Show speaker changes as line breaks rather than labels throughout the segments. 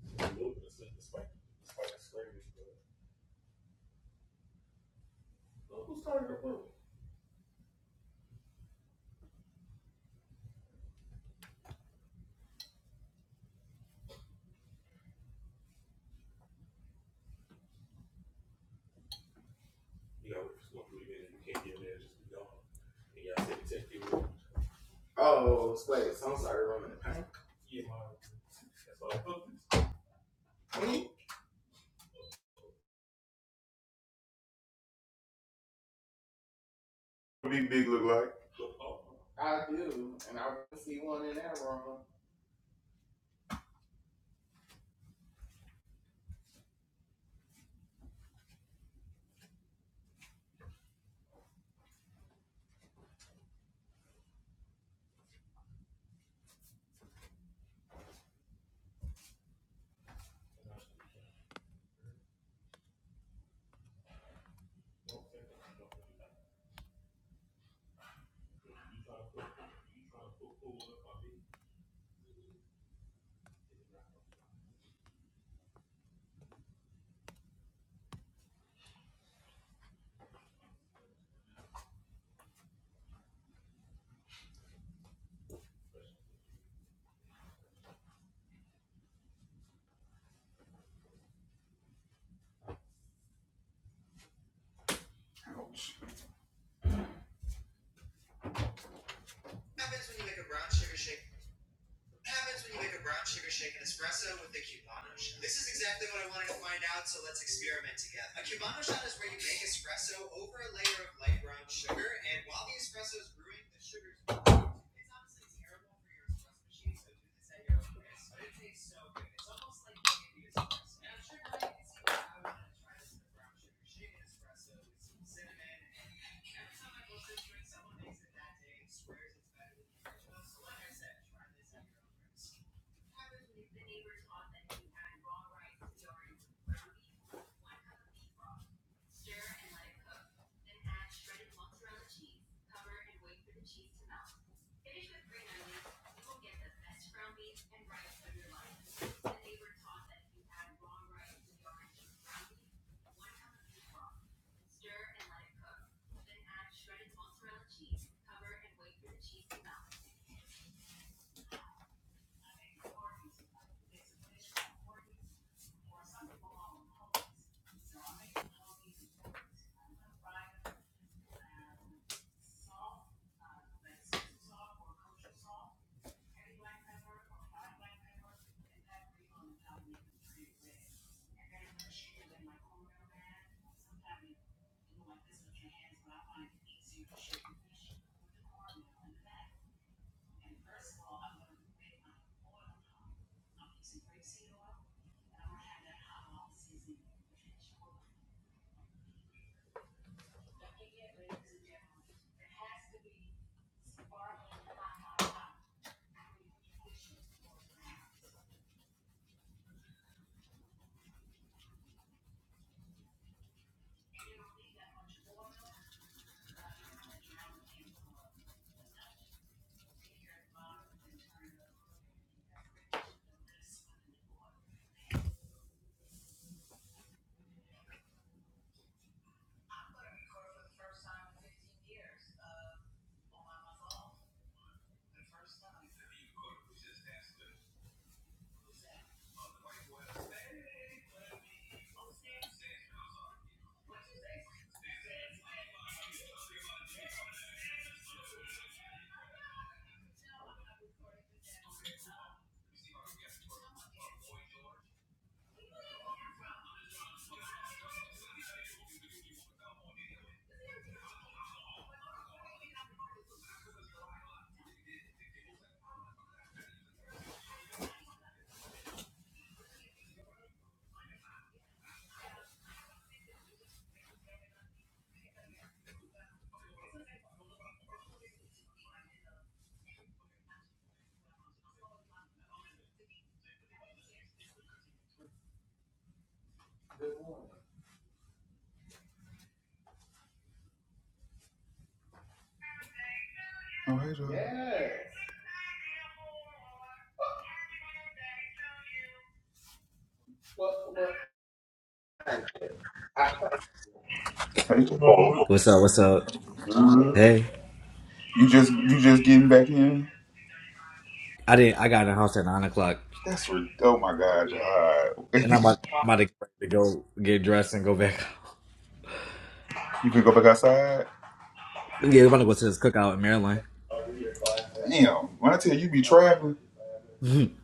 a little bit of sense despite, despite the scrimmage, but uh, who started the room? You know, it's going to be you can't get in there, just be gone. And y'all said the test people. Oh, wait, so I'm sorry, Roman and Pack. Yeah, my, that's all. Hmm? What Big Big look like? Oh. I do, and I can see one in that room. Good morning. Oh, hey, Joe. Yes. What, what? I, Hey, Joe.
What's up? What's up?
Mhm.
Hey,
You just you just getting back in?
I didn't. I got in the house at nine o'clock,
That's re- oh my god, y'all.
and I'm about, I'm about to get ready to go get dressed and go back.
you can go back outside.
Yeah, we're about to go to this cookout in Maryland.
Damn, when I tell you, you be traveling,
I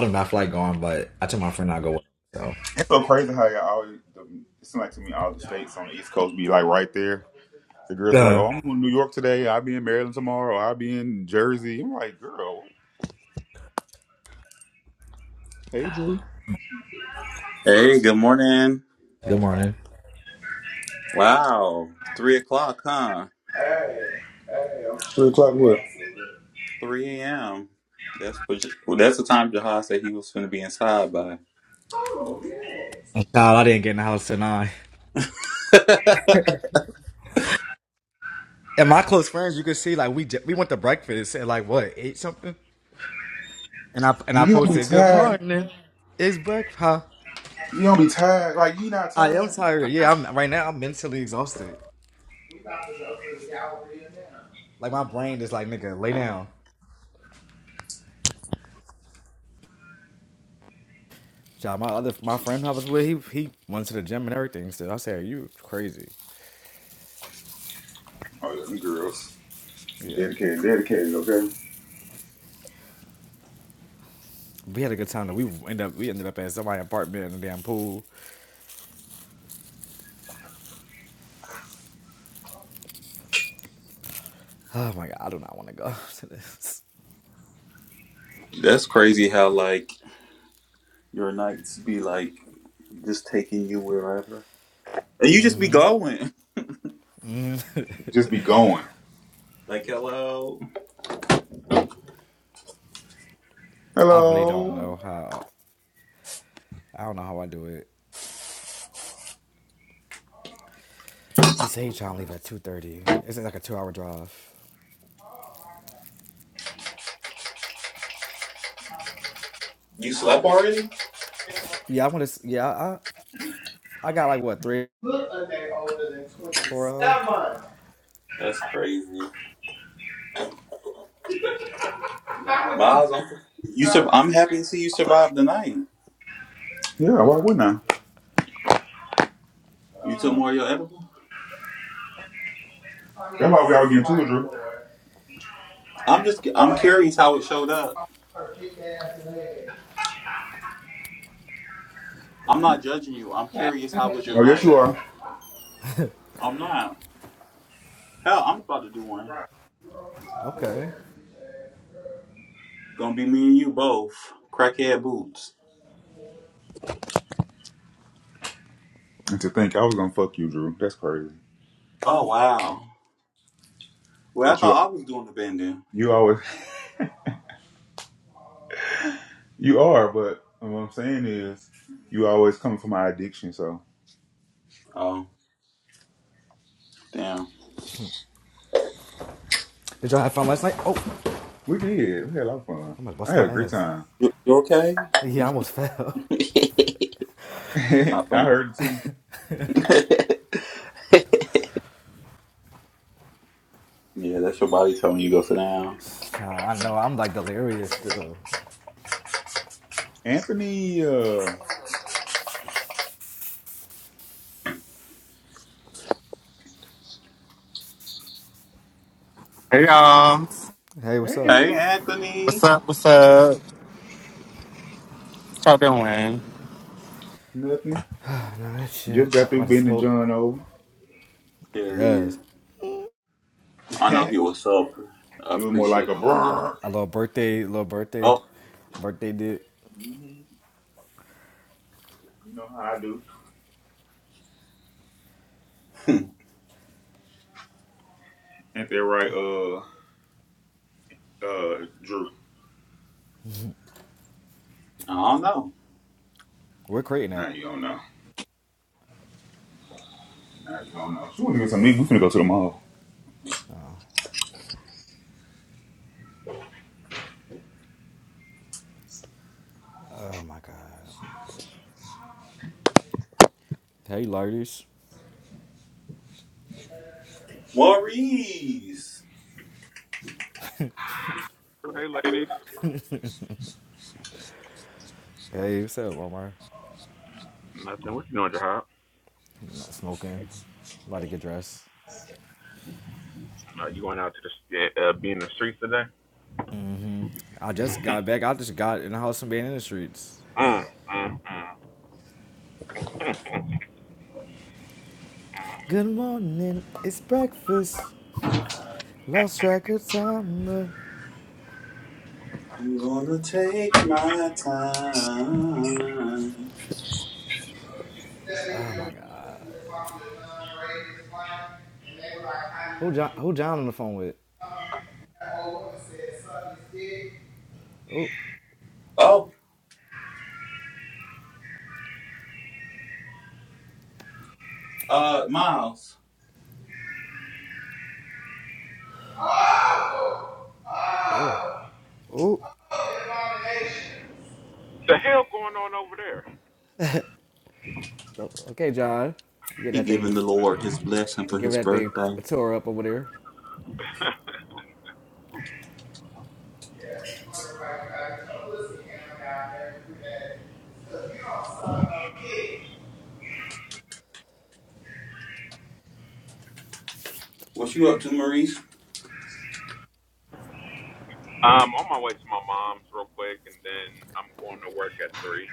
do not feel like going, but I told my friend I'll go. With him,
it's so crazy how y'all always. The, it seems like to me all the states on the East Coast be like right there. The
so,
girls be like, "Oh,
uh,
I'm going to New York today. I'll be in Maryland tomorrow. I'll be in Jersey." I'm like, "Girl, hey Drew,
Hey, good morning.
good morning.
Wow, three o'clock, huh?
three o'clock what?"
Three a.m. That's what. J- Well, that's the time Jahad said he was going to be inside by.
Child, I didn't get in the house till nine. And my close friends, you could see like we j- we went to breakfast at like what eight something, and I and I
And you don't be
posted good
tired.
morning. It's breakfast. Huh?
You don't be tired. Like you not
I am
tired.
tired. Yeah, I'm right now. I'm mentally exhausted. Like my brain is like nigga, lay down. Child, my other my friend I was with, he he went to the gym and everything. Still, I said, "You crazy?"
Oh yeah, them girls.
Yeah,
Dedicated, dedicated, okay?
we had a good time. Though. We end up we ended up at somebody's apartment in the damn pool. Oh my god, I do not want to go to this.
that's crazy. How like your nights be like just taking you wherever, and you just be going.
Just be going.
Like, hello,
I really don't know
Hello.
how. I don't know how I do it. He said he trying to leave at two thirty. It's like a two hour drive.
you slept already?
Yeah, I want to. Yeah, I I got like what three
Look a day older than
four hours.
27.
That's crazy,
Not with this.
Miles. I'm, you sur- I'm happy to see you survived the night.
Yeah, why wouldn't I?
You took more of your edible.
I mean, That's why we all getting to it, Drew.
I'm just. I'm curious how it showed up. I'm not judging you. I'm curious how was your
Oh, yes, you
night.
are.
I'm not. Hell, I'm about to do one. It's
Okay.
Gonna be me and you both. Crackhead boots.
And to think I was gonna fuck you, Drew. That's crazy.
Oh wow. Well, I
But you,
thought I was doing the bending.
you always, you are. But what I'm saying is, you always coming for my addiction. So
Oh damn.
Did y'all have fun last night? Oh,
we did. We had a lot of
I
fun.
almost
I
bust
had
my
a great
ass.
time.
You, you okay?
Yeah, I almost fell.
I
Not funny.
heard it too.
yeah, that's your body telling you to go sit down.
Child, I know. I'm like delirious still.
Anthony. uh
Hey y'all.
Hey, what's
Hey, Anthony.
up?
Hey,
What's
Anthony.
up? What's up? What y'all doing?
Nothing.
I know that shit.
Just got
About,
through
about to
bending
smoke.
John over.
There he is.
Yes.
I know he
it
was so
was more like a
appreciative.
brrr.
A little birthday, little birthday,
Oh,
birthday dip.
You know how I do.
I
Ain't that right, uh, uh, Drew?
don't know.
We're creating
Now
that.
you don't know. Now you don't know. So we get some meat. We finna go to the mall.
Oh my god. Hey, ladies.
Maurice.
Oh, Hey, ladies.
Hey, what's up, Omar?
Nothing. What you doing, Jahab?
I'm Not smoking. About to get dressed.
Uh, you going out to the uh, be in the streets today?
hmm I just got back. I just got in the house and being in the streets.
Mm, mm, mm.
Good morning. It's breakfast. Lost track of time. But...
I'm gonna take my time.
Oh my god. Who John? Who John on the phone with? Oh,
Oh, uh, Miles.
oh, oh.
The hell going on over there?
So, okay, John, you get
He
that thing,
giving the Lord his blessing for
give
his
that thing
birthday.
a tour up over there.
What you up to, Maurice?
Um, on my way to my mom's real quick, and then I'm going to work at three.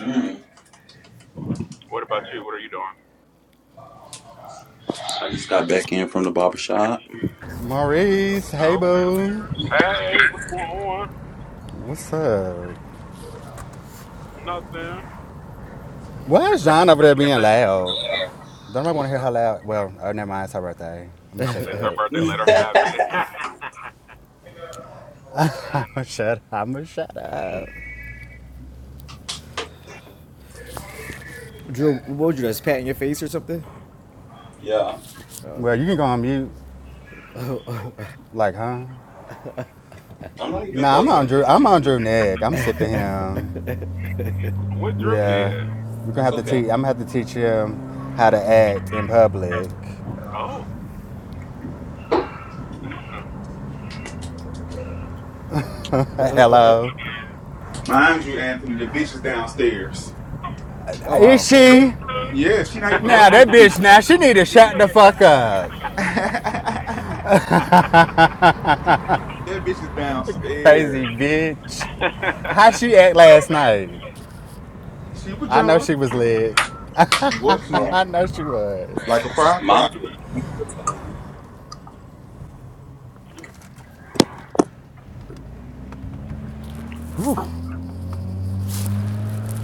Mm,
What about you? What are you doing?
I just got back in from the barber shop.
Maurice, hey
Okay.
boo.
Hey, what's going on?
What's up?
Nothing.
Why is John over there being loud? Don't nobody want to hear her loud. Well, oh, never mind. It's her birthday. I'm gonna
I
shut
was it's her
up.
birthday.
yeah,
Let her have it. Let her have
I'm
it.
gonna shut up. I'm gonna shut up.
Drew, what would you do? just pat in your face or something?
Well, you can go on mute.
Ooh,
Like, huh?
I'm not even
Nah, I'm
close to
on
the.
Drew.
phone.
I'm on Drew Neg. I'm sick of him.
What Drew
Yeah.
did?
You're gonna
That's
have to
okay.
teach. I'm gonna have to teach him how to act in public.
Oh.
Hello.
Mind you, Anthony, the bitch is downstairs.
Oh
Is
wow,
she?
Yeah, she not even up
Now
here
that
with
bitch,
me.
now she need to shut the fuck up.
that bitch is
Crazy
downstairs.
bitch. How she act last night?
She was
I know
young.
she was lit.
What she?
Oh,
I know she
Like
was.
a
Miles
firecracker.
would not be able to tell you.
Whew,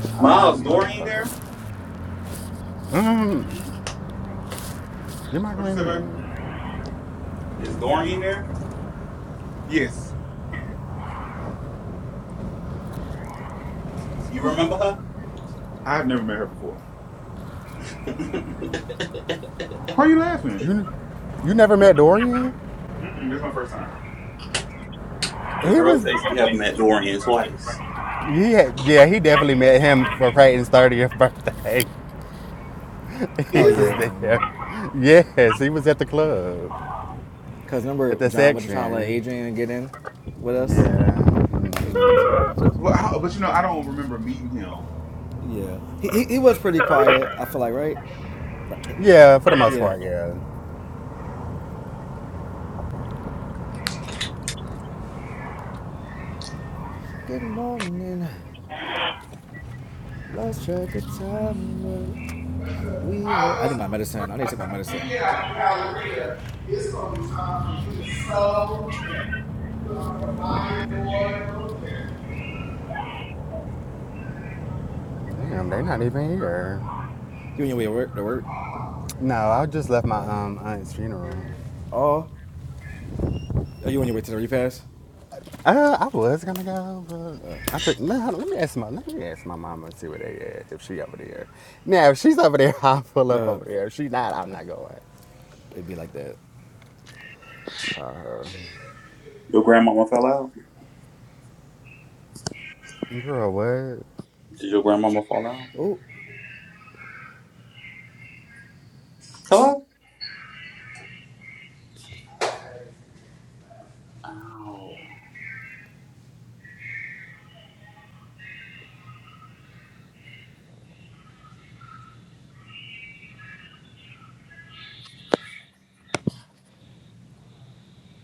hotter than a
Miles, Dorian there?
motherfucker. Mm, you my
What you
green
say,
bean.
baby?
Is Dorian there?
Yes.
You remember her?
I've never met her before. Why are you laughing?
You, you never met Dorian?
Mm-mm, this is my first time.
The
He
girl
was,
says she have met Dorian twice.
he had, yeah, he definitely met him for Peyton's 30th birthday. he
Oh
Is
was
yeah,
it?
there.
um,
Yes, he was at the club,
cause
at
remember
the
John wasn't trying to let
section.
Adrian get in with us.
Yeah. mm.
Well, I, but you know, I don't remember meeting him.
yeah. He, he he was pretty quiet. I feel like right. Like, I-
Yeah, for the most
yeah.
part, yeah.
Good morning. Lost track of time, but we had.
I
I
was
need my medicine. I need to take my medicine.
Yeah, hallelujah. It's gonna be time for you to sow and put on the Bible
Damn, they not even here.
You on your way to work? To work?
No, I just left my um aunt's funeral.
Oh, are you on your way to the repass?
Uh, I was gonna go, but I tricked. No, let me ask my let me ask my mama and see where they at. If she over there, now if she's over there, I'll pull up
Uh,
over there. If she not, I'm not going.
it'd be like that.
Call her.
Your grandmama fell out.
Girl, what?
Did your grandmama fall out?
Oh,
Hello. Oh.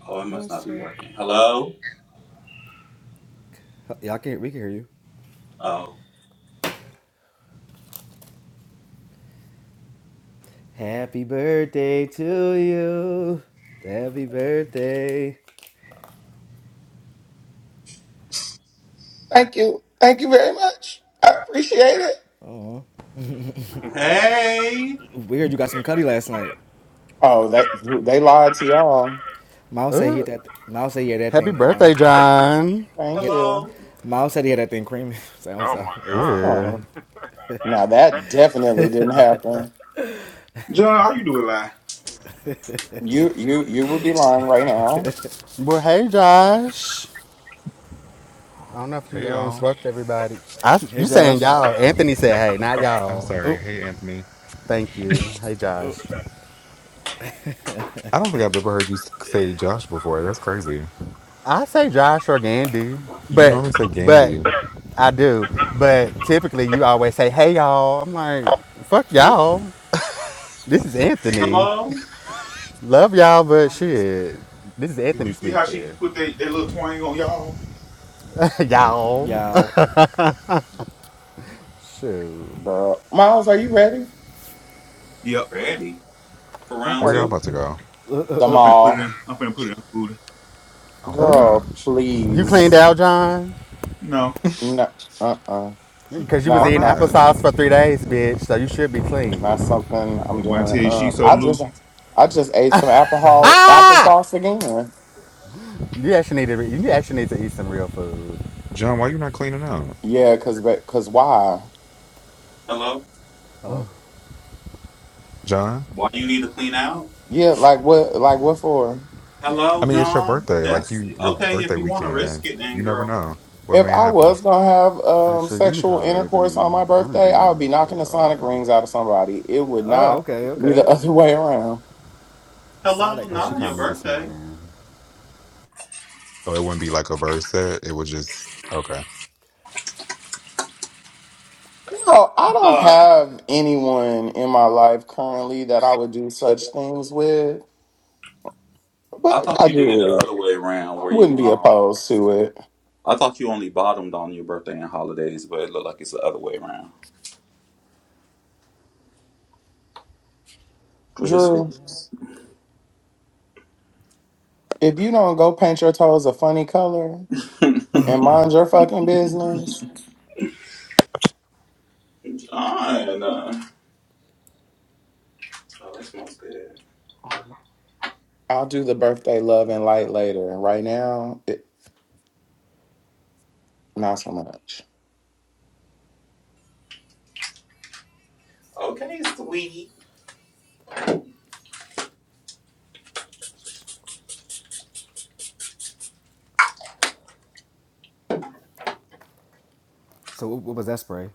Oh, it must
lost
not be
track.
working. Hello.
Huh, Y'all can not we can hear you.
Oh.
Happy birthday to you. Happy birthday.
Thank you. Thank you very much. I appreciate it.
Oh,
Hey.
weird. You got some cutty last night.
Oh, that they lied to y'all.
Miles said he hit that. Miles said he had that
Happy
thing.
birthday,
Um,
John.
Thank
hit.
you.
Hello.
Miles said he had that thing creaming. so I'm
oh
sorry.
my
I'm sorry.
Yeah.
Oh,
God.
now that definitely didn't happen.
John, how you doing, live?
You you you would be lying right now,
Well, hey, Josh. I don't know if
Hey
you um,
y'all.
spoke to everybody. I,
Hey,
you saying
Josh.
y'all. Anthony said, hey, not
Oh, I'm
y'all.
sorry.
Oh,
Hey Anthony.
Thank you. Hey,
oh,
Josh.
I don't think I've ever heard you s- say Josh before. That's crazy.
I say Josh or Gandy,
You
but
normally say
but
Gambi.
I do. But typically, you always say, "Hey y'all." I'm like, "Fuck
Oh,
y'all." This is Anthony.
Hello.
Love y'all, but shit, this is
did
Anthony
you see how she
speaking.
put that, that little twang on y'all?
y'all,
y'all.
shoot.
girl. Miles, are you ready?
Yep.
Ready for round
Okay,
Where y'all
look.
two?
about to go?
the
I'm finna put it
mall,
in. I'm finna put it in her booty.
Oh my
Oh,
girl.
gosh.
you cleaned
Please,
out, John,
No.
no, uh, uh
because you was
Why
not
eating
not
not?
applesauce for three days, bitch. So you should be
not
clean.
something I'm
That boy, I
doing.
tell you, she
Um,
so
I
loose.
just I just ate some alcohol
Ah!
applesauce again.
You actually need to. re- You actually need to eat some real food.
John, why you not cleaning up?
Yeah, cause but- cause why?
Hello?
Hello.
John?
Why you need to clean out?
Yeah, like what? Like what for?
I
Hello,
mean, it's your
John?
birthday. Like
That's
you your
okay if
birthday
you want to risk
weekend.
it then,
You never
girl.
know what
If
may
I
happen.
was gonna have um,
Actually, let me
sexual
call
intercourse
Ebony
on my
because I don't
birthday,
even
I
know
would be
what
knocking
they
the sonic
are.
rings out of somebody. It would
Oh,
not
okay,
be the
okay.
other way around.
Hello,
Sonic
Oh,
not
she
on your
called me
race.
this
birthday.
morning.
So it wouldn't be like a verse set. It would just okay.
You know,
I
I don't
thought
have anyone in my life currently that I would do such things with, but
I
if
thought
I
you did it
did,
the other way around
I
where
wouldn't
you
be
um
opposed to it.
I thought you only bottomed on your birthday and holidays, but it looked like it's the other way around. Which is
We.
Drew, if you don't go paint your toes a funny color and mind your fucking business,
John. Uh, oh, that smells good.
I'll do the birthday love and light later. Right now, it, not so much.
Okay, sweetie.
So what what was that spray?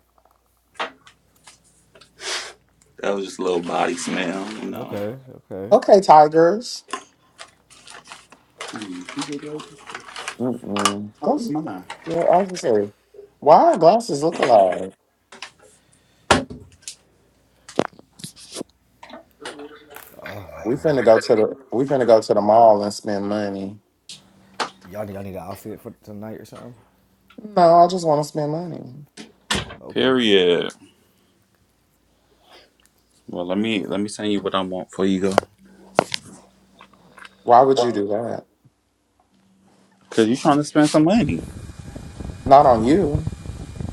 That was just a little body smell, you know.
Okay, okay.
Okay, tigers. Mm-mm. Close mine. You know, I was gonna say? why our glasses look alike?
Oh my
We
god.
finna go to the we finna go to the mall and spend money.
Y'all need y'all need an outfit for tonight or something?
No, I just want to spend money.
Okay.
Period. Well, let me let me send you what I want before you. Go.
Why would you do that?
Cause you trying to spend some money.
Not on you.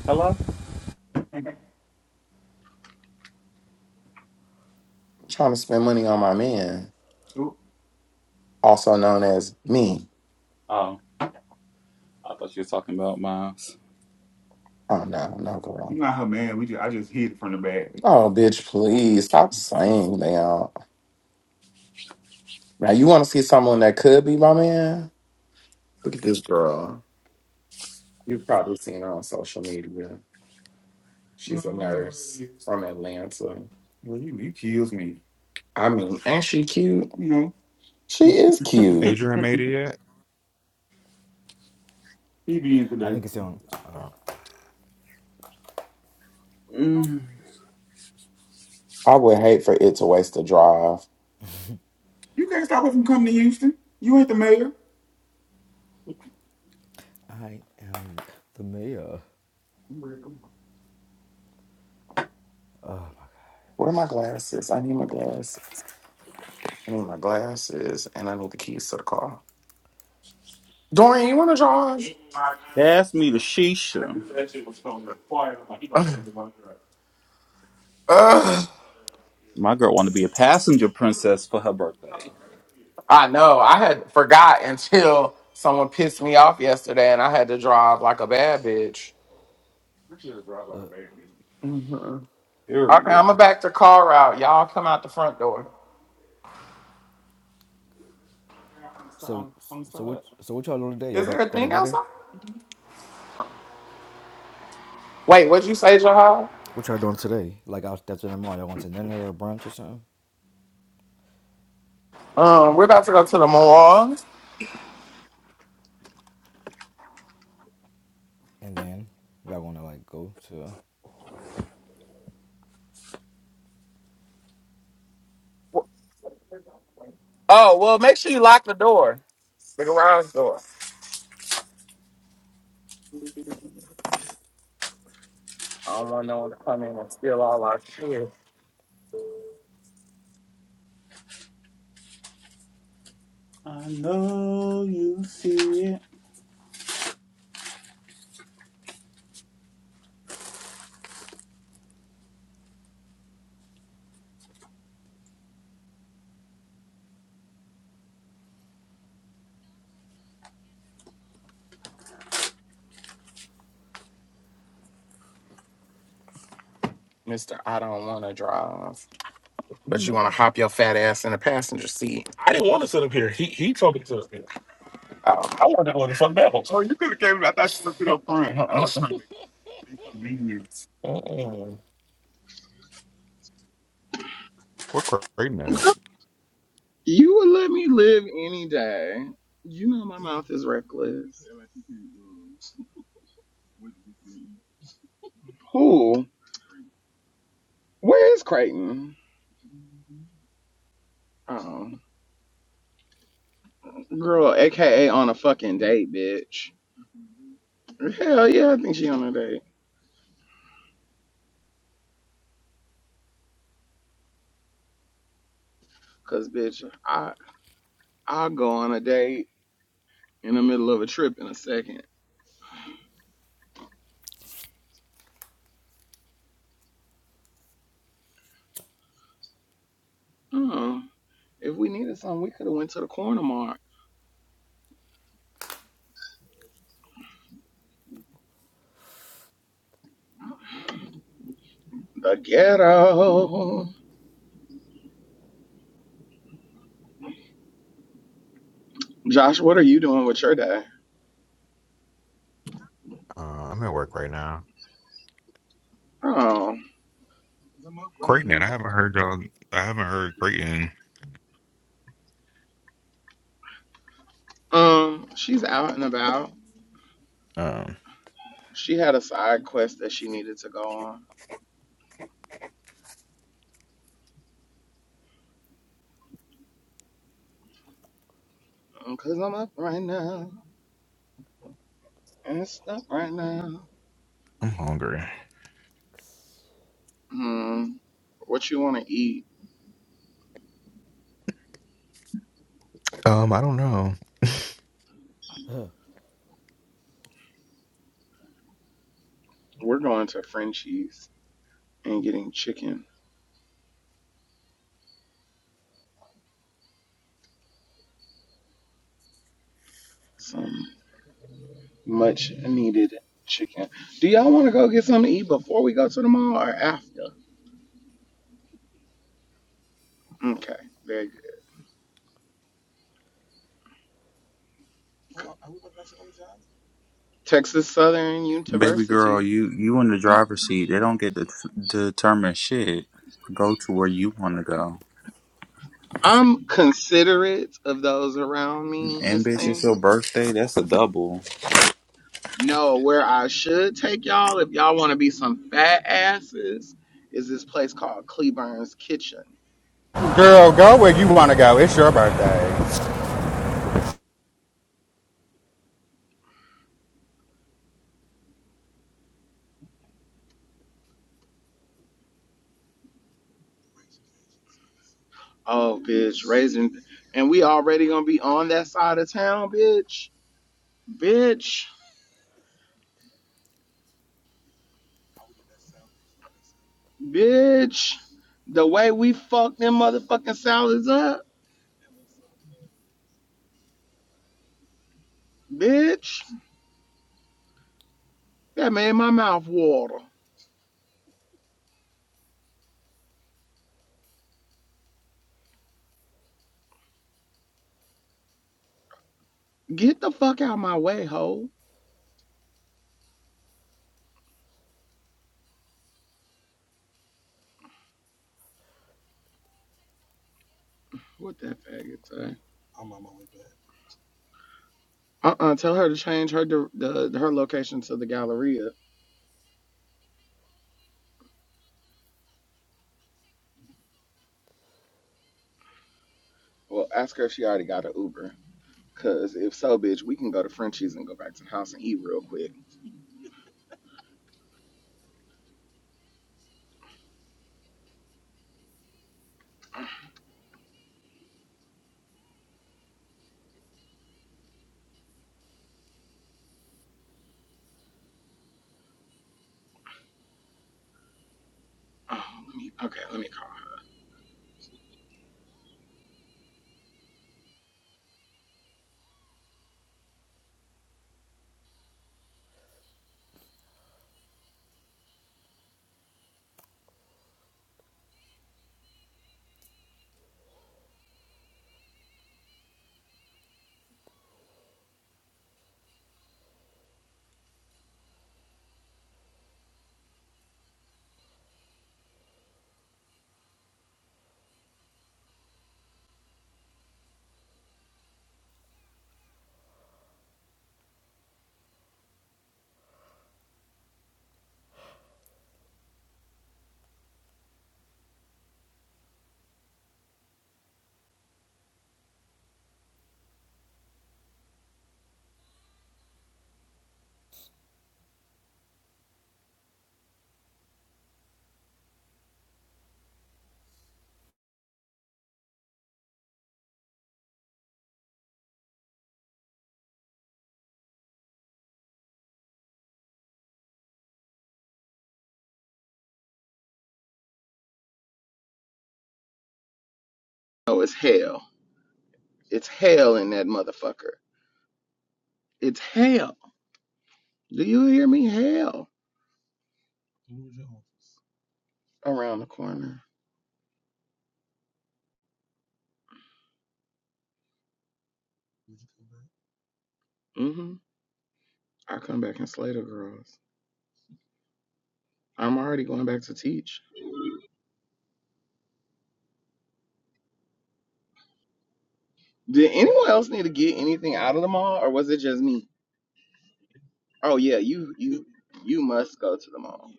Hello?
I'm trying to spend money on my man, also known as me.
Oh, I thought you were talking about miles.
Oh no, no girl. Oh bitch, please stop saying that. Now you want to see someone that could be my man? Look at this girl. You've probably seen her on social media. She's a nurse from Atlanta. I mean, ain't she cute? She is cute.
Adrian made it yet?
I think it's on
Uh,
Mm.
I would hate for it to waste a drive.
I am the mayor.
Where are my glasses? I need my glasses. I need my glasses, and I need the keys to the car. Dorian, you want to drive?
Pass me the shisha.
Ugh.
My girl want to be a passenger princess for her birthday.
I know. I had forgot until someone pissed me off yesterday, and I had to drive like a bad bitch.
Look,
hmm Okay,
Period.
I'm gonna back the car out. Y'all come out the front door. I'm stuck.
so
I'm- I'm
so what
stuck.
so what y'all doing today? Y'all
Is there a
don't go to
thing
dinner?
outside? Wait, what'd you say, Jahal?
What y'all doing today? Like out that's in the mall. Y'all going to dinner or brunch or something?
Um, we're about to go to the mall.
And then y'all gonna like go to
Oh, well, make sure you lock the door, the garage door. I don't want no one to come in and steal all our shit.
I know you see it.
Mister, I don't want to drive, but you want to hop your fat ass in the passenger seat. Oh,
we're Creighton at.
You would let me live any day. You know my mouth is reckless. Who? Where's Creighton? Oh. Girl, aka on a fucking date, bitch. Hell yeah, I think she on a date. Cause bitch, I I'll go on a date in the middle of a trip in a second. Uh, if we needed something, we could have went to the corner mart. The ghetto. Josh, what are you doing with your day?
Uh, I'm at work right now.
Oh. I'm up right
Creighton at. I
now.
haven't heard y'all. I haven't heard Creighton.
Um, she's out and about.
um,
She had a side quest that she needed to go on. Um, Cause I'm up right now. And it's up right now.
I'm hungry.
Hmm. What you wanna eat?
Um, I don't know.
We're going to Frenchie's and getting chicken. Some much needed chicken. Do y'all want to go get something to eat before we go to the mall or after? Okay, very good. Texas Southern
Baby girl,
University.
you you in the driver's seat. They don't get to determine shit. Go to where you want to go.
I'm considerate of those around me,
And
Miss
bitch, it's
Thing.
your birthday. That's a double.
No, where I should take y'all if y'all want to be some fat asses is this place called Cleburne's Kitchen.
Girl, go where you want to go. It's your birthday.
Oh, bitch, raising, and we already gonna be on that side of town, bitch, bitch, bitch. The way we fucked them motherfucking salads up, bitch, that made my mouth water. Get the fuck out my way, hoe. What that faggot say? Uh uh tell her to change her dir- the her location to the Galleria. Well, ask her if she already got an Uber. Cause if so, bitch, we can go to Frenchie's and go back to the house and eat real quick. Okay, let me No, it's hell. It's hell in that motherfucker. It's hell. Do you hear me? Hell around the corner. mm hmm I come back and slay the girls. I'm already going back to teach. Did anyone else need to get anything out of the mall, or was it just me? Oh yeah, you you you must go to the mall.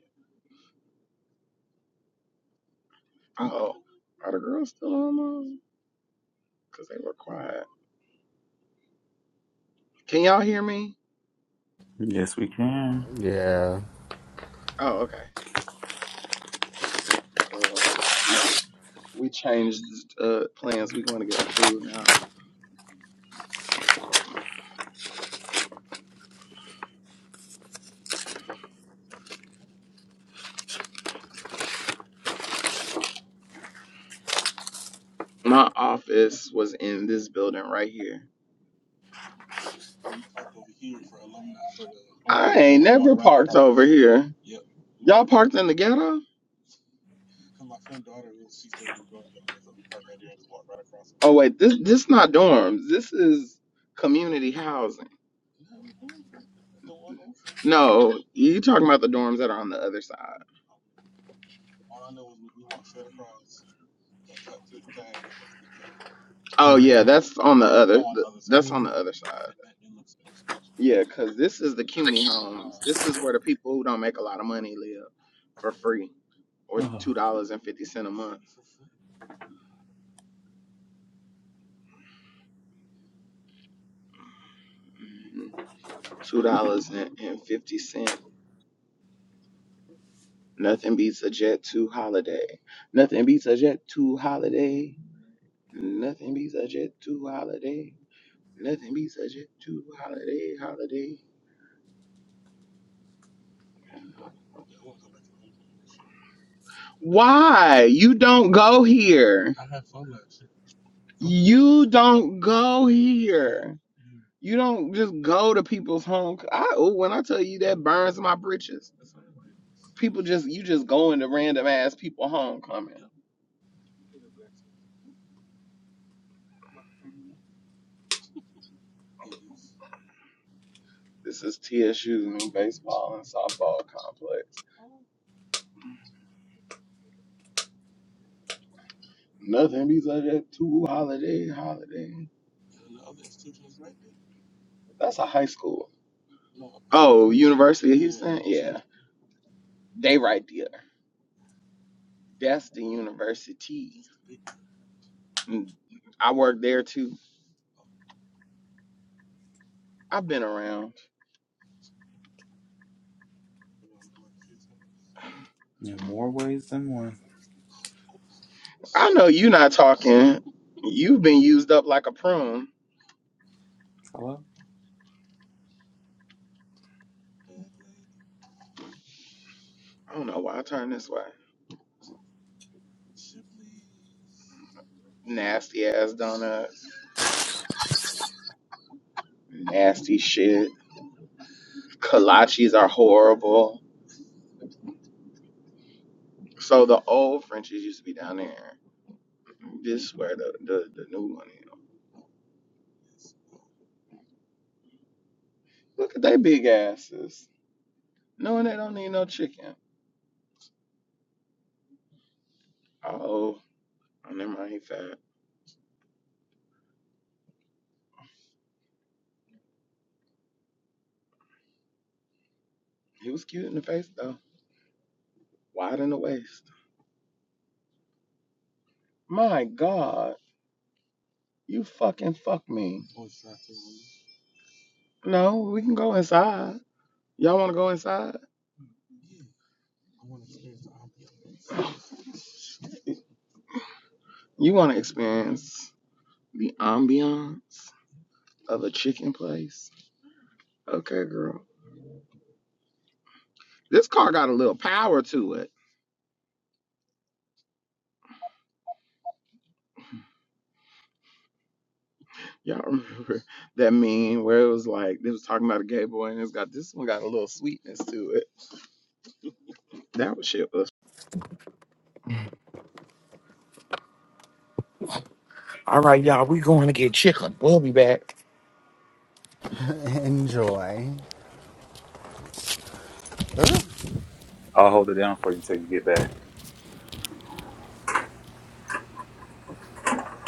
Oh, are the girls still on the mall? Cause they were quiet. Can y'all hear me?
Yes, we can.
Yeah.
Oh okay, girl. We we changed uh, plans. We going to get our food now. My office was in this building right here. And we parked over here for alumni for the. I ain't never parked over here. Y'all parked in the ghetto? Oh wait, this this not dorms. This is community housing. No, you talking about the dorms that are on the other side. Oh
Honey.
yeah, that's on the other. That's on the other side. Yeah, cause this is the CUNY homes. This is where the people who don't make a lot of money live for free or
Oh,
two dollars and fifty cent a month. two dollars and fifty cent. Nothing beats a Jet Two holiday. Nothing beats a Jet Two holiday. Nothing beats a Jet Two holiday. Nothing beats a Jet Two holiday. Holiday. Why you don't go here? have year. You don't go here. You don't just go to people's home. I oh, when I tell you that burns my britches. People just you just go into random ass people homecoming. This is TSU's new baseball and softball complex. Nothing besides that two holiday holiday. That's a high school. Oh, University of Houston? Yeah. They right there. That's the university. Mm, I work there too. I've been around.
in more ways than one.
I know you not talking. You've been used up like a prune.
Hello?
I don't know why I turned this way. Nasty ass donuts. Nasty shit. Kolaches are horrible. So the old Frenchies used to be down there. Just swear the, the, the new one. You Look at they big asses. Knowing they don't need no chicken. Oh, oh, never mind. He fat. He was cute in the face though. Wide in the waist. My God, you fucking fuck me. No, we can go inside. Y'all want to go inside? You want to experience the ambiance of a chicken place? Okay, girl. This car got a little power to it. Y'all remember that meme where it was like they was talking about a gay boy and it's got this one got a little sweetness to it. That was shit was
Enjoy.
I'll hold it down for you until you get back.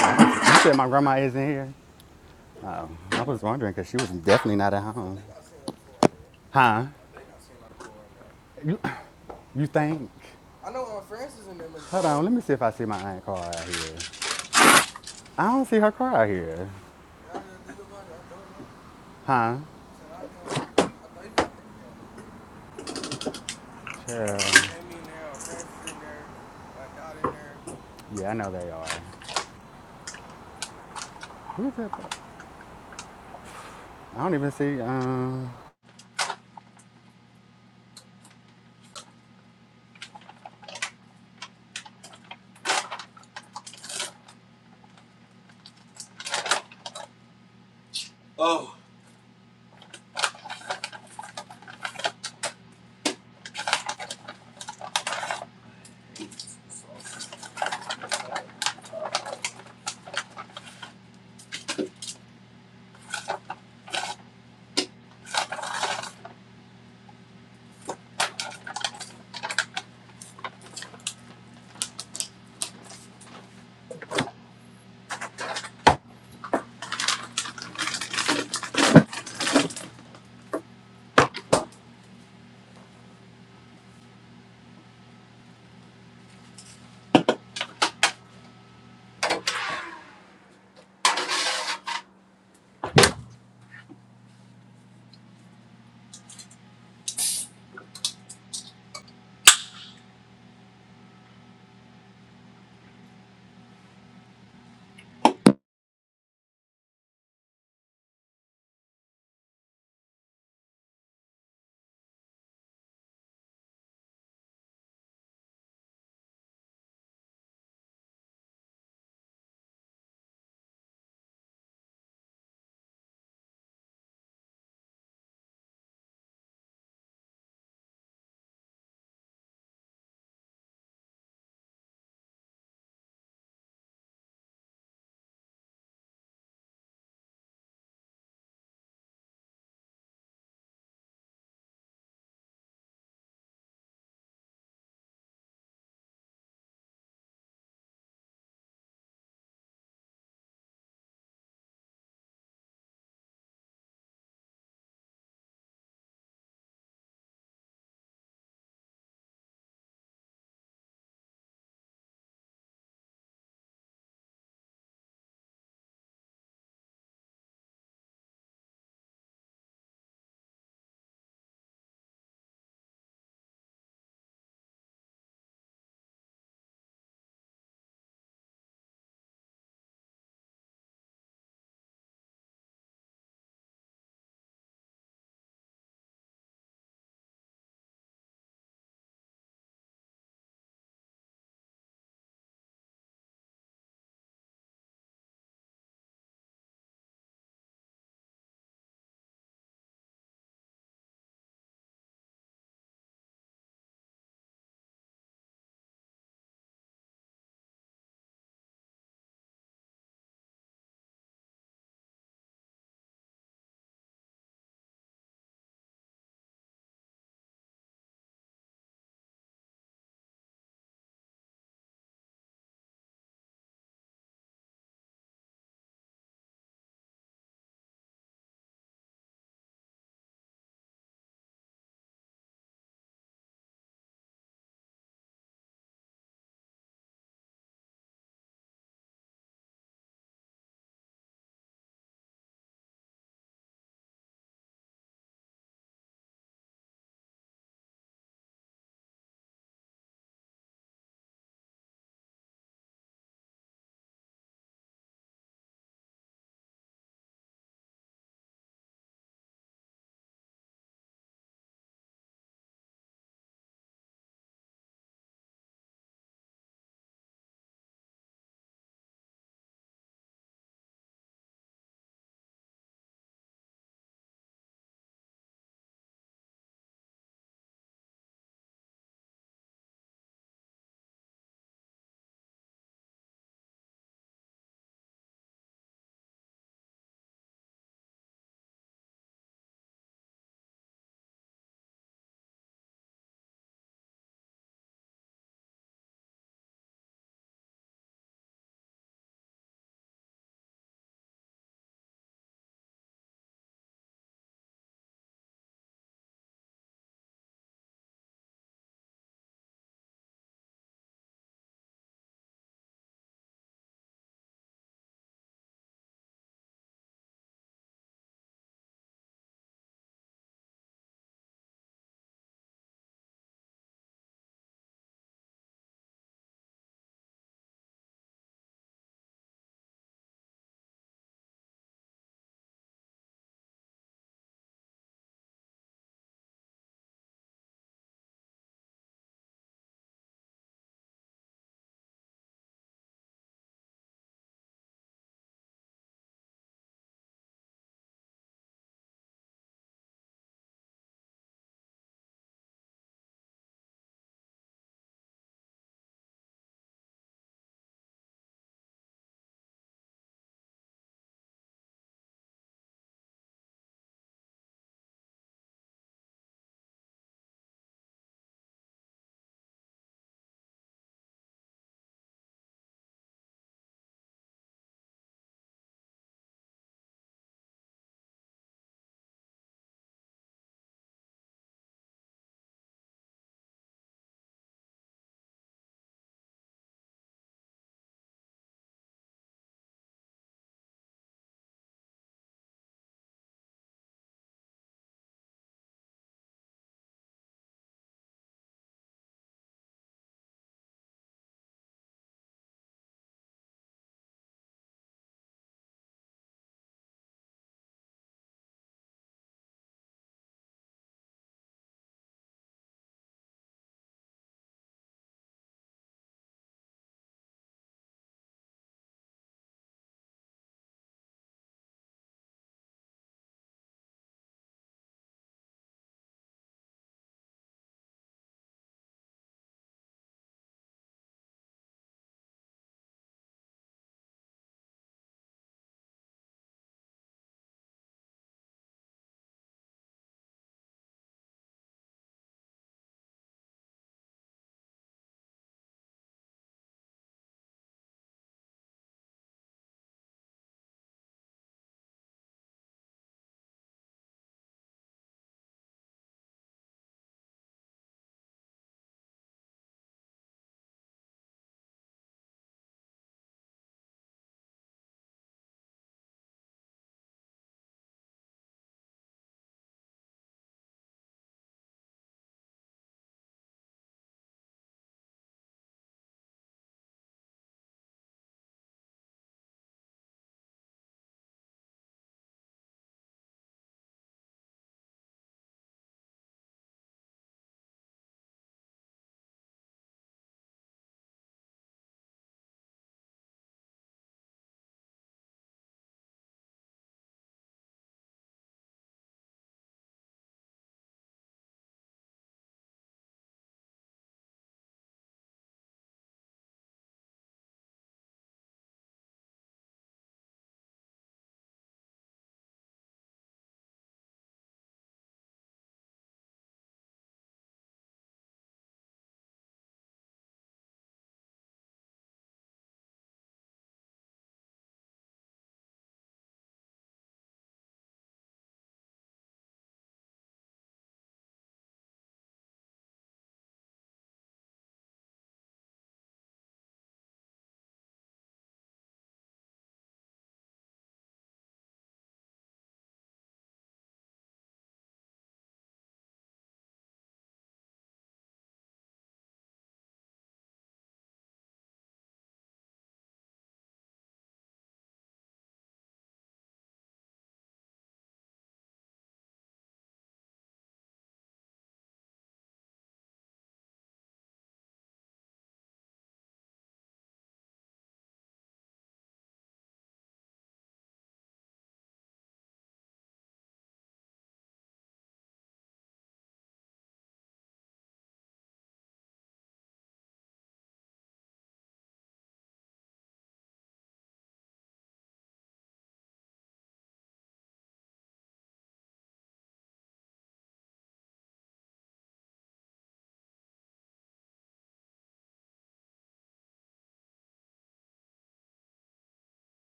I was. You said my grandma isn't here. I was wondering because she was definitely not at home. Huh? You. You think? Oh, let me see if I see my aunt car out here. I don't see her car out here. Huh? Chill. Yeah, I know they are. Who is that? I don't even see um
Oh.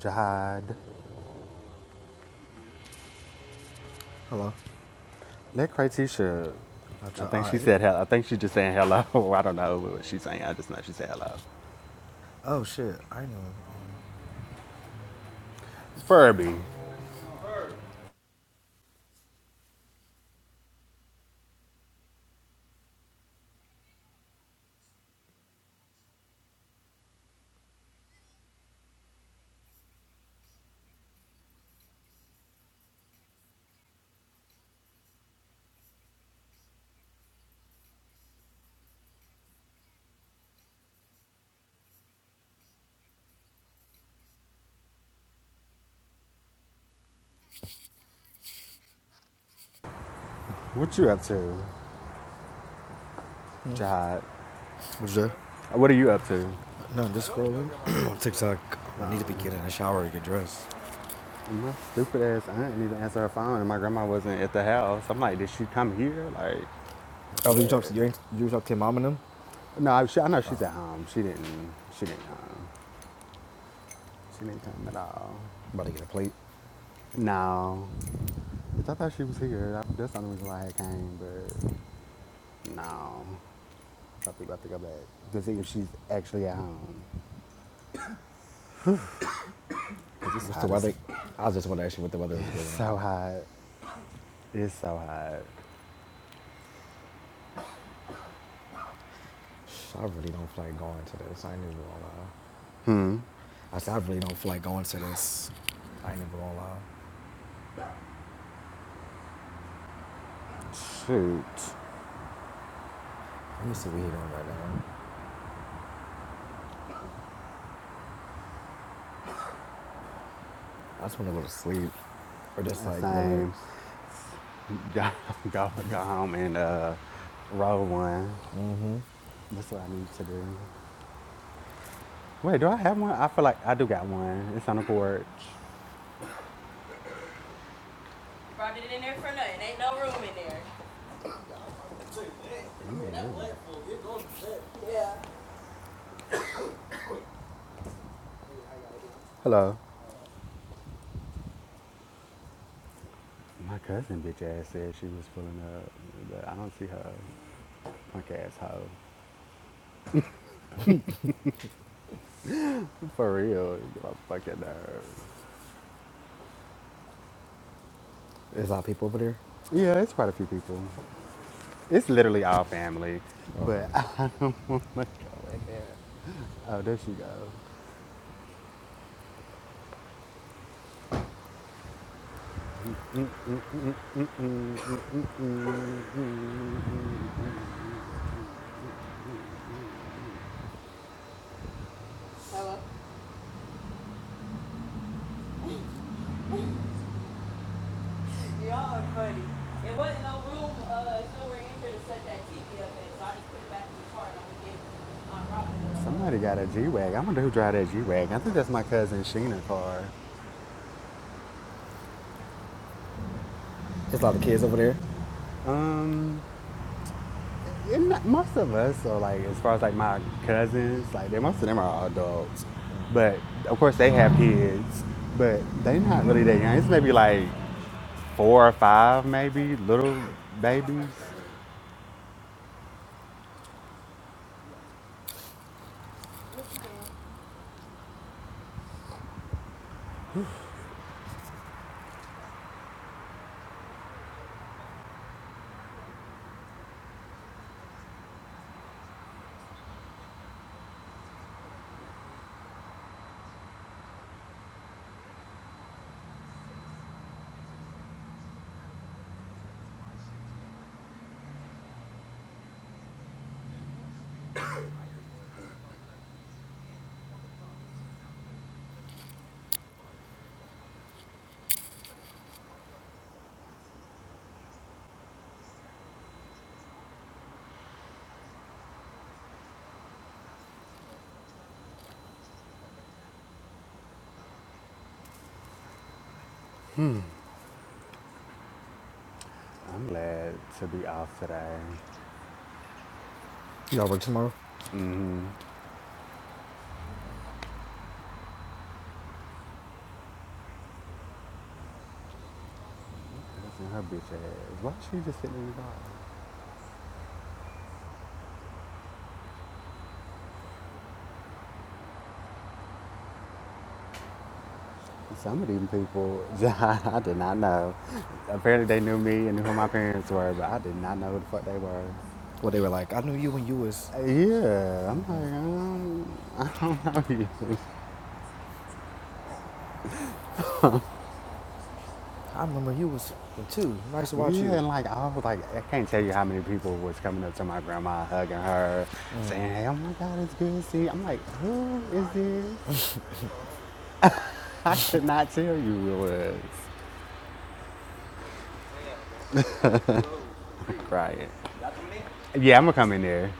Jihad.
Hello.
That Craytisha,
I
I
try
think she
I
said hello. I think she just saying hello. I don't know what she's saying. I just know she said hello.
oh shit. I know
Furby, what you up to, Jihad?
What's that?
What are you up to?
No, I'm just scrolling on TikTok. Oh, I need to be
Um,
getting a shower and get dressed.
my stupid ass aunt didn't even answer her phone, and my grandma wasn't at the house. I'm like, did she come here? Like,
Oh, did you talk
what?
to you did you talk to your mom and them?
No, I, she, I know she's at home. She didn't. She didn't come. She didn't come at all.
About to get a plate.
No, I thought she was here. that's the only reason why I came, but. No. I think I think I'm back to see if she's actually at home. 'Cause it's
What's the
hot as.
weather? I was just want to ask you what the weather was
It's
giving out
so
there.
hot. It's so hot.
I really don't feel like going to this. I ain't even gonna lie. I said I really don't feel like going to this. I ain't even gonna lie.
Shoot.
Let me see what he doing right now. I just want to go to sleep or just
The
like
same.
relax.
Go, go, go home and uh, roll one. That's what I need to do. Wait, do I have one? I feel like I do got one. It's on the porch. Yeah. Hello. My cousin bitch ass said she was pulling up, but I don't see her punk ass hoe. For real, you a fucking nerd.
There's a lot of people over there.
Yeah, it's quite a few people. It's literally all family,
Okay.
but I don't want to go in there. Oh, there she goes. Somebody got a G-Wag. I wonder who drive that G-Wag. I think that's my cousin Sheena car.
There's a lot of kids over there.
Um, and not- most of us are like, as far as like my cousins, like they, most of them are all adults. But of course they have kids, but they not really that young. It's maybe like four or five, maybe little babies. I'm glad to be off today.
Y'all work tomorrow?
Listen, her bitch ass. Why she just sitting in the car? Some of these people, I did not know. Apparently, they knew me and knew who my parents were, but I did not know who the fuck they were.
Well, they were like, I knew you when you was.
Uh, Yeah, I'm like, I don't, I don't know you.
I remember you was when two. Nice to watch
Yeah,
you.
and like I was like, I can't tell you how many people was coming up to my grandma, hugging her, saying, "Hey, oh my God, it's good to see." You. I'm like, who is this? I could not tell you who it was. Crying. Yeah, I'm gonna come in there.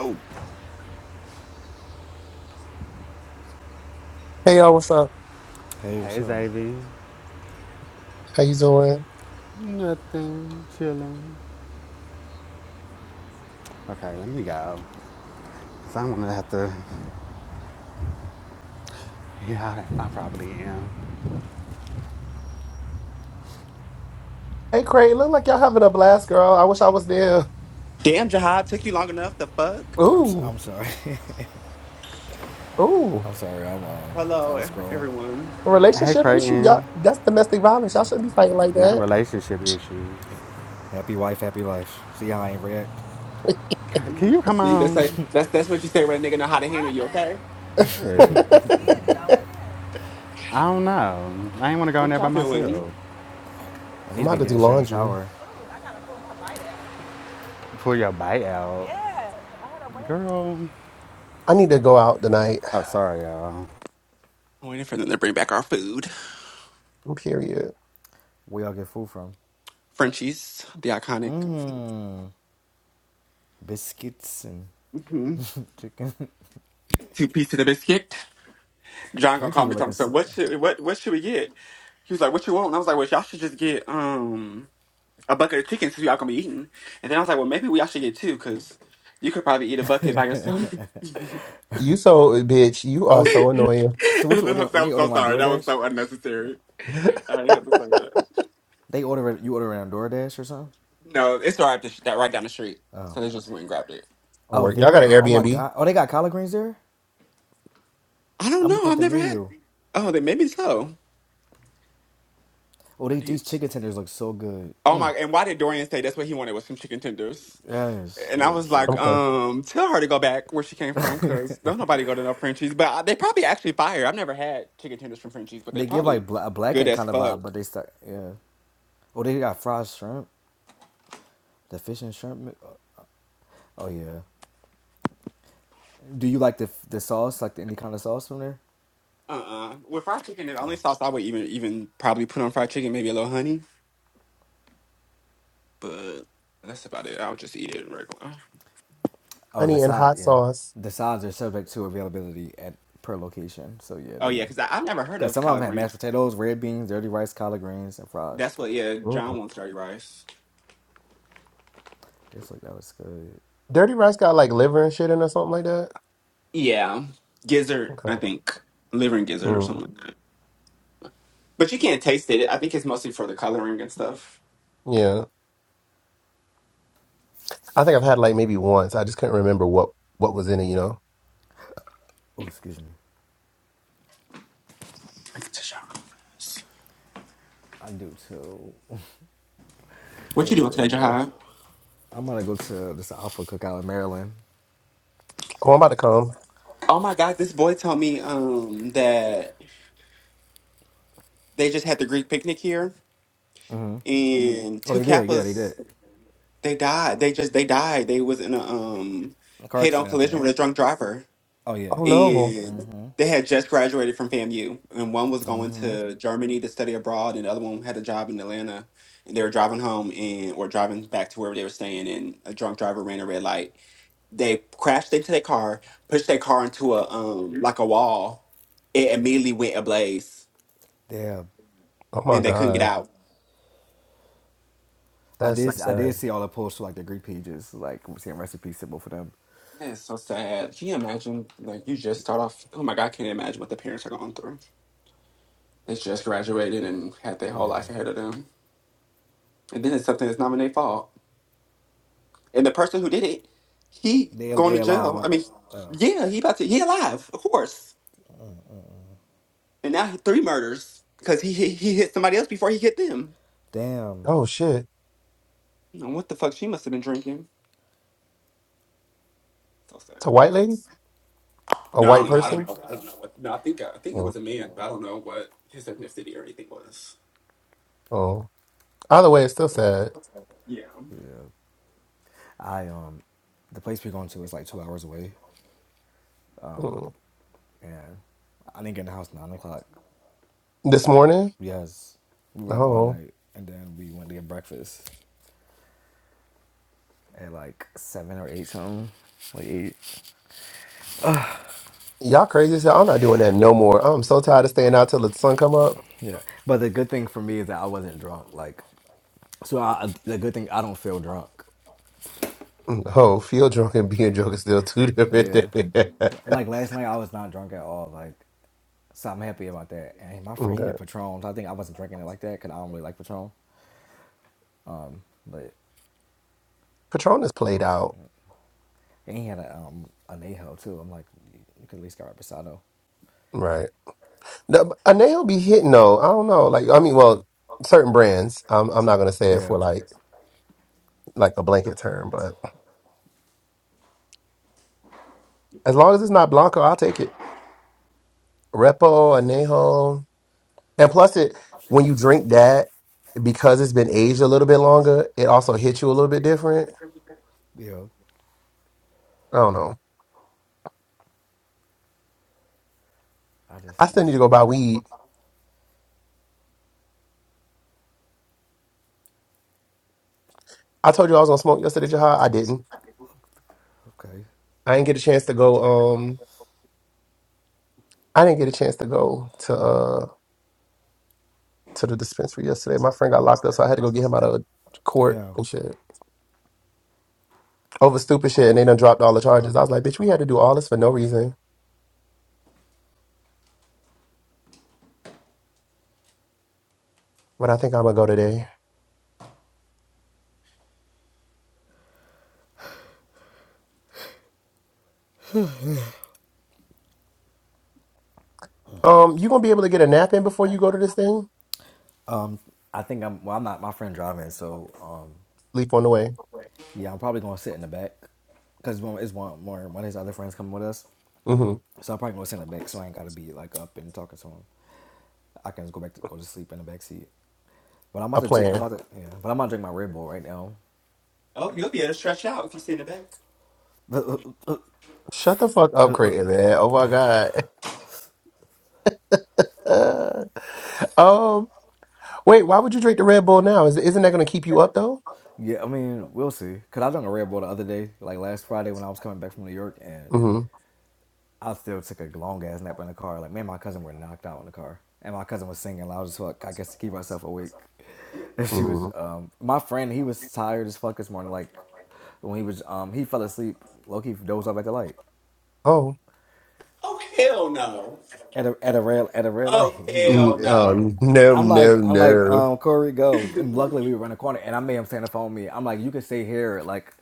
Oh,
Hey y'all, what's up?
Hey, what's
Hey,
up?
Xavier.
How you doing?
Nothing. Chilling. Okay, let me go. So I'm gonna have to. Yeah, I, probably am.
Hey Craig, look like y'all having a blast, girl. I wish I was there.
Damn, Jahad, took you long enough. The fuck?
I'm s-
Ooh,
I'm sorry.
ooh.
I'm sorry. I'm um I
Hello,
was
e-
scrolling.
everyone.
Hey,
Relationship issue, y'all.
Creighton.
That's domestic violence. Y'all shouldn't be fighting like
Not
that.
relationship issues.
Happy wife, happy life. See how I ain't react.
Can
Mhm.
you come
See, that's like
on?
that's that's what you say when a nigga know how to handle you. Okay,
Shoot. I don't know. I ain't wanna go in
what
there
y'all
by
doing?
myself.
I need
I'm
to be
about to do
getting shot in the
laundry.
shower.
Pull your bite out. Girl.
I need to go out tonight.
Oh, sorry, y'all.
I'm waiting for them to bring back our food.
Period.
Where y'all get food from?
Frenchies, the iconic
Mmm, biscuits and
hmm
chicken.
two piece of the biscuit. John gonna
Twenties
call
be
me.
looking.
Talking, so
So,
what should what what should we get? He was like, "What you want?" And I was like, "Well, y'all should just get um a bucket of chicken since y'all gonna be eating." And then I was like, "Well, maybe we all should get two because you could probably eat a bucket by yourself." and
You so bitch. You are
oh,
so annoying.
so what you
then I
order? Were
said, "I'm
they
so
ordering like
sorry. That was
DoorDash?
so unnecessary." I didn't have to say that.
They order you order on DoorDash or something?
No, it's right up the, that right down the street.
Oh,
So they just went and grabbed it.
Oh,
oh,
work. Y'all got
there.
an
Oh, oh my
Airbnb?
God. Oh, they got collard greens there.
I don't
I'm looking
know.
at
I've
the
never had.
menu.
Oh, they maybe so.
Oh,
I
they, these
did.
chicken tenders look so good.
Oh my!
Mm.
And why did Dorian say that's what he wanted was some chicken tenders?
Yes,
And
they
I
look
was
so
like,
I'm
good.
fine.
um, tell her to go back where she came from, cause don't nobody go to no Frenchies. But I, they probably actually fire. I've never had chicken tenders from Frenchies, but they
They give
probably
like bla- a black
good
and
as
kind of vibe,
fuck.
but they start yeah. Oh, they got fried shrimp, the fish and shrimp. mi- Oh yeah. Do you like the the sauce, like the any kind of sauce from there?
Uh uh With fried chicken, the only sauce I would even even probably put on fried chicken, maybe a little honey, but that's about it. I'll just eat it regular.
Oh, the
Honey and
side,
hot
yeah.
sauce.
The sides are subject to availability at per location. So yeah,
Oh yeah,
they
because I've never heard
because
of
some of
collard
them had mashed
greens.
potatoes, red beans, dirty rice, collard greens, and fries.
That's what yeah, John
Mm.
wants dirty rice.
This look that was good.
Dirty rice got like liver and shit in or something like that.
Yeah, gizzard, I
Okay.
think liver and gizzard or
Mm.
something like that. But you can't taste it. I think it's mostly for the coloring and stuff.
Yeah. I think I've had like maybe once. I just couldn't remember what what was in it. You know.
Oh, excuse me. I do too. I
What you
need a
doing
Red
today,
Bull.
Jahai?
I'm gonna go to this Alpha Cookout in Maryland.
Oh, I'm about to come.
Oh my God, this boy told me um that they just had the Greek picnic here and
Oh,
two
they did. Yeah, they did.
Kappas they died. They just they died. They was in a um
A car
head on
accident, I think,
collision with
right?
a drunk driver.
Oh yeah,
Oh
yeah,
no.
yeah.
and they had just graduated from FAMU, and one was going to Germany to study abroad, and the other one had a job in Atlanta, and they were driving home and or driving back to wherever they were staying, and a drunk driver ran a red light. They crashed into their car, pushed their car into a um like a wall. It immediately went ablaze,
Yeah,
Oh my
and they couldn't get
God.
out.
I
That's so
did. I did
sad.
see all the posts for like the Greek pages, like saying recipes simple for them.
That's so sad. Can you imagine? Like you just start off. Oh my God, I can't imagine what the parents are going through. They just graduated and had their whole life
Yeah.
ahead of them, and then it's something that's not even their fault. And the person who did it, he
They
going to
they
jail.
alive.
I mean, yeah, he about to he alive, of course. And now he three murders because he, he he hit somebody else before he hit them.
Damn.
Oh shit.
And what the fuck? She must have been drinking. So sad.
It's a white lady? A
No,
white
I don't
person?
know. I don't know. I don't know what. No, I think I think it
Oh,
was a man, but I don't know what his ethnicity or anything was.
oh. Either way, it's still sad.
Yeah.
Yeah. I um, the place we're going to is like two hours away,
Mm.
and I didn't get in the house nine o'clock
This morning?
Yes, we were up all
Oh.
night, and then we went to get breakfast at like seven or eight something, like eight.
Y'all crazy as hell. I'm not doing that no more. I'm so tired of staying out till the sun come up.
Yeah. But the good thing for me is that I wasn't drunk. Like, so I, the good thing I don't feel drunk.
Mm. Oh, feel drunk and being drunk is still two different
Yeah.
things.
Like last night I was not drunk at all. Like, so I'm happy about that. And my friend he
okay.
had Patron. So I think I wasn't drinking it like that because I don't really like Patron. But
Patronus played out.
and he had a um anejo too. I'm like, you, could at least got reposado.
Right. The, a nail be hitting though. I don't know. Like I mean, well, certain brands. I'm I'm not gonna say it for
Yeah.
like like a blanket term, but As long as it's not Blanco, I'll take it. Repo, Anejo. And plus it when you drink that, because it's been aged a little bit longer, it also hits you a little bit different.
Yeah.
I don't know.
I
I
just
still need to
need.
go buy weed. I told you I was gonna smoke yesterday, Jahad. I didn't.
Okay.
I didn't get a chance to go um I didn't get a chance to go to uh to the dispensary yesterday. My friend got locked up, so I had to go get him out of court
Damn.
and shit. Over stupid shit and they done dropped all the charges. I was like, bitch, we had to do all this for no reason. But I think I'm gonna go today. Um, you gonna be able to get a nap in before you go to this thing?
I think I'm. Well, I'm not. My friend driving, so um,
Leap on the way.
yeah, I'm probably gonna sit in the back, cause one one more one of his other friends coming with us,
hmm
so I'm probably gonna sit in the back, so I ain't gotta be like up and talking to him. I can just go back to go to sleep in the back seat. But I'm about
A
to drink. I'm
plan.
about to. Yeah. But I'm about to drink my Red Bull right now.
Oh, you'll be able to stretch out if you sit in the back.
But.
Shut the fuck up, Creighton, man. Oh my god. Uh, um. Wait. Why would you drink the Red Bull now? Is isn't that going to keep you up though?
Yeah, I mean, we'll see. Cause I done a Red Bull the other day, like last Friday when I was coming back from New York, and
hmm
I still took a long ass nap in the car. Like me and my cousin were knocked out in the car, and my cousin was singing loud as fuck. I guess to keep herself awake. And she was,
hmm
um, my friend, he was tired as fuck this morning. Like when he was, um, he fell asleep. low key dozed off at the light.
Oh.
Oh hell no!
at a at a rail at a rail light.
Oh
He low key
hell
Mm,
did.
no!
um. No.
I'm
No.
like I'm like
No.
um Corey go and luckily we were around the corner and I made him stand up on me. I'm like you can stay here like,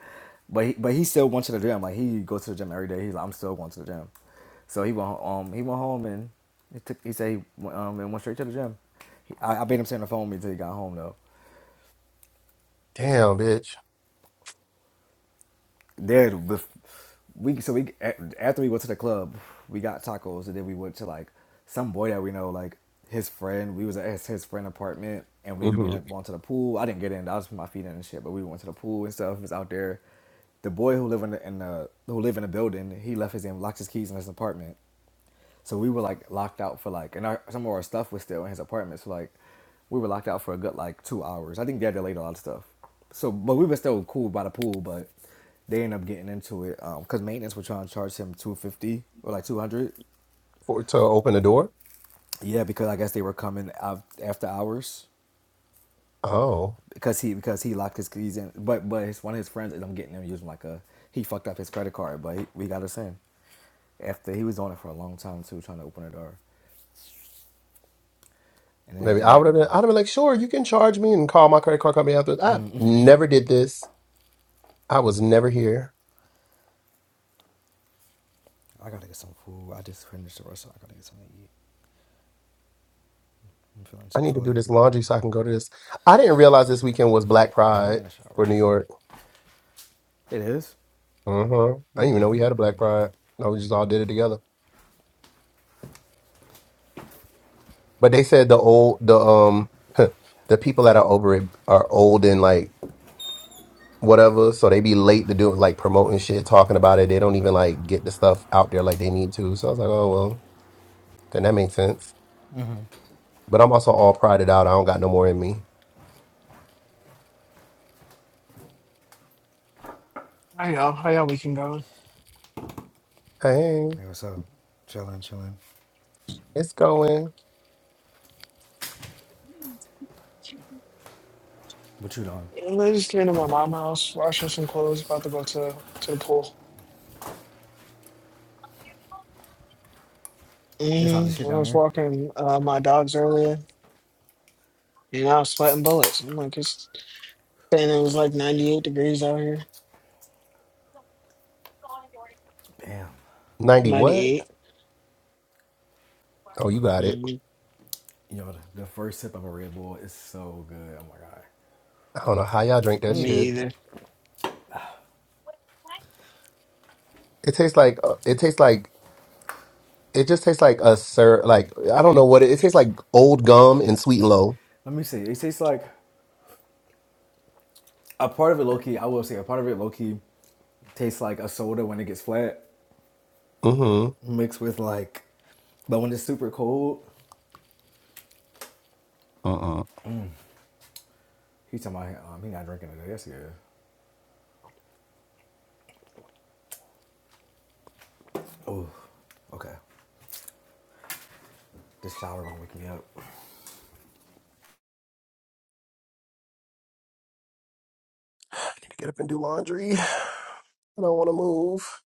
but he, but he still went to the gym. Like he goes to the gym every day. He's like I'm still going to the gym, so he went um he went home and he took he said he went, um and went straight to the gym. He, I, I made him stand up on me until he got home though.
Damn, bitch.
there bef- we so we after we went to the club, we got tacos and then we went to like some boy that we know, like his friend. We was at his, his friend apartment and we, we
hmm
ended up going to the pool. I didn't get in. I was putting my feet in and shit, but we went to the pool and stuff. It was out there. The boy who live in the, in the who live in the building, he left his in locked his keys in his apartment. So we were like locked out for like, and our, some of our stuff was still in his apartment. So like, we were locked out for a good like two hours. I think they had delayed a lot of stuff. So, but we were still cool by the pool. But they ended up getting into it because maintenance were trying to charge him two hundred fifty dollars or like two hundred. dollars.
For to open the door.
Yeah, because I guess they were coming out after hours
Oh.
because he because he locked his keys in. But but his, one of his friends ended up getting him using like a he fucked up his credit card, but he, we got us in after he was on it for a long time too, trying to open the door. And then
Maybe
after
I would
that,
have been. I'd
um,
have been like, sure, you can charge me and call my credit card company after. I never did this. I was never here.
I gotta get some food. I just finished the restaurant. I gotta get something to eat. I'm feeling
I
Chick
need to
Fil A.
do
Alright,
this laundry so I can go to this. I didn't realize this weekend was Black
let me get
Pride
in shower.
for New York.
It is.
Uh-huh. I didn't even know we had a Black Pride. No, we just all did it together. But they said the old the um the people that are over it are old and like whatever, so they be late to do like promoting shit, talking about it. They don't even like get the stuff out there like they need to. So I was like, oh well, then that makes sense. But I'm also all prided out. I don't got no more in me.
I know, I know we can go.
Hey,
Hey, what's up? Chilling, chilling.
it's going.
What you doing?
I just came to my mom's house, washing some clothes, about to go to to the pool.
It's all the
hmm
shit
I
down
was
there.
walking uh, my dogs earlier, and I was sweating bullets. I'm like, it's and it was like 98 degrees out here.
Damn.
90 what?
98.
Oh,
Oh my
you
god.
got it.
Mm-hmm.
You know, the, the first sip of a Red Bull is so good. Oh my god.
I don't know how y'all drink that
Me
shit.
either.
It tastes like uh, it tastes like it just tastes like a sir like I don't know what it, it tastes like old gum and sweet and low.
Let me see. It tastes like a part of it low key. I will say a part of it low key tastes like a soda when it gets flat,
Mm-hmm.
mixed with like, but when it's super cold,
Uh-uh.
he's talking about um, he not drinking today. Yes, he is. Oh, okay. This shower gonna wake me up.
Get up and do laundry. I don't want to move.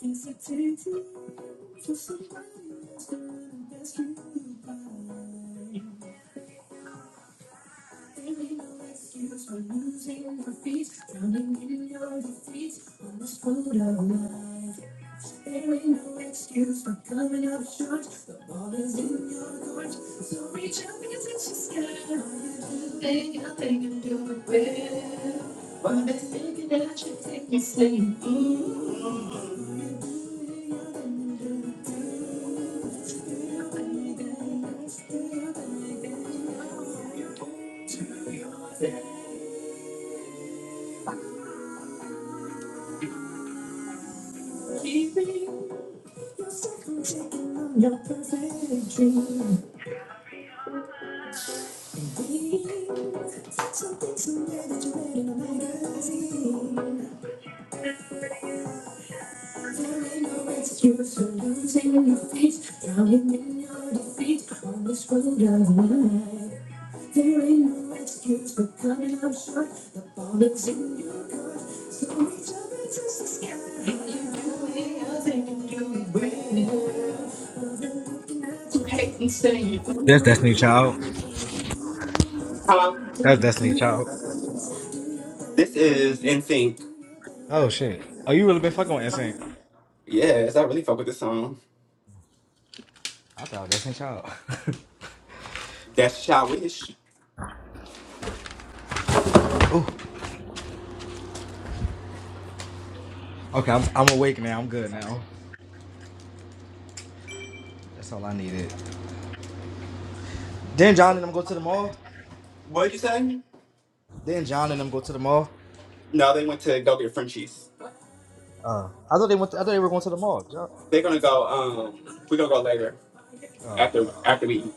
It's a tainted for somebody else, but I'm desperate goodbye. Ain't no excuse for losing my feet, drowning in your defeat on this road of life. There ain't no excuse for coming up short. The ball is in your court, so reach up and touch the sky. Nothing, nothing can do it well. While they're thinking that you take me saying, ooh your perfect dream, something somewhere that You're read in a magazine. so losing your face, drowning in your defeat on this road of life. There ain't no excuse for coming up short. The ball is in your court. So we jump into the sky. And you do I think you do it well. You hate and say you do.
That's Destiny Child.
Hello?
That's Destiny Child.
This is NSYNC.
Oh shit. Oh, you really been fucking with Insane?
Yes, I really fuck with this song.
I thought Destiny Child.
That's Your Wish.
Ooh. Okay, I'm, I'm awake now. I'm good now. That's all I needed. Then John and them go to the mall.
What'd you say?
Then John and them go to the mall.
No, they went to go get Frenchies.
Uh, I thought they went. To, I thought they were going to the mall. John.
They're gonna go, um, we're gonna go later
Oh.
after after we eat.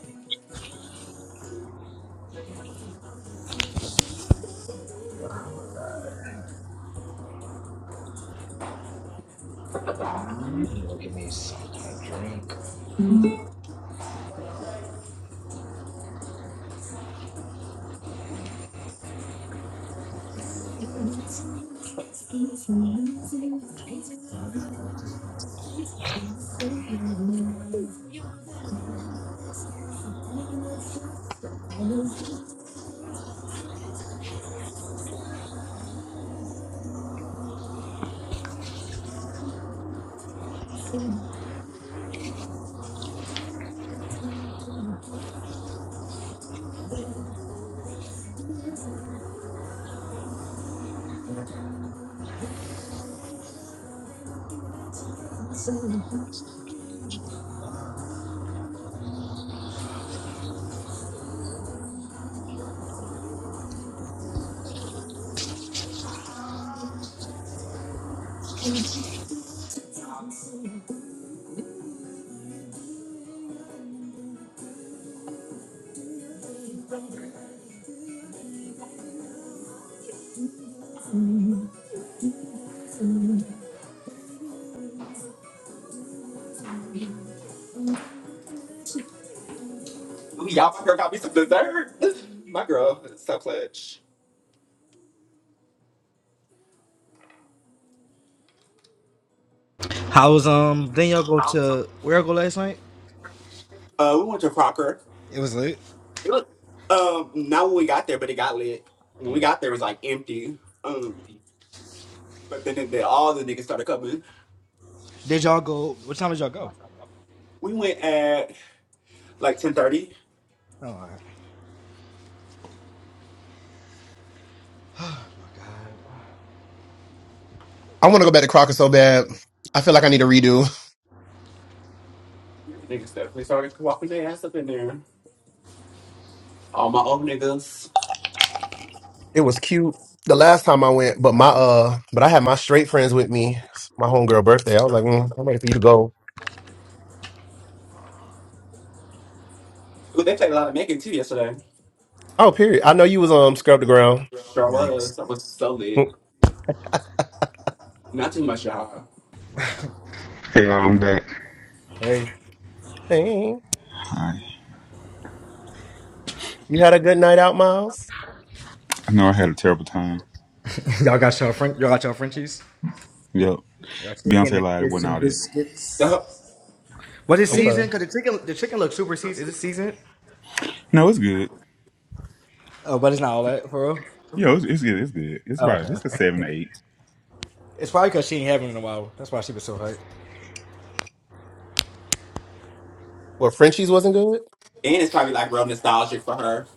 You know, give me something to drink.
Y'all, my girl got me some dessert. My girl is so clutch.
How was um? Then y'all go to where y'all go last night?
Uh, we went to Crocker.
It was late.
It was- Um, not when we got there, but it got lit. When
Yeah.
we got there, it was like empty. Um, but then, then all the niggas started coming.
Did y'all go? What time did y'all go?
We went at like ten thirty.
Oh, all right.
I want to go back to Crocker so bad. I feel like I need a redo.
Niggas definitely started walking their ass up in there. All my old niggas.
It was cute the last time I went, but my uh, but I had my straight friends with me. It's My homegirl birthday. I was like, mm, I'm ready for you to go.
Ooh, they played a lot of Megan too yesterday.
Oh, period. I know you was um scrub the ground.
Sure
Yikes.
was. I was so lit.
Mm.
Not too much, y'all.
Hey,
Hey,
I,
You had a good night out, Miles.
I know I had a terrible time.
y'all got y'all French. Y'all got y'all Frenchies.
Yep.
Our
Beyonce
chicken and
lied. It
fish
wasn't all
and
that.
biscuits.
and
Was it
I'm
seasoned?
fine.
Cause the chicken, the chicken looks super seasoned. Is it seasoned?
No, it's good.
Oh, but it's not all that for real.
Yo, it's, it's good. It's good. It's
Oh, okay,
about. It's a
okay.
seven, eight.
It's probably cause she ain't having it in a while. That's why she was so hyped.
Well, Frenchie's wasn't good.
it's probably like real nostalgic for her.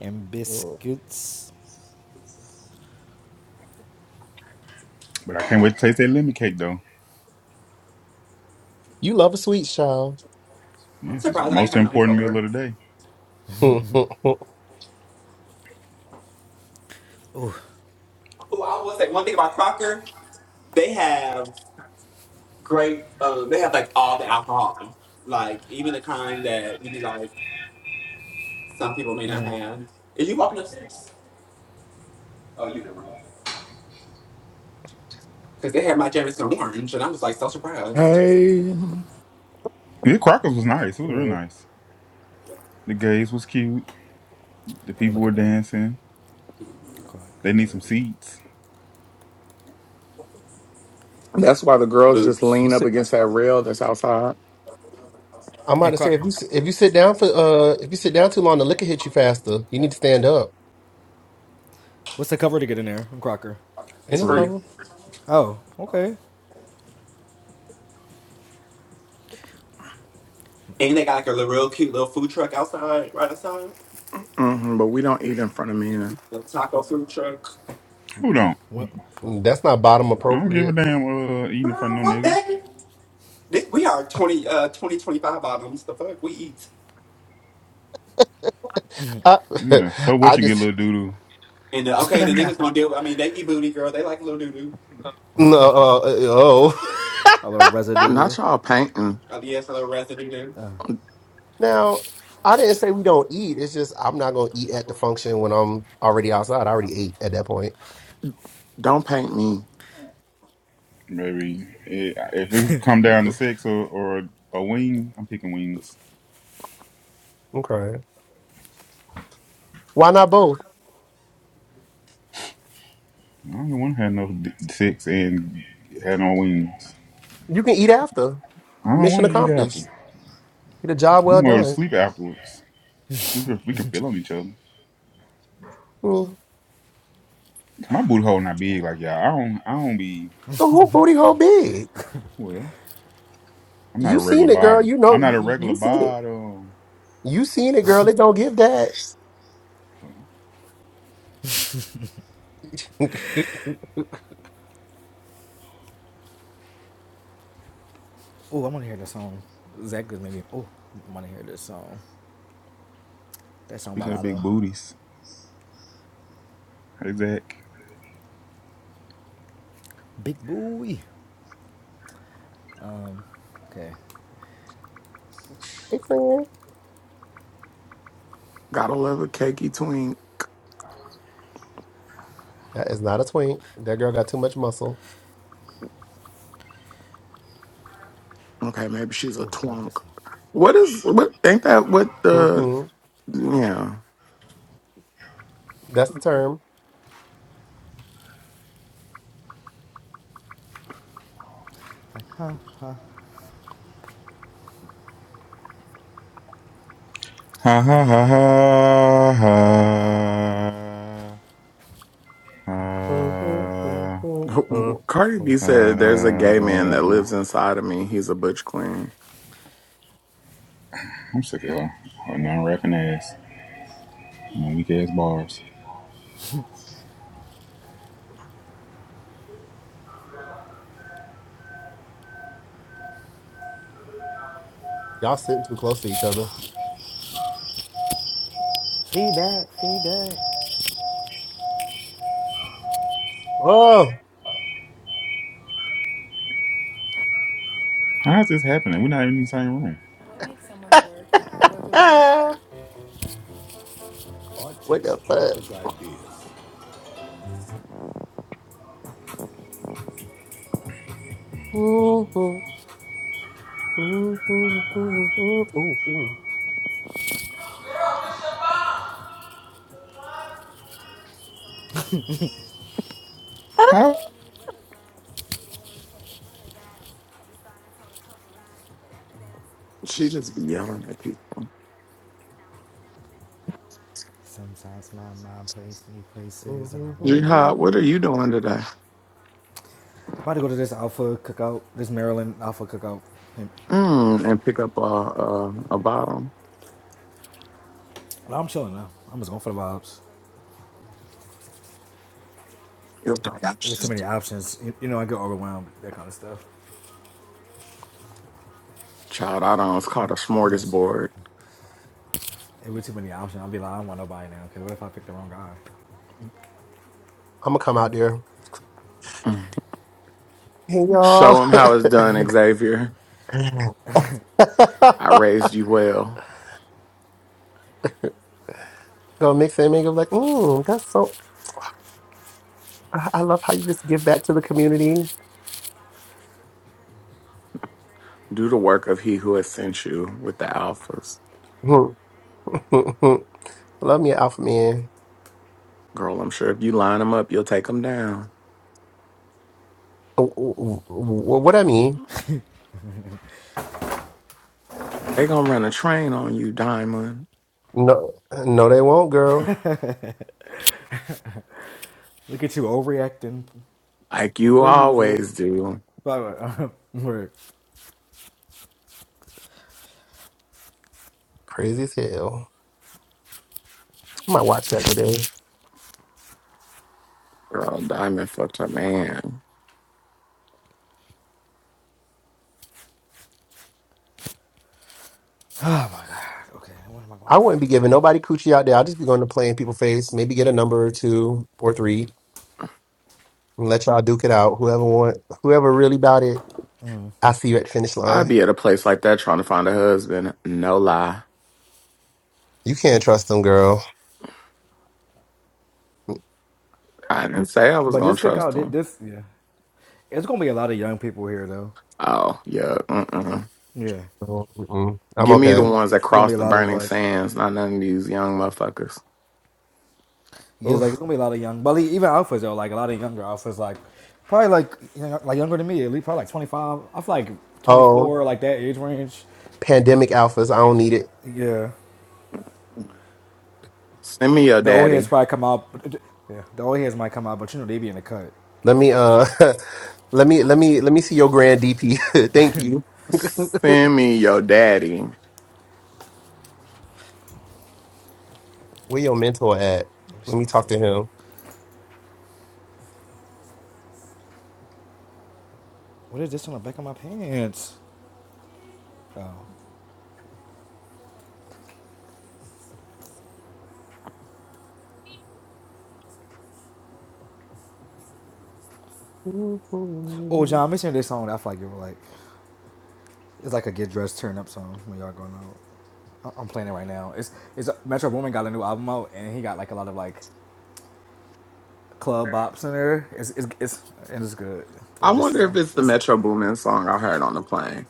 And
Mm.
biscuits.
But I can't wait to taste that lemon cake though.
You love a sweet child.
I'm
Yes, it's the
surprised I ain't
most
had nothing
important
for
meal
her.
of the day.
Mm, mm, mm.
Ooh, I will say one thing about Crocker. They have great. Um, they have like all the alcohol, like even the kind that maybe like some people may not have. Are you walking upstairs? Oh, you never. because they had my Jameson orange, and I was like so surprised.
Hey,
Yeah, Crockers was nice. It was
Okay,
real
Yeah.
nice. The gays was cute. The
let me
people
look
were
it up.
dancing. They need
Crocker.
some seats
that's why the girls just
Boots,
you
lean up
sit.
against that rail that's outside.
I'm about
And
to say
Croc.
if you sit- if you sit down for uh if you sit down too long, the liquor hit you faster. You need to stand up.
What's the cover to get in there? i Crocker.
Ain't
it's
no
free,
free.
cover.
Oh, okay.
and they got like a little, real cute little food truck outside, right outside,
hmm but we don't eat in front of me. either.
little taco food truck.
Who don't?
Well,
Mm, That's not bottom
I don't give a
appropriate.
damn uh, eating in front
Girl,
of no
fuck
nigga.
that. This, we are 20, uh, 20, twenty-five bottoms. The fuck we eat,
I,
Yeah. So
I
what you get,
just
little doodoo?
and uh, okay, the niggas gonna deal. with I mean, they eat booty, girl. They like little doo doo.
no. Uh, uh, oh,
a little residue.
Not
do.
y'all painting.
Uh, yes, a little residue doo.
now I didn't say we don't eat. It's just I'm not gonna eat at the function when I'm already outside. I already ate at that point.
Don't paint me.
Maybe Eh, if it come down to sex or, or a wing, I'm picking wings.
Okay. Why not both?
I don't want to have no d- sex and have no wings.
You can eat after.
I don't
Mission
want to eat
accomplished.
after.
Get a job well
I'm going to
done.
sleep afterwards. We can we can feel on each other.
Mm.
My boot hole not big like y'all. I don't I don't be
The whole booty hole big.
well. I'm not
You
a regular
seen it, girl.
bottom.
You
I'm
know,
not a regular
you seen it.
bottom.
You seen it, girl. It don't give that.
Well,
hey,
Oh, I want to hear this song. Zach is maybe. Oh, I want to hear this song. That song by
speaking of big
Lotto.
booties, hey Zach.
Big Boy. Um, okay.
friend.
Gotta love a cakey twink.
That is not a twink. That girl got too much muscle.
Okay, maybe she's a
Oh, not
twunk.
this one.
What is what? Ain't that what the
hmm
yeah?
That's the term.
Like, huh? huh?
Ha
Oh
ha
my
ha
God.
ha ha. ha,
Mhm,
ha.
mhm, mhm.
Cardi B said there's a gay man that lives inside of me. He's a butch queen.
I'm sick of her. Her non-rapping ass and weak ass bars.
Y'all sitting too close to each other.
Feedback, feedback.
Oh,
How is this happening? We're not even in the same room.
What makes someone's work a work of art? Art
what
takes
the fuck?
countless ideas.
Ooh, ooh, ooh, ooh, ooh,
How?
She just be yelling at people.
Sometimes my mind plays me
I'm
places and I wonder why.
Jihad, what are you doing today?
I'm About to go to this Alpha cookout, this Maryland Alpha cookout. And
Mm, and pick up a a, a bottom.
no, I'm chilling now. I'm just going for the vibes.
Yep.
There was too many options. You, you know, I get overwhelmed, that kind of stuff.
Child, I don't. It's called a
Yes.
smorgasbord.
There were too many options. I'll be like, I don't want nobody now, because what if I pick the wrong guy?
gonna come out there. Hey y'all.
Show him how it's done, Xavier. I raised you well.
Go mix it and make it like, mm, that's so I I love how you just give back to the community.
Do the work of he who has sent you with the alphas.
Hmm, hmm, hmm. love me an alpha man.
Girl, I'm sure if you line them up, you'll take them down.
W- w- w- What I mean?
They gonna run a train on you, Diamond.
No no they won't, girl.
Look at you overreacting,
Like you
per usual.
always do.
But, uh,
Crazy as hell. I might watch that today.
Girl, Diamond fucked her man.
okay, what am I going
I
to
wouldn't be giving nobody coochie out there. I'll just be going to play in people's face, maybe get a number or two or three and let y'all duke it out. Whoever want whoever really about it, I see you at the finish line.
I'd be at a place like that trying to find a husband. No lie.
You can't trust them, girl.
I didn't say I was
But
gonna
this
trust
cookout, thi-
him.
this yeah, it's gonna be a lot of young people here though.
Oh, yeah. Mm-mm.
Yeah,
No, mm-mm. I'm
Give
Yeah,
me
it's
the
okay.
gonna be
ones that
gonna
cross
be a
the
lot of
burning
like,
sands, not none of these young motherfuckers.
yeah, it's like it's
Oof.
gonna be a lot of young, but like, even alphas though, like a lot of younger alphas, like probably like you know, like younger than me, at least probably like twenty five. I feel like twenty
Oh,
four, like that age range.
pandemic alphas. I don't need it.
Yeah,
Send me your
the old
daddy.
heads probably come out. but- Yeah, the old heads might come out, but you know they be in the cut.
Let me uh, let me let me let me see your grand DP. Thank you.
Send me your daddy.
Where your mentor at?
Oh, it
Let me
smells so
talk to
good.
him.
What is this on the back of my pants? Oh, oh, John, mention this song that I feel like you were like. It's like a get dressed turn up song when y'all going out. I- I'm playing it right now. It's it's Metro Boomin got a new album out and he got like a lot of like club bops in there. It's it's, it's and it's good.
I
But this
wonder if
song,
it's the
it's
Metro Boomin song I heard on the plane.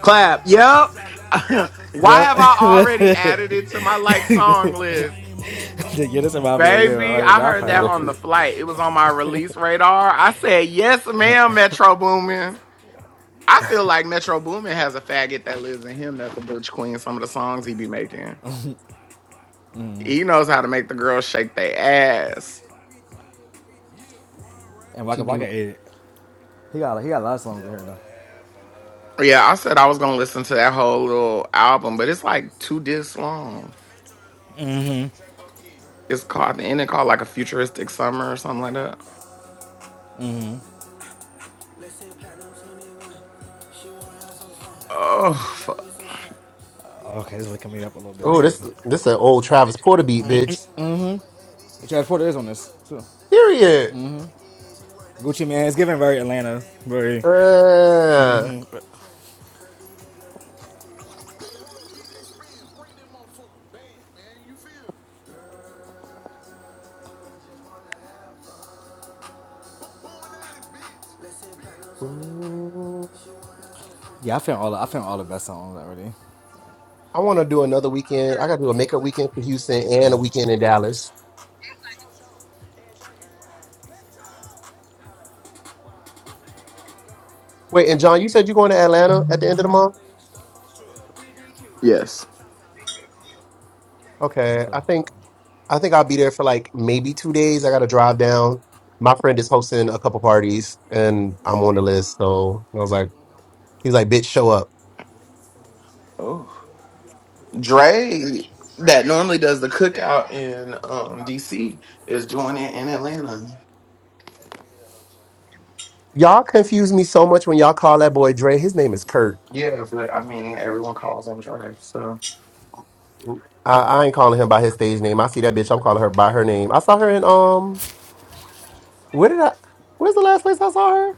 Clap. Yep. Why
yeah,
have I already added it to my like song list?
yeah. This about me. Yeah,
Baby,
I like
I
I
heard
probably
that
Mm,
like
if
on
She,
the
that.
flight. It was on my release radar. I said, yes, ma'am, Metro Boomin. I feel like Metro Boomin has a faggot that lives in him that's a butch queen. Some of the songs he be making. He knows how to make the girls shake their ass.
And
she
Waka
be.
Waka ate it. He got he got a lot of songs in here though.
Yeah, I said I was gonna listen to that whole little album, but it's like two discs long. It's called the ending called like a futuristic summer or something like that. Oh, fuck.
Okay, this is waking me up a little bit. Let me
Oh,
cut this.
this
One.
this an old Travis Porter beat, bitch.
Travis Porter is on this too.
Period.
Gucci Man, it's giving very Atlanta, very.
Uh, mm,
Yeah, I found all the, I found all the best songs already.
I want to do another weekend. I got to do a makeup weekend for Houston and a weekend in Dallas. Wait, and John, you said you're going to Atlanta at the end of the month.
yes.
I'm
Okay,
go
I
to.
think. I think I'll be there for like maybe two days. I got to drive down. My friend is hosting a couple parties, and I'm on the list. So I was like, he's like, bitch, show up.
Oh, Dre that normally does the cookout in um DC is doing it in Atlanta.
Y'all confuse me so much when y'all call that boy Dre. His name is Kurt.
Yeah, but I mean everyone calls him Dre, so
I, I ain't calling him by his stage name. I see that bitch. I'm calling her by her name. I saw her in um. Where did I? Where's the last place I saw her?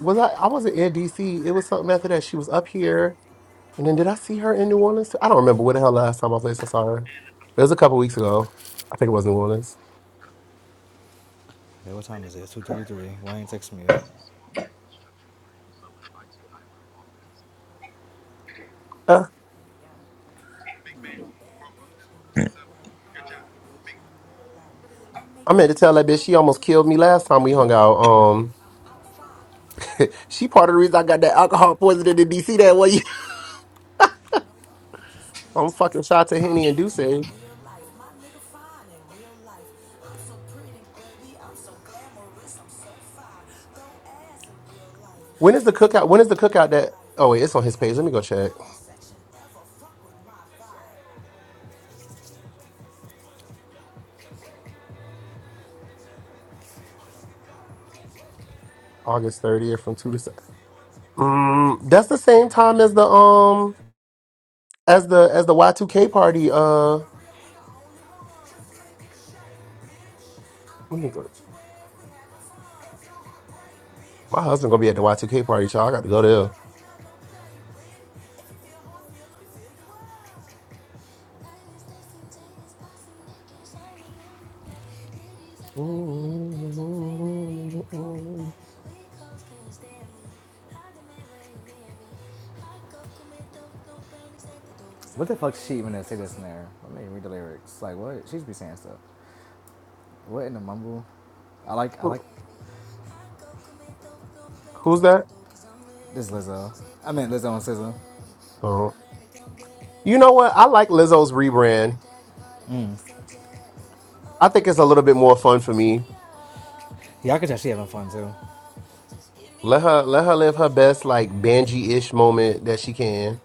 Was I? I wasn't in DC. It was something after that. She was up here, and then did I see her in New Orleans? I don't remember where the hell last time I was. last I saw her. It was a couple weeks ago. I think it was New Orleans.
Okay, what time is it? It's Two thirty three. Why ain't texting me yet?
Uh, I'm here to tell that bitch she almost killed me last time we hung out. Um, she part of the reason I got that alcohol poisoning in DC that way. I'm fucking shot to Henny and Duce. When is the cookout? When is the cookout that? Oh wait, it's on his page. Let me go check. August 30th from two to. seven. Mm, that's the same time as the um as the as the Y2K party. Uh, let me go- my husband gonna be at the Y2K party, so I got to go there.
What the fuck she even say this in there? Let me read the lyrics. Like what? She should be saying stuff. What in the mumble? I like I like
Who's that?
this Lizzo. I mean Lizzo and SZA.
Oh, you know what? I like Lizzo's rebrand. I think it's a little bit more fun for me.
Yeah, I can tell she having fun too.
Let her let her live her best like Banji ish moment that she can.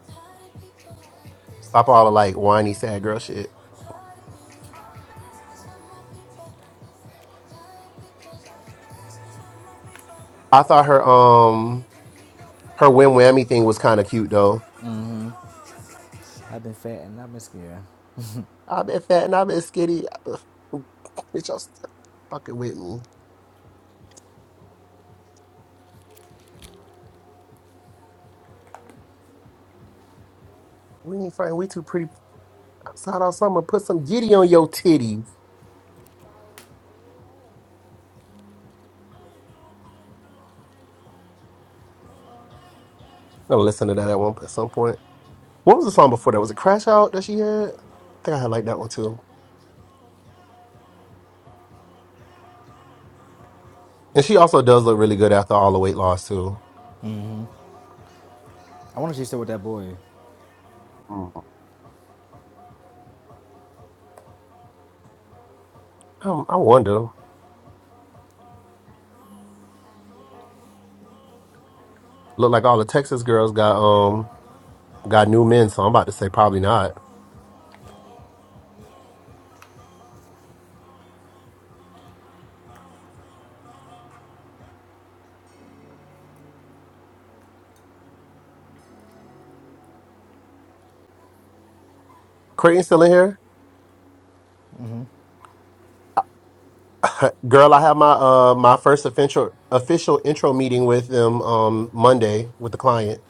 Stop all the like whiny sad girl shit. I thought her um her win whammy thing was kind of cute though.
I've been fat and I've been scared.
I've been fat and I've been skinny. Ugh, Bitch, y'all still fucking with me. We ain't fighting. We too pretty outside all summer. Put some giddy on your titties. I'm gonna listen to that at one at some point. What was the song before that? Was it Crash Out that she had? I think I had like that one too. And she also does look really good after all the weight loss too.
I wonder if she's still with that boy.
Mm. Oh, I wonder. Look like all the Texas girls got um got new men, so I'm about to say probably not. Creighton still in here? Girl, I have my uh my first official official intro meeting with them um Monday with the client,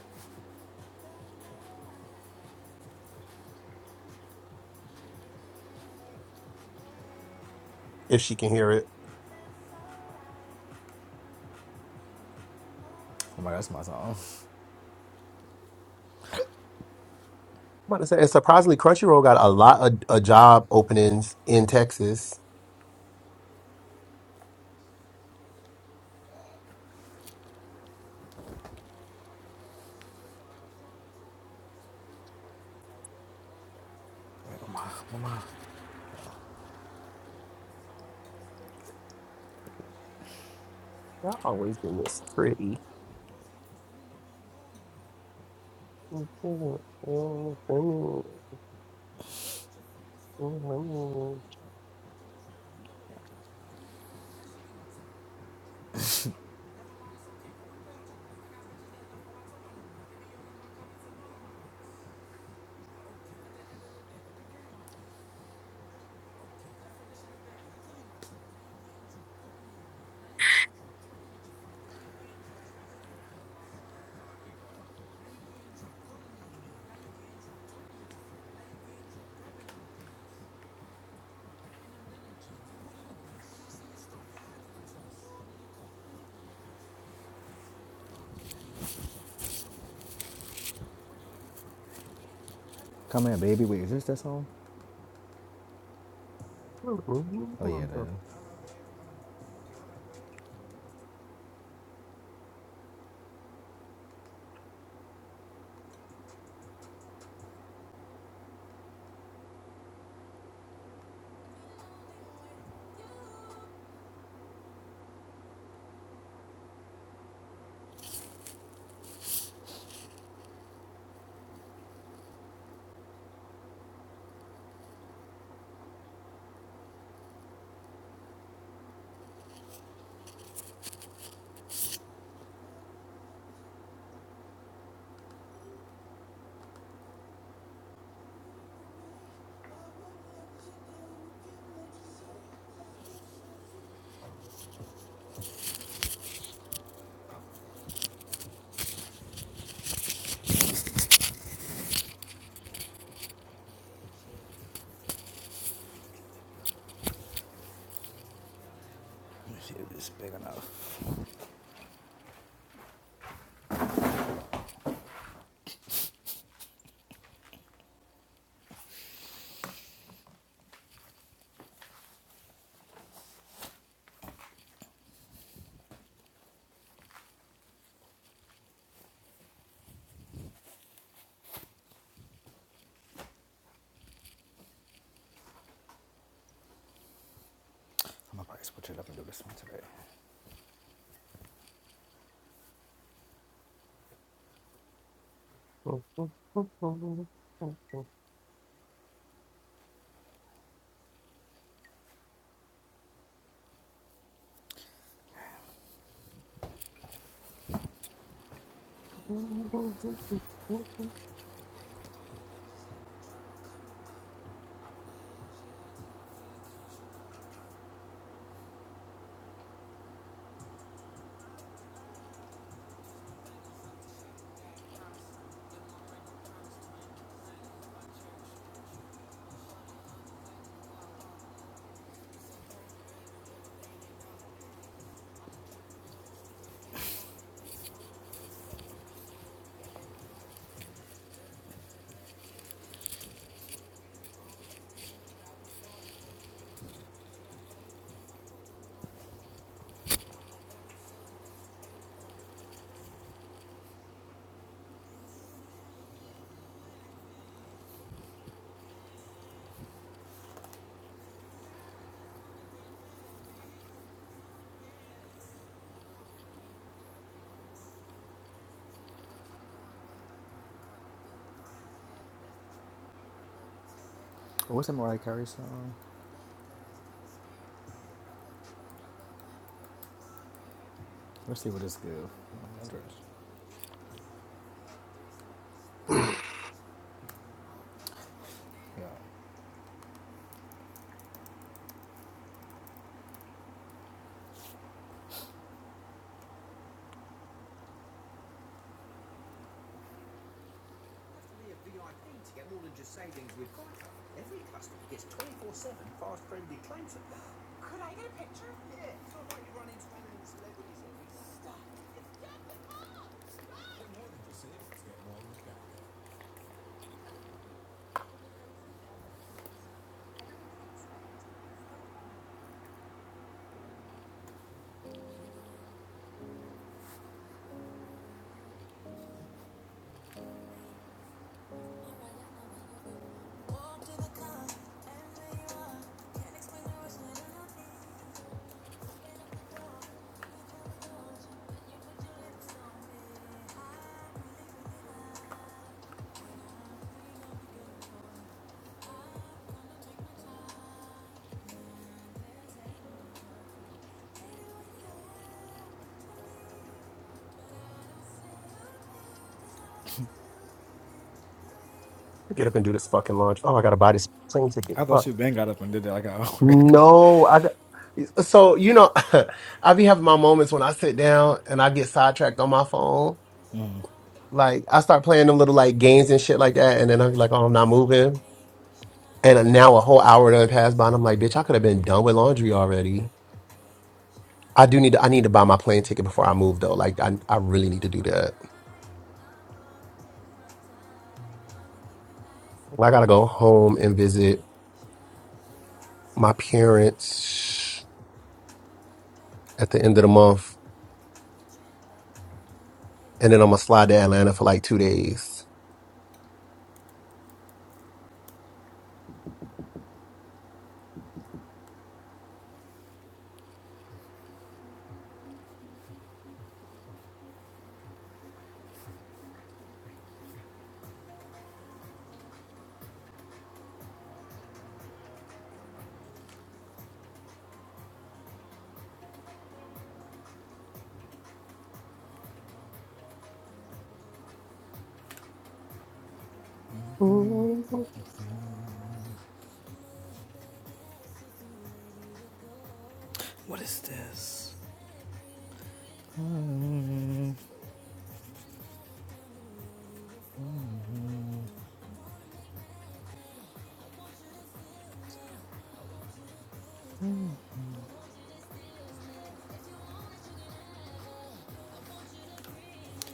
if she can hear it.
Oh my god, that's my song.
I'm about to say and surprisingly Crunchyroll got a lot of, of job openings in Texas.
Come here, baby. Wait, is this that song? Oh yeah, that is. I'm gonna probably switch it up and do this one today. Oh, what's that Mariah Carey song? Let's see what this gives. Yeah.
Get up and do this fucking launch. Oh, I got to buy this plane ticket.
I thought
Fuck.
you bang got up and did that like an hour ago.
No, I so you know i be having my moments when i sit down and i get sidetracked on my phone like i start playing them little like games and shit like that and then i'm like oh i'm not moving and now a whole hour done passed by and i'm like bitch i could have been done with laundry already i do need to i need to buy my plane ticket before i move though like i, I really need to do that Like, i gotta go home and visit my parents at the end of the month and then I'm gonna slide to Atlanta for like two days.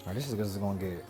Alright, this is good as it's gonna get.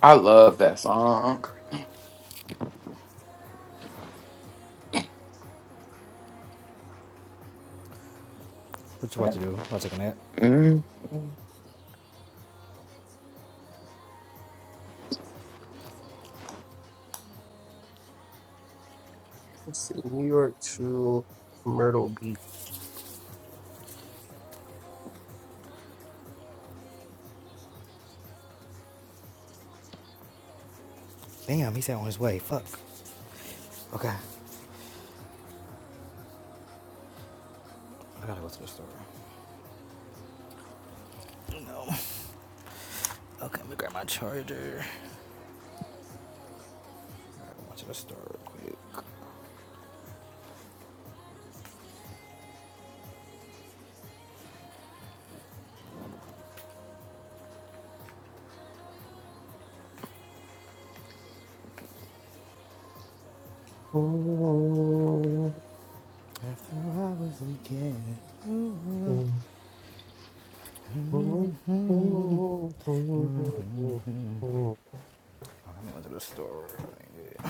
I love that song.
What you about to do? About to take a nap?
Mm.
Let's see, New York to Myrtle Beach.
Damn, he's out on his way. Fuck. Okay. I gotta go to the store. No. Okay, let me grab my charger. Alright, I'm going to the store real quick. After I hours again. I'm going to the store. Yeah.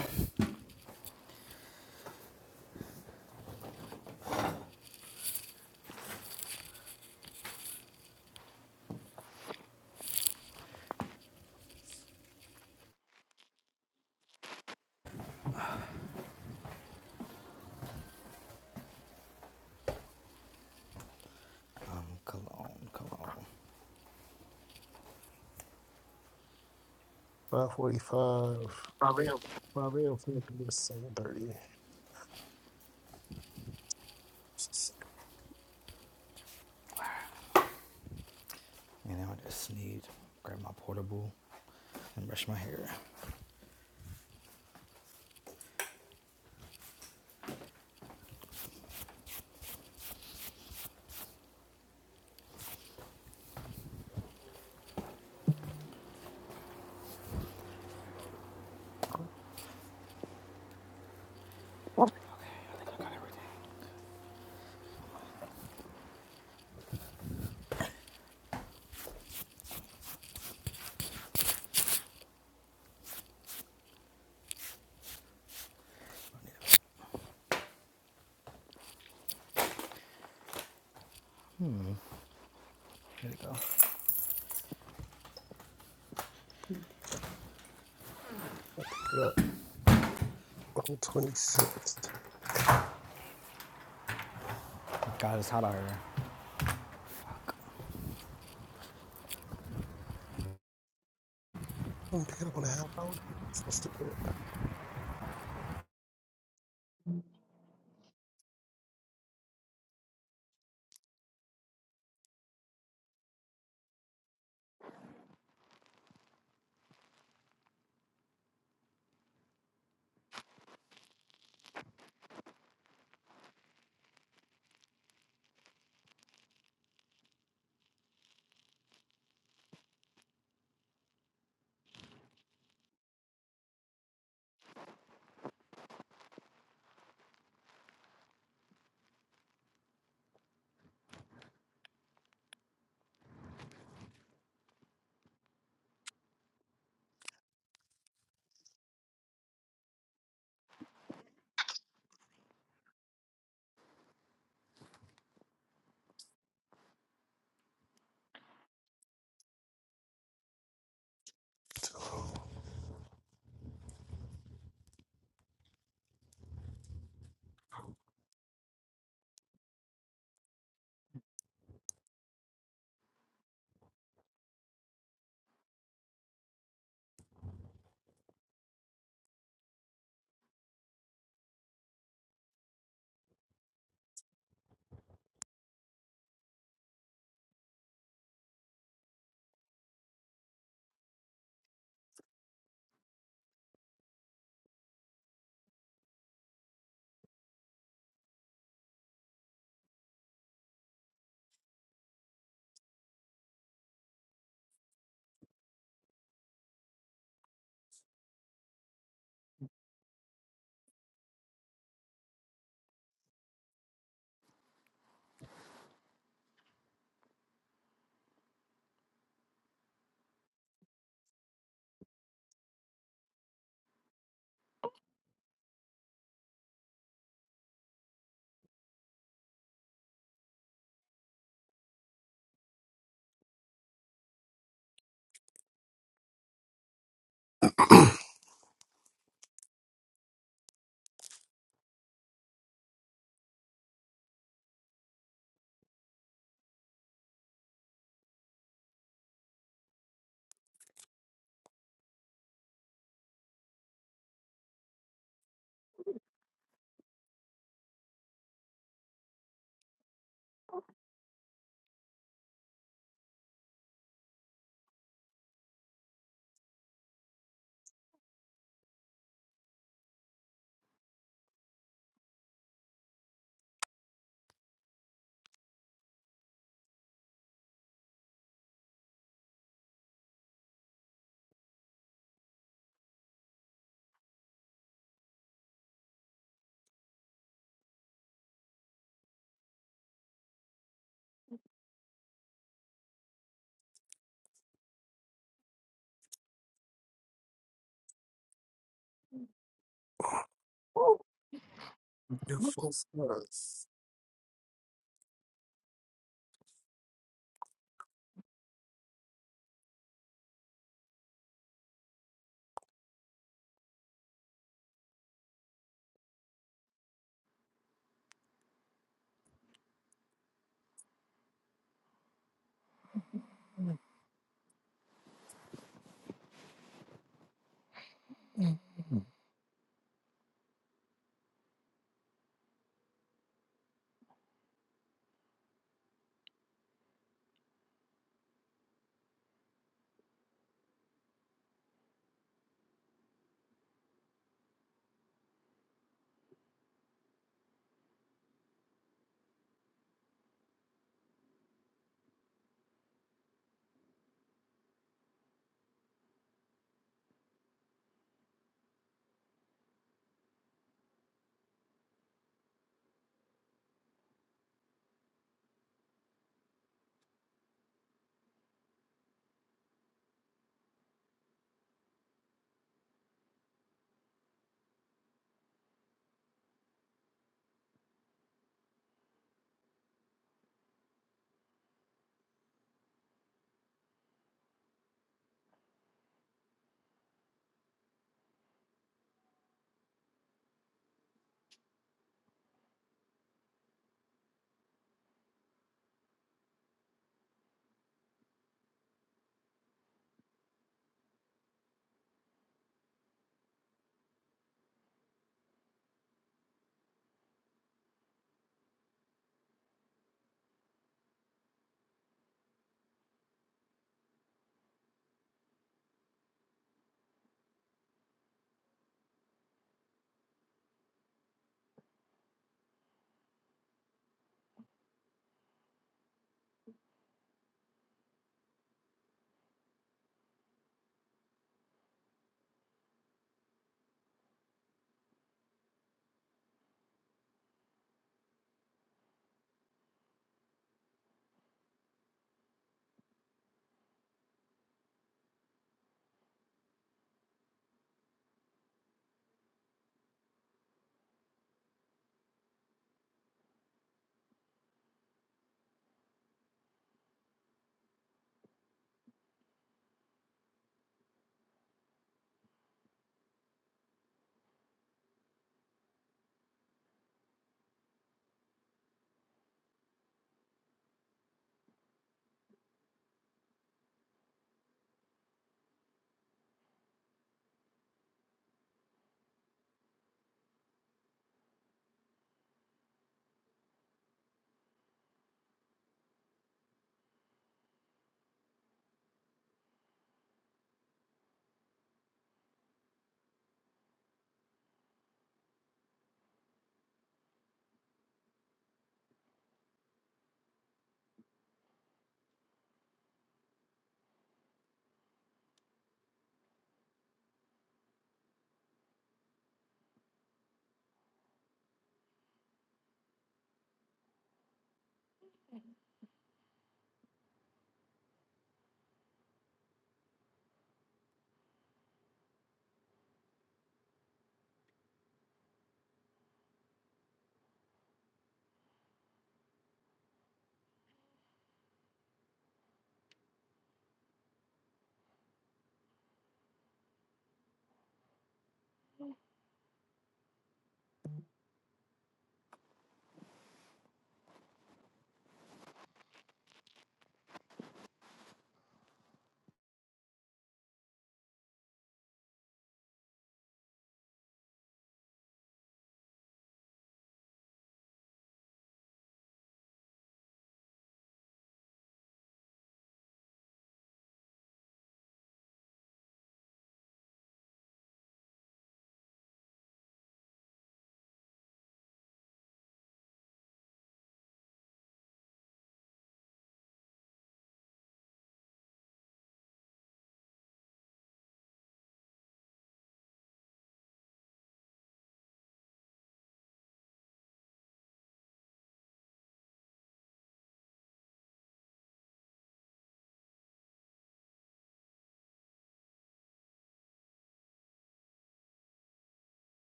Cologne, cologne.
Five forty-five.
Um,
Five a.m. Seven thirty.
And now I just need to grab my portable and brush my hair. Okay, I think I got everything. Here we go.
Not on 26th.
Oh God, it's hot out here.
I'm picking up on a half hour. Woo! Your full stars.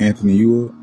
Anthony, you up?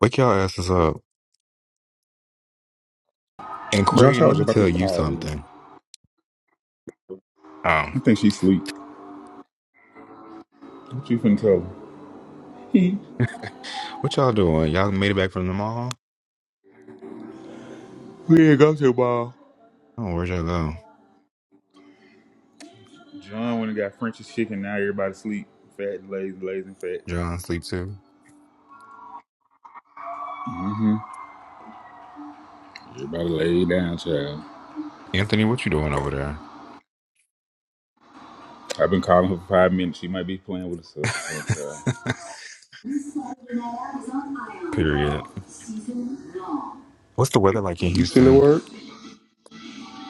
Wake y'all asses up. And
Josh, I
Quarian, let
was
me
about to
tell you
call you.
something. Um,
I think she's asleep. What you finna tell her?
What y'all doing? Y'all made it back from the mall?
we ain't got your ball.
Oh, where'd y'all go?
John when he got French's chicken. Now everybody sleep. Fat, lazy, lazy, and fat.
John sleep too.
hmm Everybody lay down, child.
Anthony, what you doing over there?
I've been calling her for five minutes. She might be playing with herself or something, child.
Period. What's the weather like in
You still at
Houston?
work?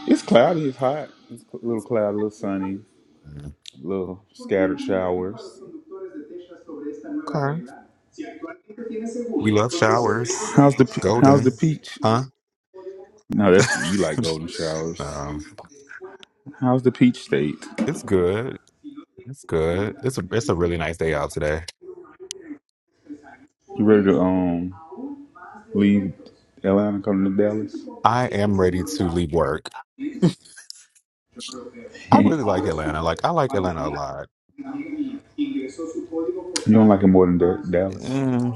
It's cloudy. It's hot. It's a little cloudy, a little sunny,
Mm,
a little scattered showers.
Okay. We love showers.
How's the pe- How's the
Golden.
peach?
Huh?
No, that's you. You like golden showers.
um,
How's the peach state?
it's good. It's good. It's a it's a really nice day out today.
You ready to um leave Atlanta and come to Dallas?
I am ready to leave work. I really
you
like Atlanta. Like I like Atlanta a lot.
don't like it more than Da- Dallas?
Mm.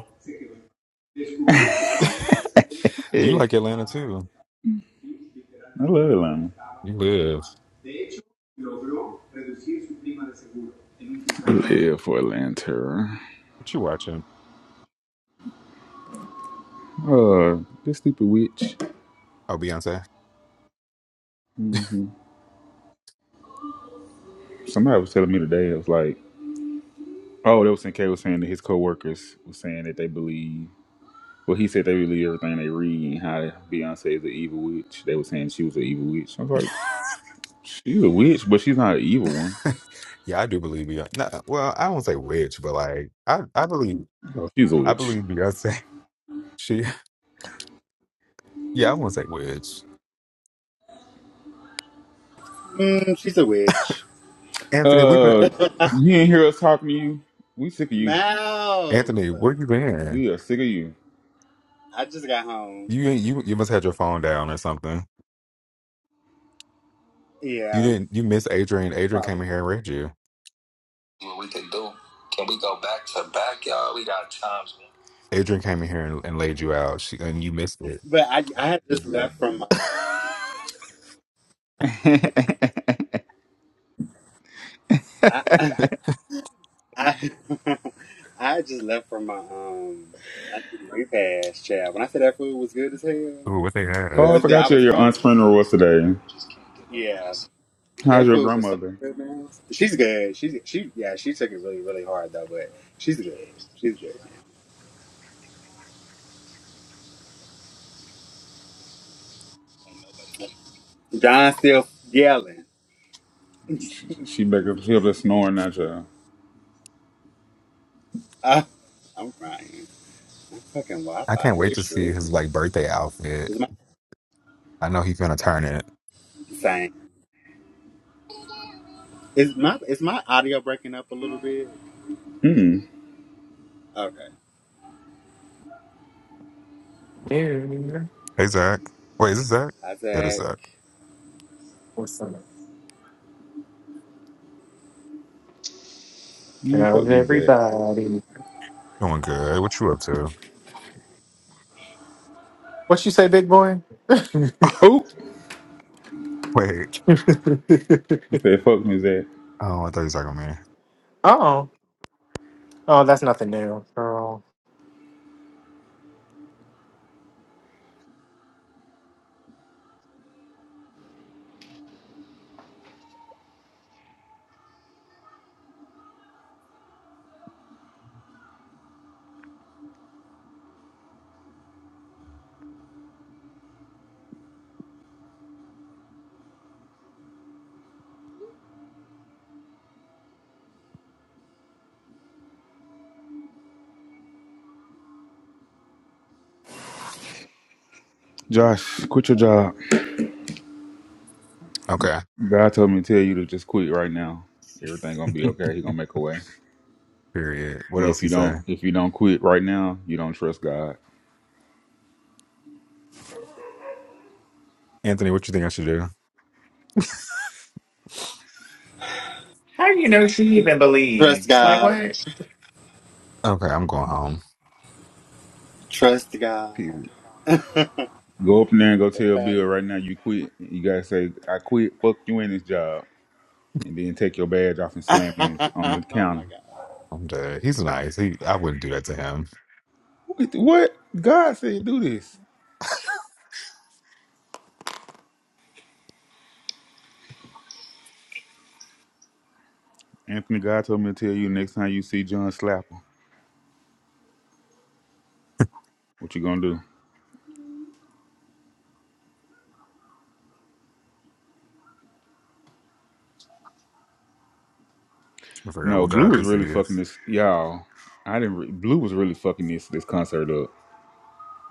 You
Eh,
like Atlanta too.
I love Atlanta.
You live.
Live for Atlanta
What you watching?
Uh, this stupid witch.
Oh, Beyonce.
hmm Somebody was telling me today. It was like, oh, they was saying K was saying that his coworkers was saying that they believe. Well, he said they believe everything they read and how Beyonce is an evil witch. They were saying she was an evil witch. I was like, she's a witch, but she's not an evil one.
Yeah, I do believe Beyonce. No, well, I won't say witch, but like I, I believe,
Oh, She's a
I
witch.
believe Beyonce. She, yeah, I won't say witch.
Mm, she's a witch.
Anthony, we've been.
Uh, you not hear us talking to you. We sick of you.
Anthony,
Mouse.
where you been?
We are sick of you.
I just got home.
You, ain't- you, you must have your phone down or something. You
Yeah,
didn't. You missed Adrian. Adrian came
probably.
in here and read you.
What we can do? Can we go back to back, y'all? We got
Adrian came in here and, and laid you out. She, and you missed it.
But I, I had just left from my.
times.
I, I I just left from my um I did repast, child. When I said that food was good as hell,
Ooh, what they
Oh,
have.
yeah,
I
that I
forgot you.
was
Your aunt's
hungry.
funeral was today.
Yeah,
How's
that
your
food was so
grandmother?
good, man. She's good. She's she yeah. She took it really really hard though, but she's good. She's good. John still yelling.
She, she back up. She up there snoring at you.
Uh, I'm crying. Fucking
I
Wi-Fi
can't
is
wait to
tripping.
see his like birthday outfit.
Is my
I know he's gonna turn it.
same? Is my is my audio breaking up a little bit?
Hmm.
Okay,
Here,
Hey Zach. Wait, is this Zach?
I
Yeah, this
said
Zach.
what's up?
Man, fuck
How's
music.
everybody?
Doing good. What you up to?
What you say, big boy?
Oh,
Wait.
I said fuck music.
Oh, I thought you was talking to me.
Oh, oh, that's nothing new, girl.
Josh, quit your job.
Okay.
God told me to tell you to just quit right now. Everything gonna be okay. He gonna make a way.
Period. What
And
else
if
he
you don't,
say?
if you don't quit right now, you don't trust God.
Anthony, what you think I should do?
How do you know she even
trust
believes? Like
God.
what?
Okay, I'm going home.
Trust God.
Period. Go up in there and go tell
Okay.
Bill right now you quit. You gotta say I quit. Fuck you in this job, and then take your badge off and slam it on the on the
oh my
counter.
god.
I'm dead. He's nice. He I wouldn't do that to him.
What? what? God said do this. Anthony, God told me to tell you next time you see John Slapper, what you gonna do?
I forgot
No,
what
Blue
God
was
this
really fucking
is.
this, y'all. I didn't. Re- Blue was really fucking this this concert up.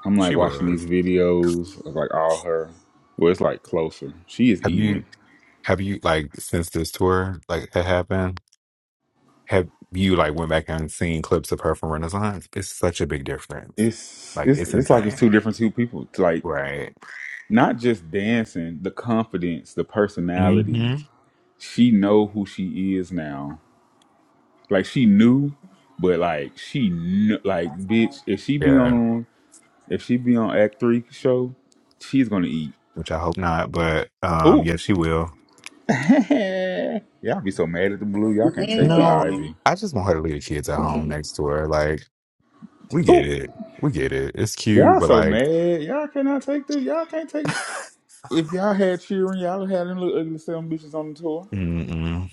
I'm
She
like watching these
was.
videos of like all her. Well, it's like closer. She is
Have
eating
you
it.
have you like since this tour like had happened? Have you like went back and seen clips of her from Renaissance? It's such a big difference.
It's
Like
it's
it's
it's like it's
insane.
two different two people. It's like
Right.
not just dancing, the confidence, the
hmm
personality. She know who she is now. Like she knew, but like she kn- like bitch. If she be
Yeah.
on If she be on Act Three show, she's gonna eat.
which I hope not. But um,
Ooh,
yeah, she will.
y'all be so mad at the blue. Y'all can't take the
No,
Dang.
Ivy.
I just want her to leave the kids at home next to her. Like, we get
Ooh,
it, we get it. It's cute,
y'all
but
so
like,
mad. Y'all cannot take the. Y'all can't take. If y'all had cheering, y'all would have them little ugly seven bitches on the tour.
mm-mm,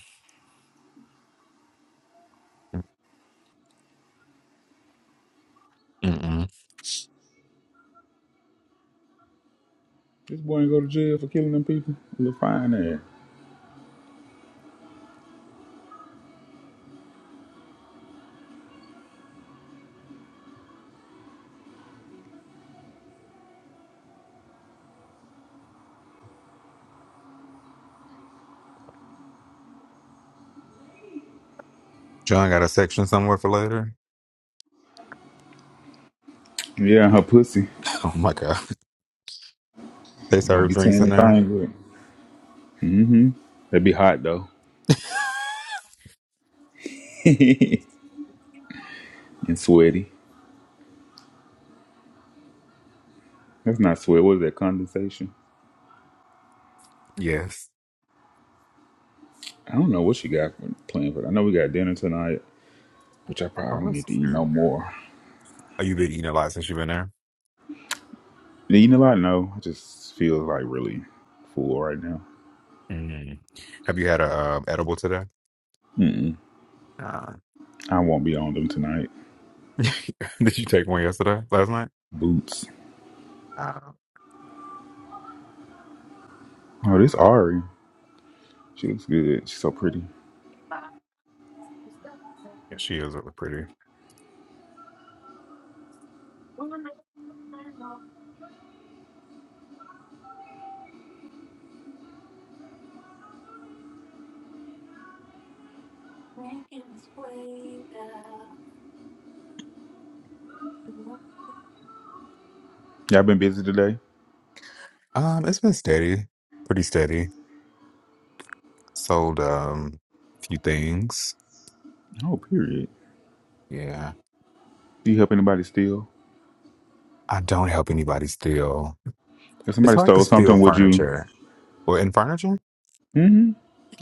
mm-mm.
This boy ain't go to jail for killing them people. Little fine ass.
John got a section somewhere for later.
Yeah, and her pussy.
Oh my god, they
we gonna
serve
be
drinks
tearing
in
the
there.
thing with. Mm-hmm. That'd be hot though. and sweaty. That's not sweat. What is that condensation?
Yes.
I don't know what she got for, planned for. I know we got dinner tonight. which I
Oh,
probably don't
that's
need to eat no
true.
more.
Oh, you been eating a lot since you've been there.
Eating a lot? No, I just feel like really full right now.
Mm. Have you had a um, edible today?
Mm-mm.
Uh,
I won't be on them tonight.
did you take one yesterday, last night?
Boots.
Uh,
Oh, this Ari. She looks good. She's so pretty.
yeah, she is really pretty.
Y'all been busy today?
Um, it's been steady, pretty steady. Sold um a few things.
Oh, period.
Yeah.
Do you help anybody steal?
I don't help anybody steal.
If
It's
somebody
hard to
stole
steal
something, would you?
furniture. Well, in furniture,
Mm-hmm.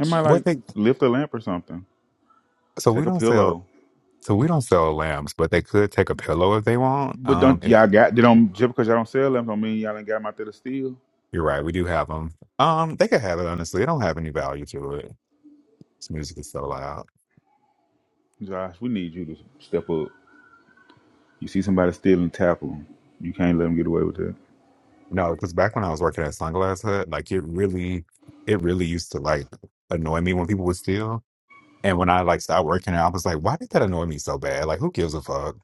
I might
what
like
they
lift a lamp or something.
so we
Take a
don't sell
pillow.
so we don't sell lamps, but they could take a pillow if they want.
But
Um,
don't
if
y'all got they don't just because y'all don't sell lamps don't mean y'all ain't got them out there to steal.
you're right, we do have them. Um, they could have it honestly. It don't have any value to it. This music is so loud.
Josh, we need you to step up. You see somebody stealing, tackle them. You can't let them get away with that.
No, because back when I was working at Sunglass Hut, like it really, it really used to like annoy me when people would steal. And when I like started working out, I was like, why did that annoy me so bad? Like, who gives a fuck?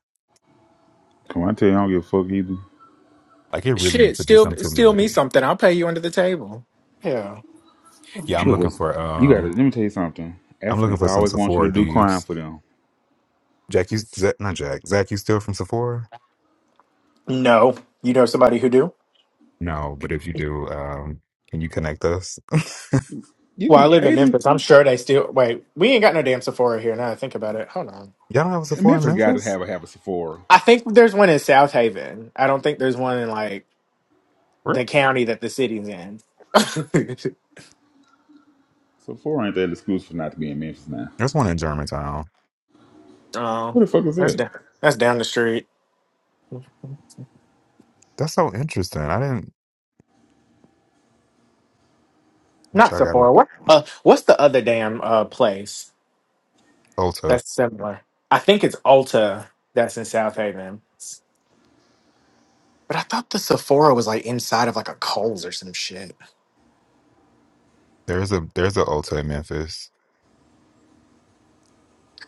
Come on, I tell you, I don't give a fuck either.
Like, it really needs
Shit,
to do
steal,
something to me.
steal me something. I'll pay you under the table. Yeah.
Yeah, I'm
Look
looking
at
for
you. Got to
um,
let me tell you something.
I'm looking
Africans, I
for some
always want you
Sephora
to do crime
thieves.
for them.
Jack, you Zach, not Jack. Zach, you still from Sephora?
No. You know somebody who do?
No, but if you do, um, can you connect us? Y'all
You
Well,
can
I live in
Aiden,
Memphis. I'm sure they steal. Wait, we ain't got no damn Sephora here. Now that I think about it. Hold on.
don't have a Sephora in
Memphis got to
Memphis?
have a have a Sephora.
I think there's one in South Haven. I don't think there's one in like
Really?
the county that the city's in.
Sephora ain't that excuse for not to be in Memphis now.
There's one in Germantown.
oh,
What the fuck is
that's
that?
down. That's down the street.
That's so interesting. I didn't, but
Not
y'all got
Sephora.
work.
What? Uh, what's the other damn uh place
Ulta.
that's similar? I think it's Ulta that's in South Haven. But I thought the Sephora was like inside of like a Kohl's or some shit.
There's a there's a Ulta in Memphis.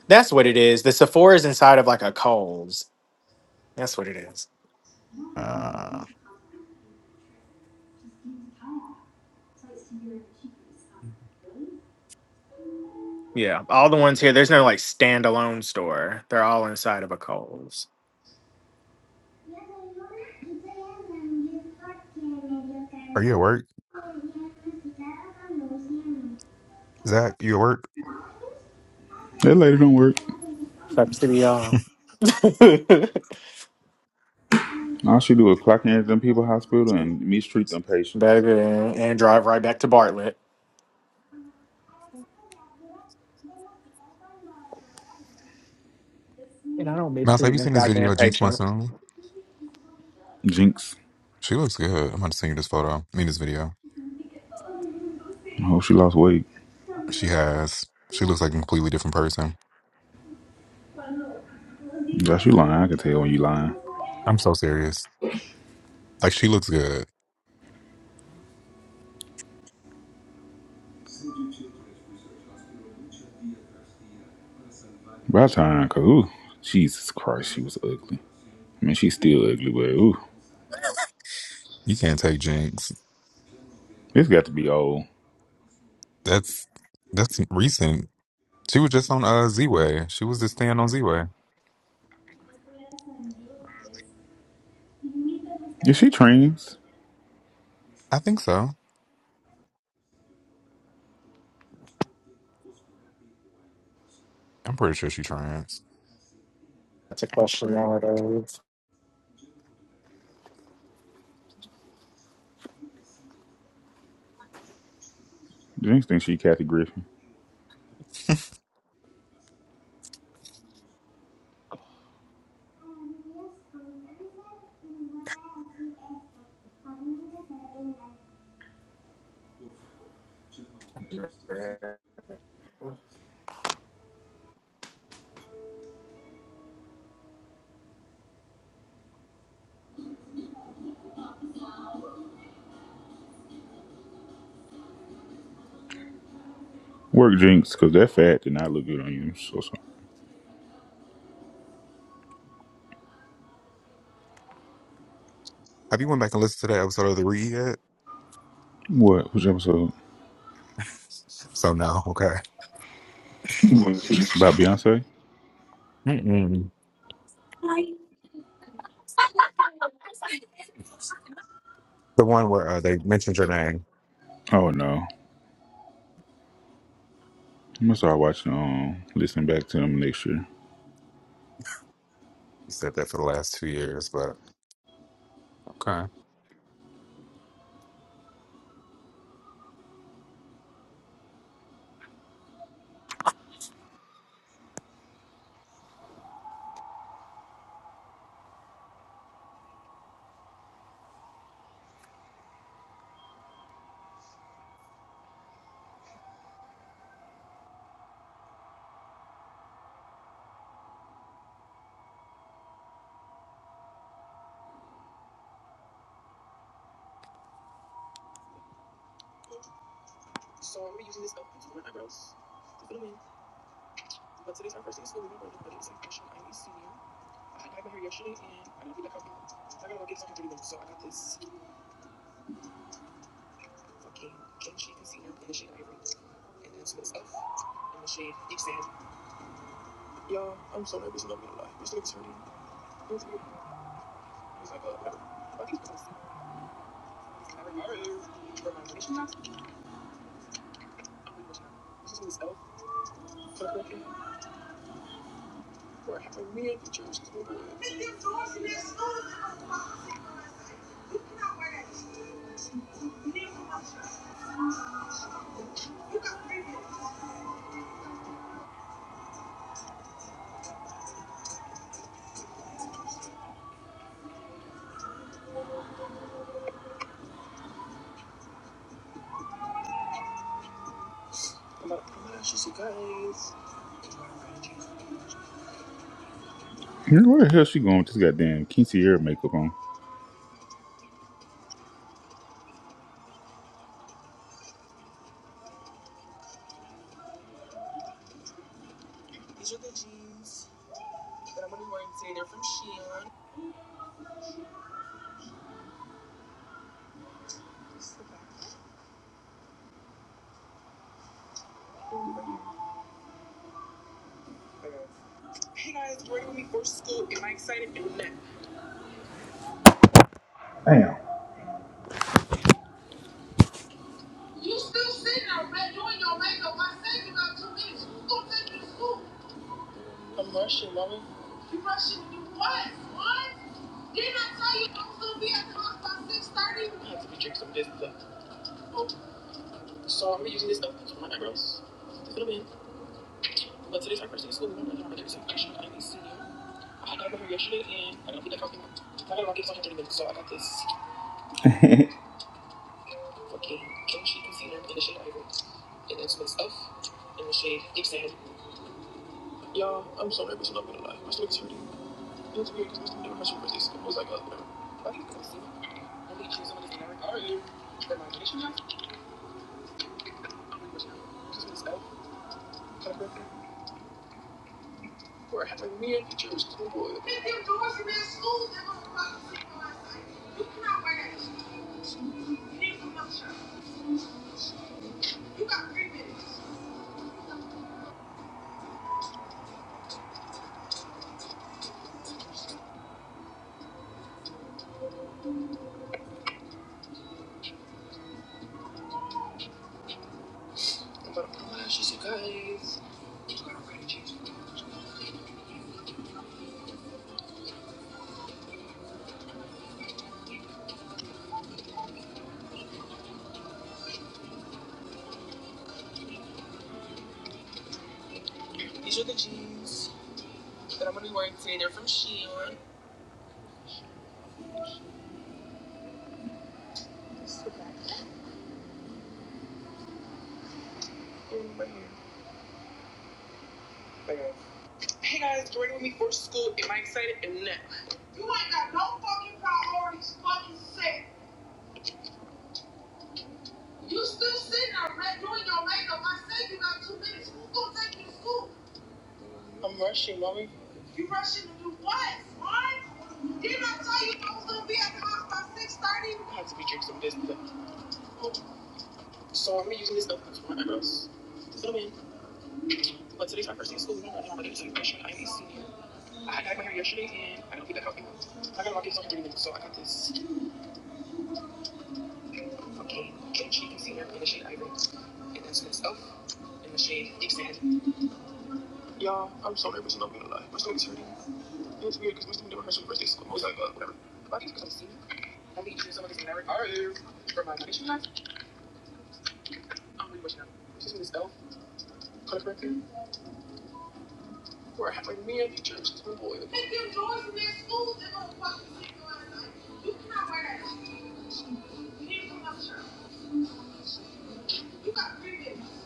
That's what it is. The Sephora is inside of like a Kohl's. That's what it is.
Uh,
Yeah, all the ones here. There's no like standalone store. They're all inside of a Kohl's.
are you at work, Zach? You at work?
That lady don't work.
Up to y'all.
All she do is clock in at them people hospital and mistreat them patients.
Baby, and drive right back to Bartlett. And I don't
Mouse, have
mistreat
you
this
seen this video
goddamn
of Jinx
patient.
Monsoon?
Jinx.
She looks good. I'm about to send you this photo. I mean, this video.
I hope she lost weight.
She has. She looks like a completely different person.
Yeah, she lying. I can tell when you lying.
I'm so serious. Like she looks good.
By time, cause ooh, Jesus Christ, she was ugly. I mean, she's still ugly, but ooh,
You can't take Jinx.
it's got to be old.
That's that's recent. She was just on uh Z Way. She was just staying on Z Way.
Is she trans?
I think so. I'm pretty sure she trans.
That's a question nowadays.
Do you think she Kathy Griffin? Work Jinx, cause that fat did not look good on you. So, so.
Have you went back and listened to that episode of the Read yet?
what? Which episode?
So no. Okay.
It's about Beyonce.
Mm-mm. The one where uh, they mentioned your name.
Oh no, I'm gonna start watching. Um, listening back to them next year.
You said that for the last two years, but okay.
Man, where the hell she going with this goddamn Kinty hair makeup on? Damn. You still sitting there red doing your makeup. I said you got two minutes. Who's gonna take you to school? You rushing to do what? What? Didn't I tell you I was gonna be at the house by six thirty? Pick your drawers in their schools and gonna fucking sleep around at night. You cannot wear that. You need to come shirt. You got three minutes.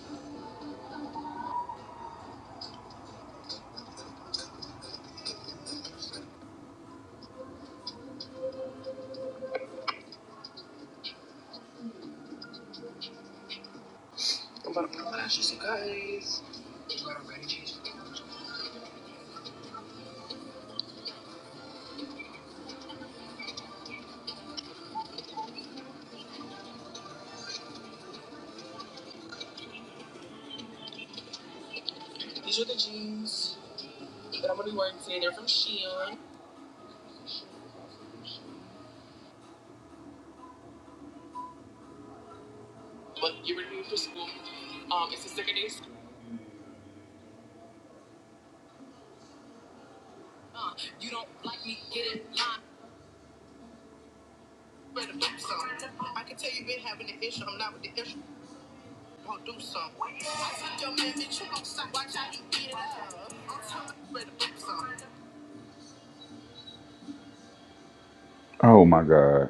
Oh my god.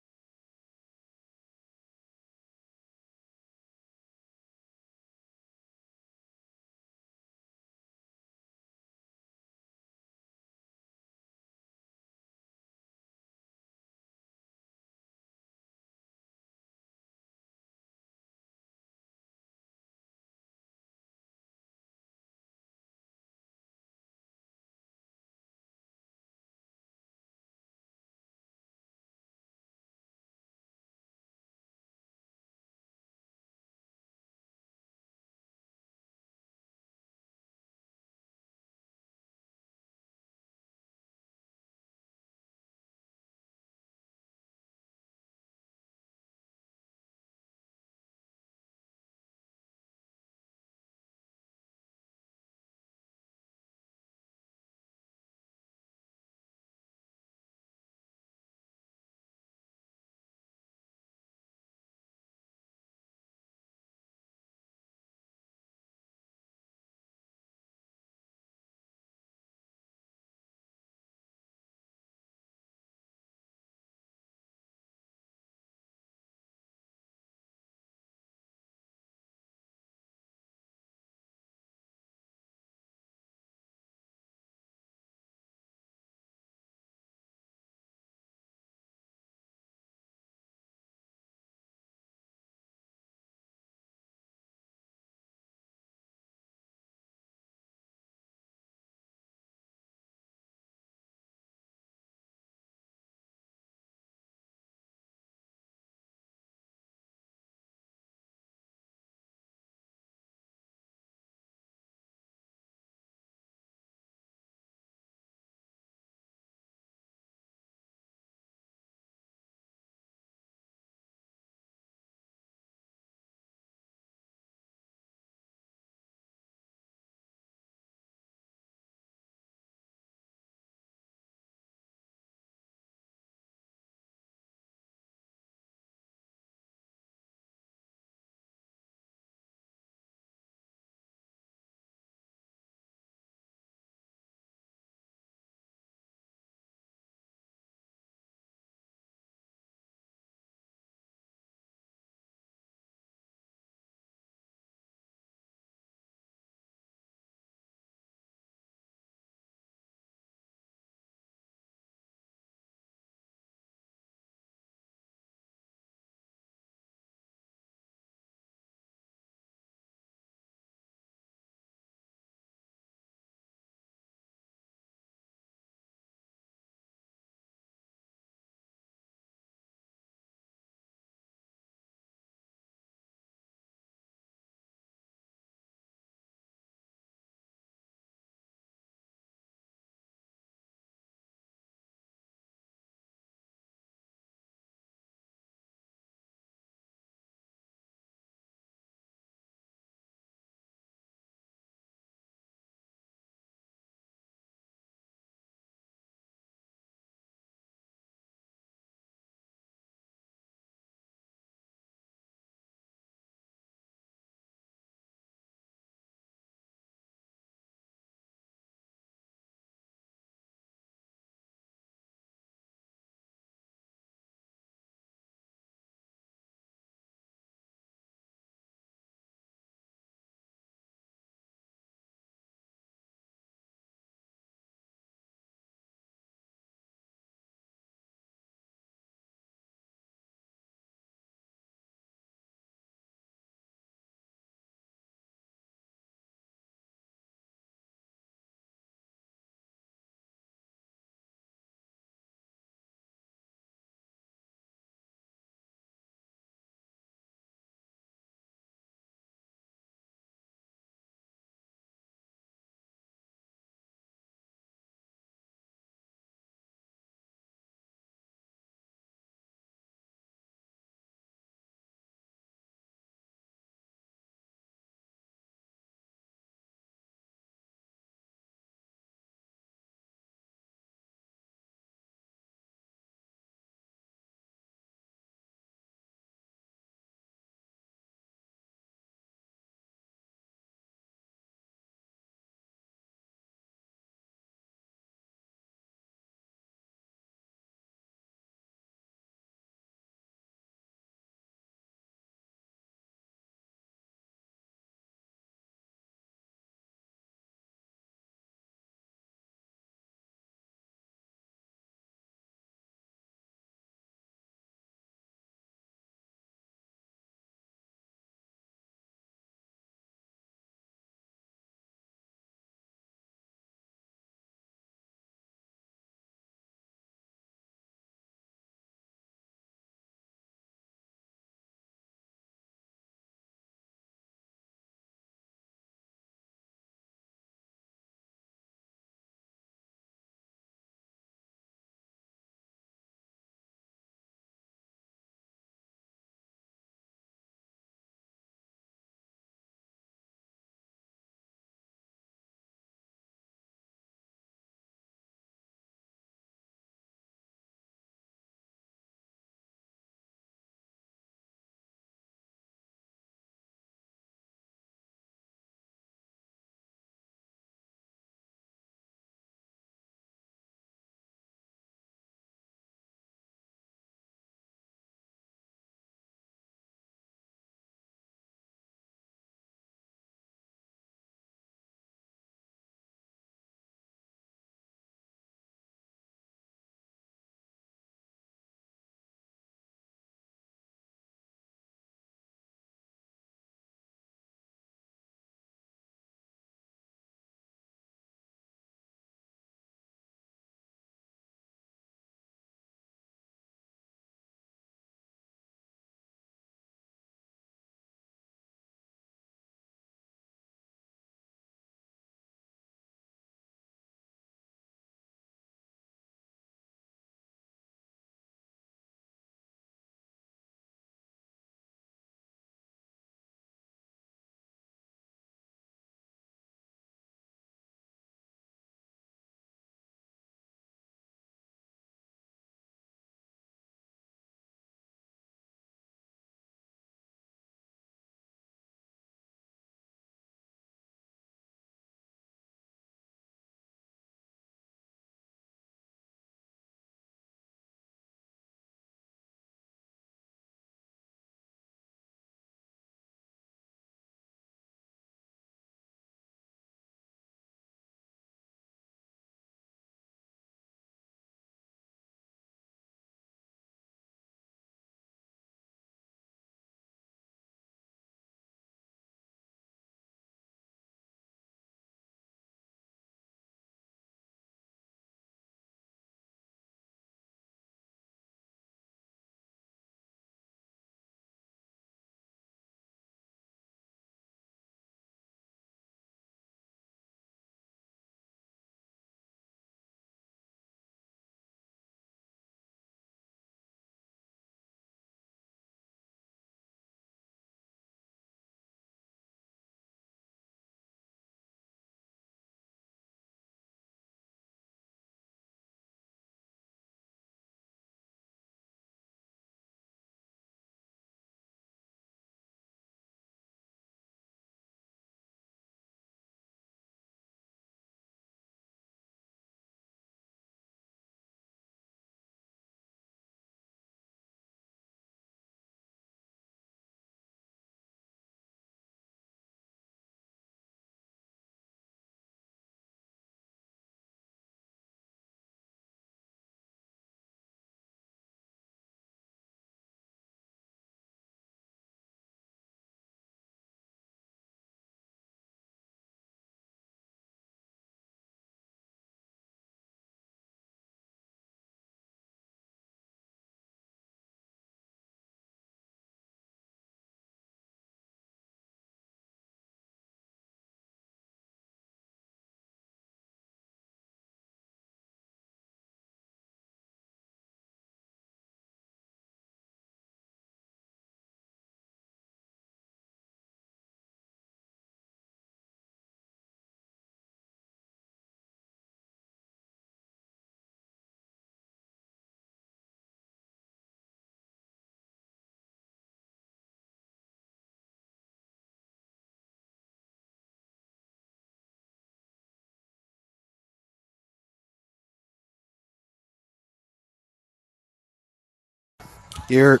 Here,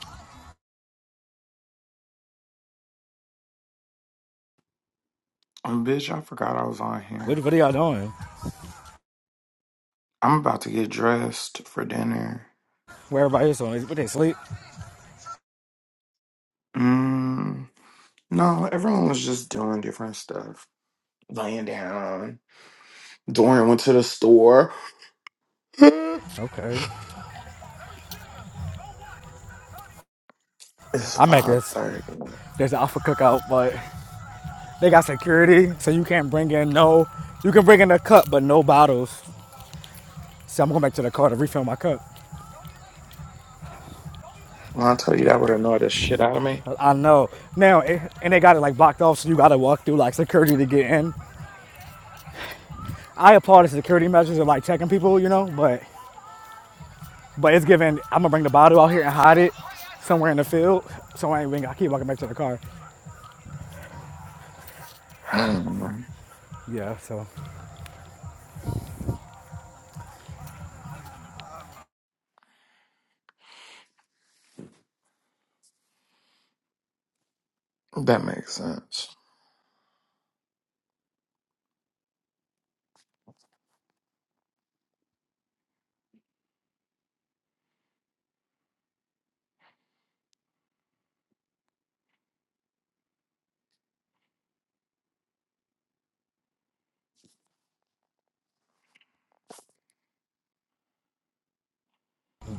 Bitch, I forgot I was on here. I'm about to get dressed for dinner.
Where everybody is on is, but they sleep.
Mm. No, everyone was just doing different stuff. Laying down. Dorian went to the store. it's
Okay. I'm at
five
this.
thirty.
There's an alpha cookout, but they got security, so you can't bring in no. You can bring in a cup, but no bottles. So I'm going back to the car to refill my cup.
When I tell you that would annoy the shit out of me.
I I know. Now, it, and they got it like blocked off, so you gotta walk through like security to get in. I applaud the security measures of like checking people, you know, but but it's given. I'm gonna bring the bottle out here and hide it somewhere in the field, so I ain't we ain't keep walking back to the car.
Mm,
Yeah. So,
that makes sense.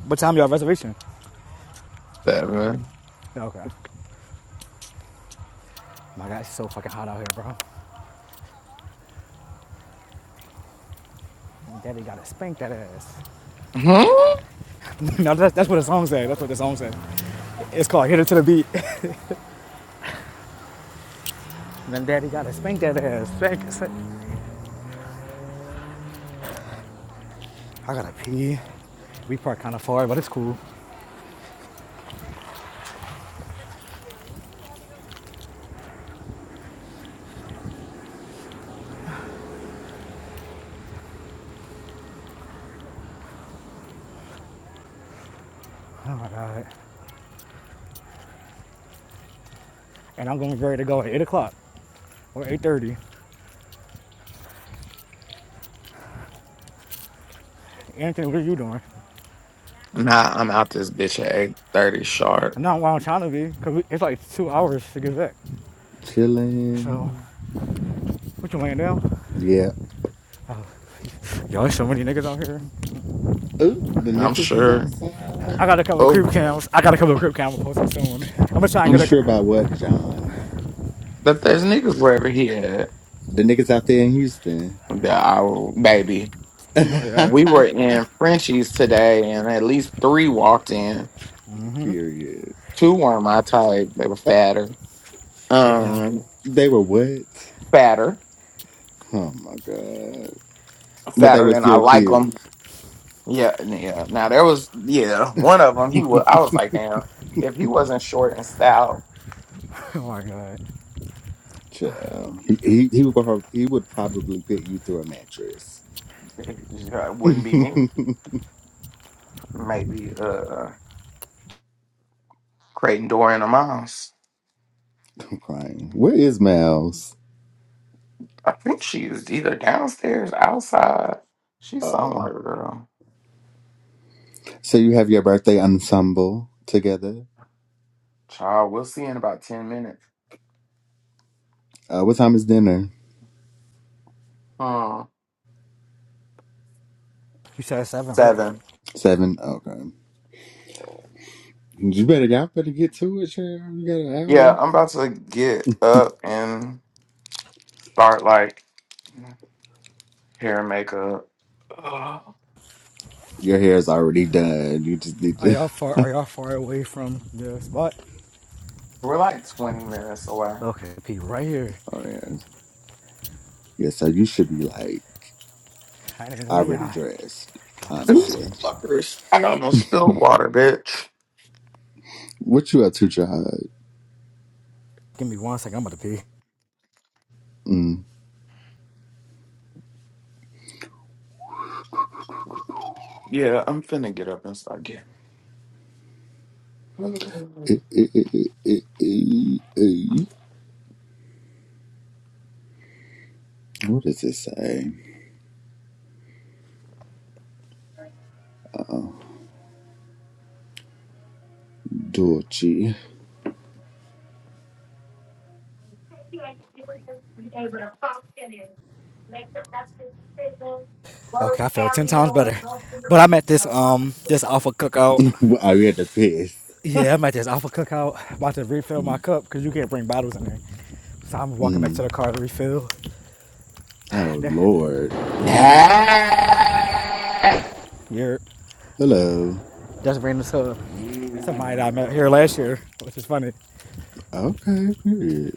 what time y'all reservation?
Seven.
Yeah, Okay. My God, it's so fucking hot out here, bro. Daddy gotta spank that ass.
Hmm?
no, that's, that's what the song said. That's what the song said. It's called "Hit It to the Beat." then Daddy gotta spank that ass. Spank, spank. I gotta pee. We parked kind of far, but it's cool. Oh my God. And I'm gonna be ready to go at 8 o'clock or 8:30. Anthony, what are you doing?
Nah, I'm out this bitch at eight thirty sharp.
And not while I'm trying to be, because it's like two hours to get back. So, what you laying down?
Yeah.
Oh, yo, there's so many niggas out here.
Ooh, the
I'm
niggas is
sure.
outside.
I got a couple of
Oh,
creep cams. I got a couple of creep cams posted soon. I'm gonna try and
You
get a.
mm,
sure about what, John?
that there's niggas wherever he at.
The niggas out there in Houston.
That I will, baby.
You know they are.
We were in Frenchies today, and at least three walked in.
Period.
Two weren't my type. They were
Uh,
fatter.
Damn.
Um,
they were what?
fatter,
Oh my god. But they
fatter
were
than I
still
like them.
cute.
Yeah, yeah. Now there was, yeah, one of them. He was. I was like, damn. If he wasn't short and stout.
Oh my god.
Child. He he he would, prob- he would probably put you through a mattress.
It just uh, wouldn't be me.
I'm
Maybe uh Creighton Dorian or Miles.
crying. Where is Mouse?
I think she's either downstairs, outside. She's somewhere,
Um,
girl.
so you have your birthday ensemble together.
Child, we'll see in about ten minutes.
Uh, what time is dinner?
Hmm.
You said seven, right?
Seven.
Seven. Okay. You better, y'all better get to it, Sharon. You got an
Yeah,
hour.
I'm about to get up and start like hair and makeup. Ugh.
Your hair is already done. You just need
Are
to.
y'all far? Are y'all far away from the spot?
We're like twenty minutes away.
Okay, pee right here.
Oh yeah. Yeah. So you should be like
I ain't even gonna
already
yai.
dressed.
I'm about to take a.
These
Honestly.
fuckers. I almost spilled water, bitch.
What you up to, child?
Give me one second. I'm about to pee.
Mm.
Yeah, I'm finna get up and start getting.
Eh, eh, eh, eh, eh, eh, eh. What does it say? Dolce.
Okay, I felt ten times better. But I'm at this um this alpha cookout.
I had to piss.
Yeah, I'm at this Alpha Cookout, about to refill my
Mm,
cup because you can't bring bottles in there. So I'm walking back to
mm.
the car to refill.
Oh Lord.
Hey!
You're
Hello.
just bringing this up. somebody that I met here last year, which is funny.
Okay. Period.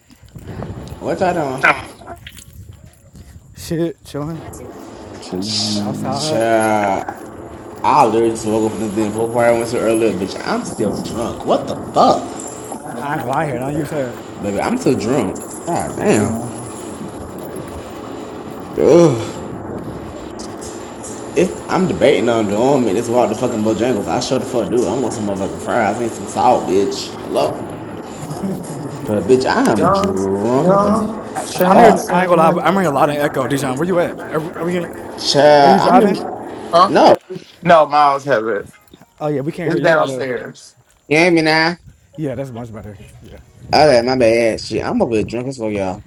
What y'all doing?
Shit, chilling
Chilling.
outside.
Child. I literally just woke up from this damn pool party I went to earlier, bitch. I'm still drunk. What the fuck?
I ain't gonna lie here. Now you said,
Baby, I'm still drunk. God damn.
oh.
Ugh. It's, I'm debating on doing it. It's about the fucking Bojangles. I sure the fuck do. I want some motherfucking fries. I need some salt, bitch. Hello? But, bitch, I am
John,
drunk
John,
as
I'm
Shane,
hearing. I
fuck.
ain't gonna lie.
Shane.
I'm hearing a lot of echo. Dijon, where you at? Are, are we? Are you
Child, I'm
driving?
in...
Huh?
No.
No, Miles have it.
Oh yeah, we can't hear
It's
you. There's A lot of.
downstairs.
You hear me now?
Yeah, that's much better. Yeah.
Okay, my bad. Shit, I'm over here drunk as fuck, y'all.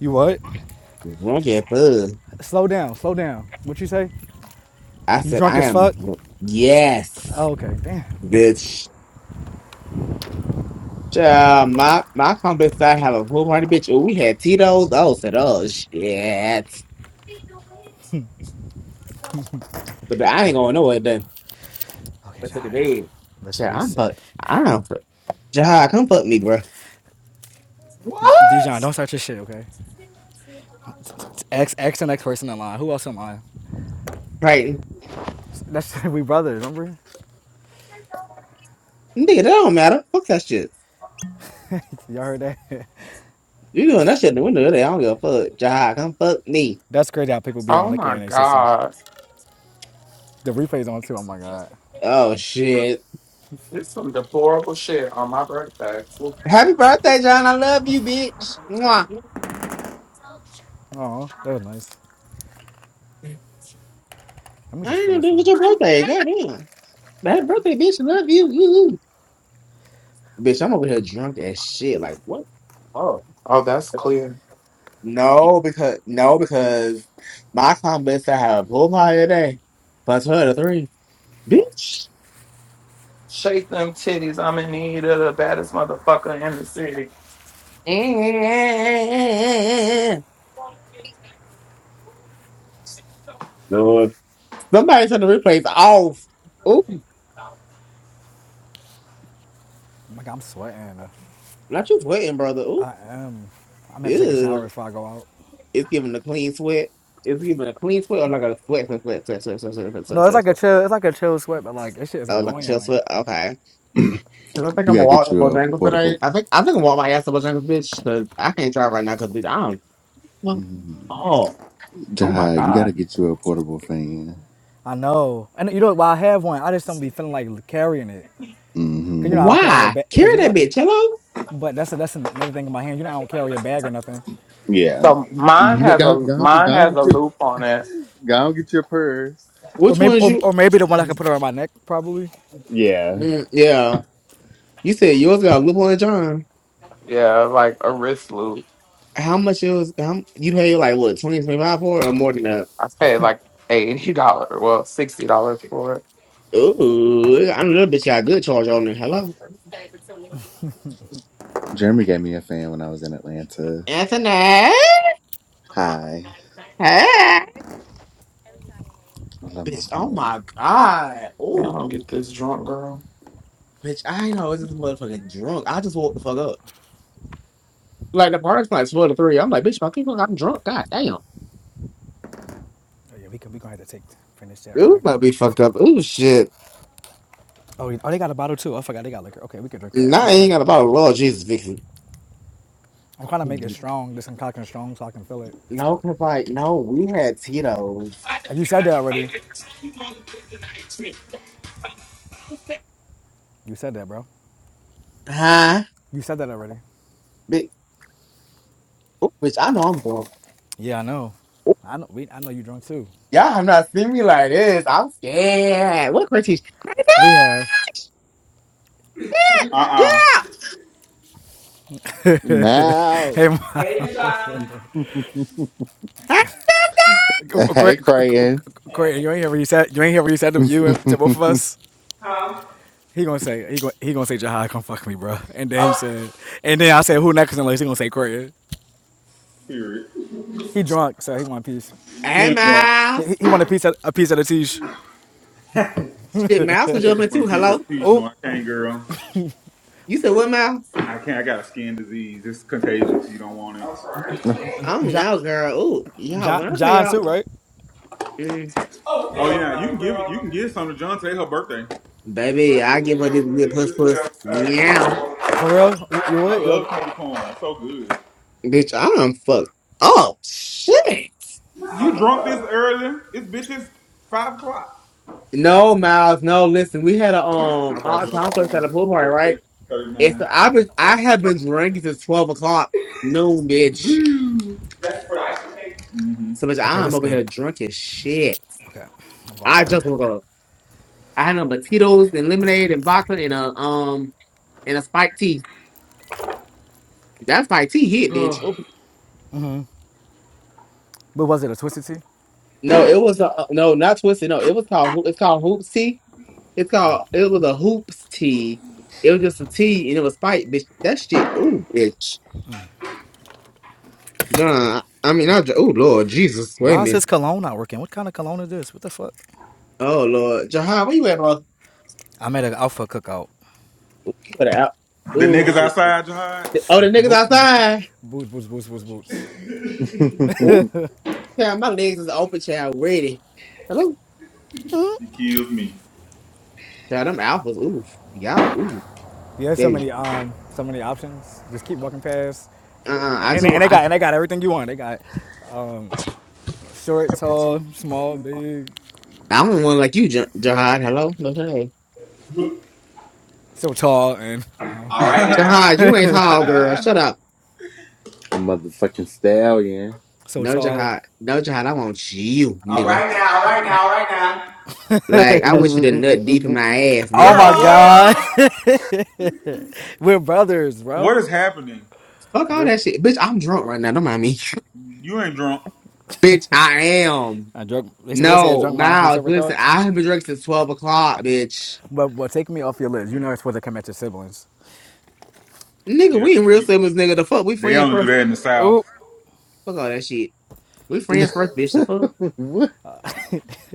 You what?
Drunk as fuck.
Slow down. Slow down. What you say?
I
You
said,
drunk
I
as
am,
fuck?
yes,
Oh, okay. Damn.
bitch. Uh, my my complex I have a whole party bitch. Oh, we had Tito's. Oh, said, oh shit. But I ain't going
Okay.
nowhere then.
Okay,
But to the
Jahir.
bed.
Let's
Shit, I'm
reset.
fuck. I don't fuck. Jahad, come fuck me, bro.
What?
Dijon, don't start your shit, okay? It's X, X, and X person in line. Who else in line?
Right.
That's we brothers, remember?
Nigga, that don't matter. Fuck that shit.
Y'all heard that?
You doing that shit in the window today. I don't give a fuck. Jahad, come fuck me.
That's crazy how people be on
Oh
liquor
my
in their system.
God.
The replay's on too. Oh my god.
Oh shit.
It's some deplorable shit on my birthday.
Happy birthday, John. I love you, bitch. Mwah.
Oh, that was nice. Let me
I
just
ain't
feel
know
this
this
on.
was your birthday. Goddamn. Happy birthday, bitch. I love you. Bitch, I'm over here drunk as shit. Like what? Oh.
Oh, that's clear.
No, because no, because my comments I have a pool party today. Plus her to three. Bitch.
Shake them titties. I'm in need of the baddest motherfucker in the city.
Lord. Somebody turn the replays off. Ooh.
Oh my god, I'm sweating.
Not you sweating, brother. Ooh.
I am. I'm gonna have to take a shower
Ew.
before I go out.
It's giving a clean sweat. It's giving a clean sweat or like a sweat, sweat, sweat, sweat, sweat, sweat, sweat, sweat,
No,
sweat,
it's
sweat,
like a
sweat.
chill. It's like a chill sweat, but like this shit is
Oh, like a
annoying.
chill
Like
sweat. Okay. Cause I think
You
I'm
gotta
gonna walk
get
to
you a
Bojangles today.
portable.
I think I think I'm gonna walk my ass to Bojangles, bitch. Cause I can't drive right now. Cause bitch, I don't. Well,
Mm.
oh, oh my
Jihad, you
god.
gotta get you a portable fan.
I know, and you know, while I have one, I just don't be feeling like carrying it.
mm
Cause you
hmm
know I don't carry a
Why
bag. Cause
carry
you
that
know
bitch? Hello.
But that's a, that's another thing in my hand. You know, I don't carry a bag or nothing.
Yeah.
So mine
You go,
has a
go, go
mine has a
get your
loop on it.
go get your purse.
Or
Which
maybe
one's
or,
you?
or maybe the one I could put around my neck probably.
Yeah.
Mm, yeah, you said yours got a loophole in John.
Yeah, like a wrist loop.
How much it was? How, you paid like what 20 25 for it or more than that?
I paid like eighty dollars. Well, sixty dollars for it.
Ooh, I know that bitch got a good charge on it. Hello,
Jeremy gave me a fan when I was in Atlanta.
Anthony.
Hi.
Hey,
I love my
bitch. Oh
fan.
my god.
Yeah, I
Ooh,
don't get this drunk girl.
bitch. I know it's this motherfucking drunk. I just woke the fuck up. Like the party's like four to three. I'm like, bitch, my people got drunk. God damn.
Oh, yeah, we could we gonna have to take finish that when I
Ooh,
get.
might be fucked up. Ooh, shit.
Oh, yeah. oh, they got a bottle too. I forgot they got liquor. Okay, we could drink that for
Nah, I
coming.
ain't got a bottle Lord Jesus, Vixen.
I'm trying to make it strong, this concoction strong, so I can feel it.
No, cause like, no, we had Tito's.
Uh, You said that already. You said that, bro.
Huh?
You said that already.
Bitch, ooh, bitch I know I'm drunk.
Yeah, I know.
Ooh,
I know. We, I know you drunk too.
Y'all have not seen me like this. I'm scared. What crazy? Crazy!
We have.
Uh uh
Yeah!
Hey,
Mouse.
Ma-
Hey,
Hey
great,
Crayon.
great, you ain't hear what you said. You ain't hear what you said to you to both of us. He gonna say he gonna, he gonna say Jahai, come fuck me, bro. And then he said, and then I said, who next? Unless he gonna say Craig.
Period.
He drunk, so he want a piece.
She
hey,
ain't going.
Mouse.
He, he want a piece of, a piece of the tish.
Shit, Mouse was
Yeah, she
jumping
want
too.
a piece of the
Hello?
peach.
Oh,
No, I can't, girl.
You said what, Mouse?
I can't. I got a skin disease. It's contagious. You don't want it.
I don't
John,
know, girl. Ooh, y'all,
John,
when I tell
John
y'all,
too, right?
mm,
Oh yeah, you can give it. You can give some to John today. Her birthday.
baby, I give her this lip puss puss. Meow.
For real, you, you
I
would? You'll
love
get...
candy corn. It's so good.
Bitch, I done fucked up. Shit.
You drunk this early? It's bitches five o'clock.
No, Miles. No, listen. We had a
I
um
bought
our
drunk a
concert at a pool party,
for
right?
thirty
It's
nine.
I've been I have been drinking since twelve o'clock noon, bitch.
Mm-hmm.
So bitch,
Okay, this
I'm
is
over
good.
here drunk as shit.
Okay, I'm going
I
back.
just woke up. I had no Tito's and lemonade and vodka and a um and a spiked tea. That spiked tea hit, bitch. Oh,
But was it a twisted tea?
No, it was a no, not twisted. No, it was called Ho- it's called hoops tea. It's
Oh.
called. It was a hoops tee. It was just a tee, and it was spiked, bitch. That shit. Ooh, bitch. John. I mean, I. Oh Lord, Jesus. Wait a
Why is his
minute.
cologne not working? What kind of cologne is this? What the fuck?
Oh Lord, Jahan, where you at, boss?
I made an alpha cookout.
You better out.
The niggas
Ooh.
outside, Jihad.
Oh, the niggas
Bo- bo-
outside.
boots, boots, boots, boots, boots.
Ooh, child, my legs is open, child. Ready. Hello,
He kills me.
child. Them alphas. Ooh, y'all. Ooh,
Yeah, so
baby.
many um, so many options. Just keep walking past.
Uh, uh I
And
just.
they, and
want-
they
I.
got and they got everything you want. They got short, tall, small, big,
I don't want like you, Ja- Jihad. Hello, no, Jihad.
so tall and uh,
All right
Jihad, you
now,
ain't tall, girl. Shut up.
a motherfucking stallion.
so
No,
tall.
Jihad. No, Jihad. I want you, nigga. Like I want you
mm
to
mm mm
nut deep in
mm
my ass,
Oh
nigga.
girl.
my God,
What?
we're brothers,
What
bro.
is happening?
Fuck all
We're
that shit, bitch. I'm drunk right now. Don't mind me,
You ain't drunk.
bitch. I am.
I drunk. They see what they say:
No,
drunk minds, three
Miles.
separate
Listen,
thoughts.
I have been drunk since twelve o'clock, bitch.
But but take me off your list. You're not supposed to come at your siblings.
Nigga,
Yeah,
we in real
we.
siblings, nigga. The fuck, we
They
friends
only do
first.
that in the south.
Ooh,
Fuck all that shit. We friends first, bitch. The fuck,
mm what?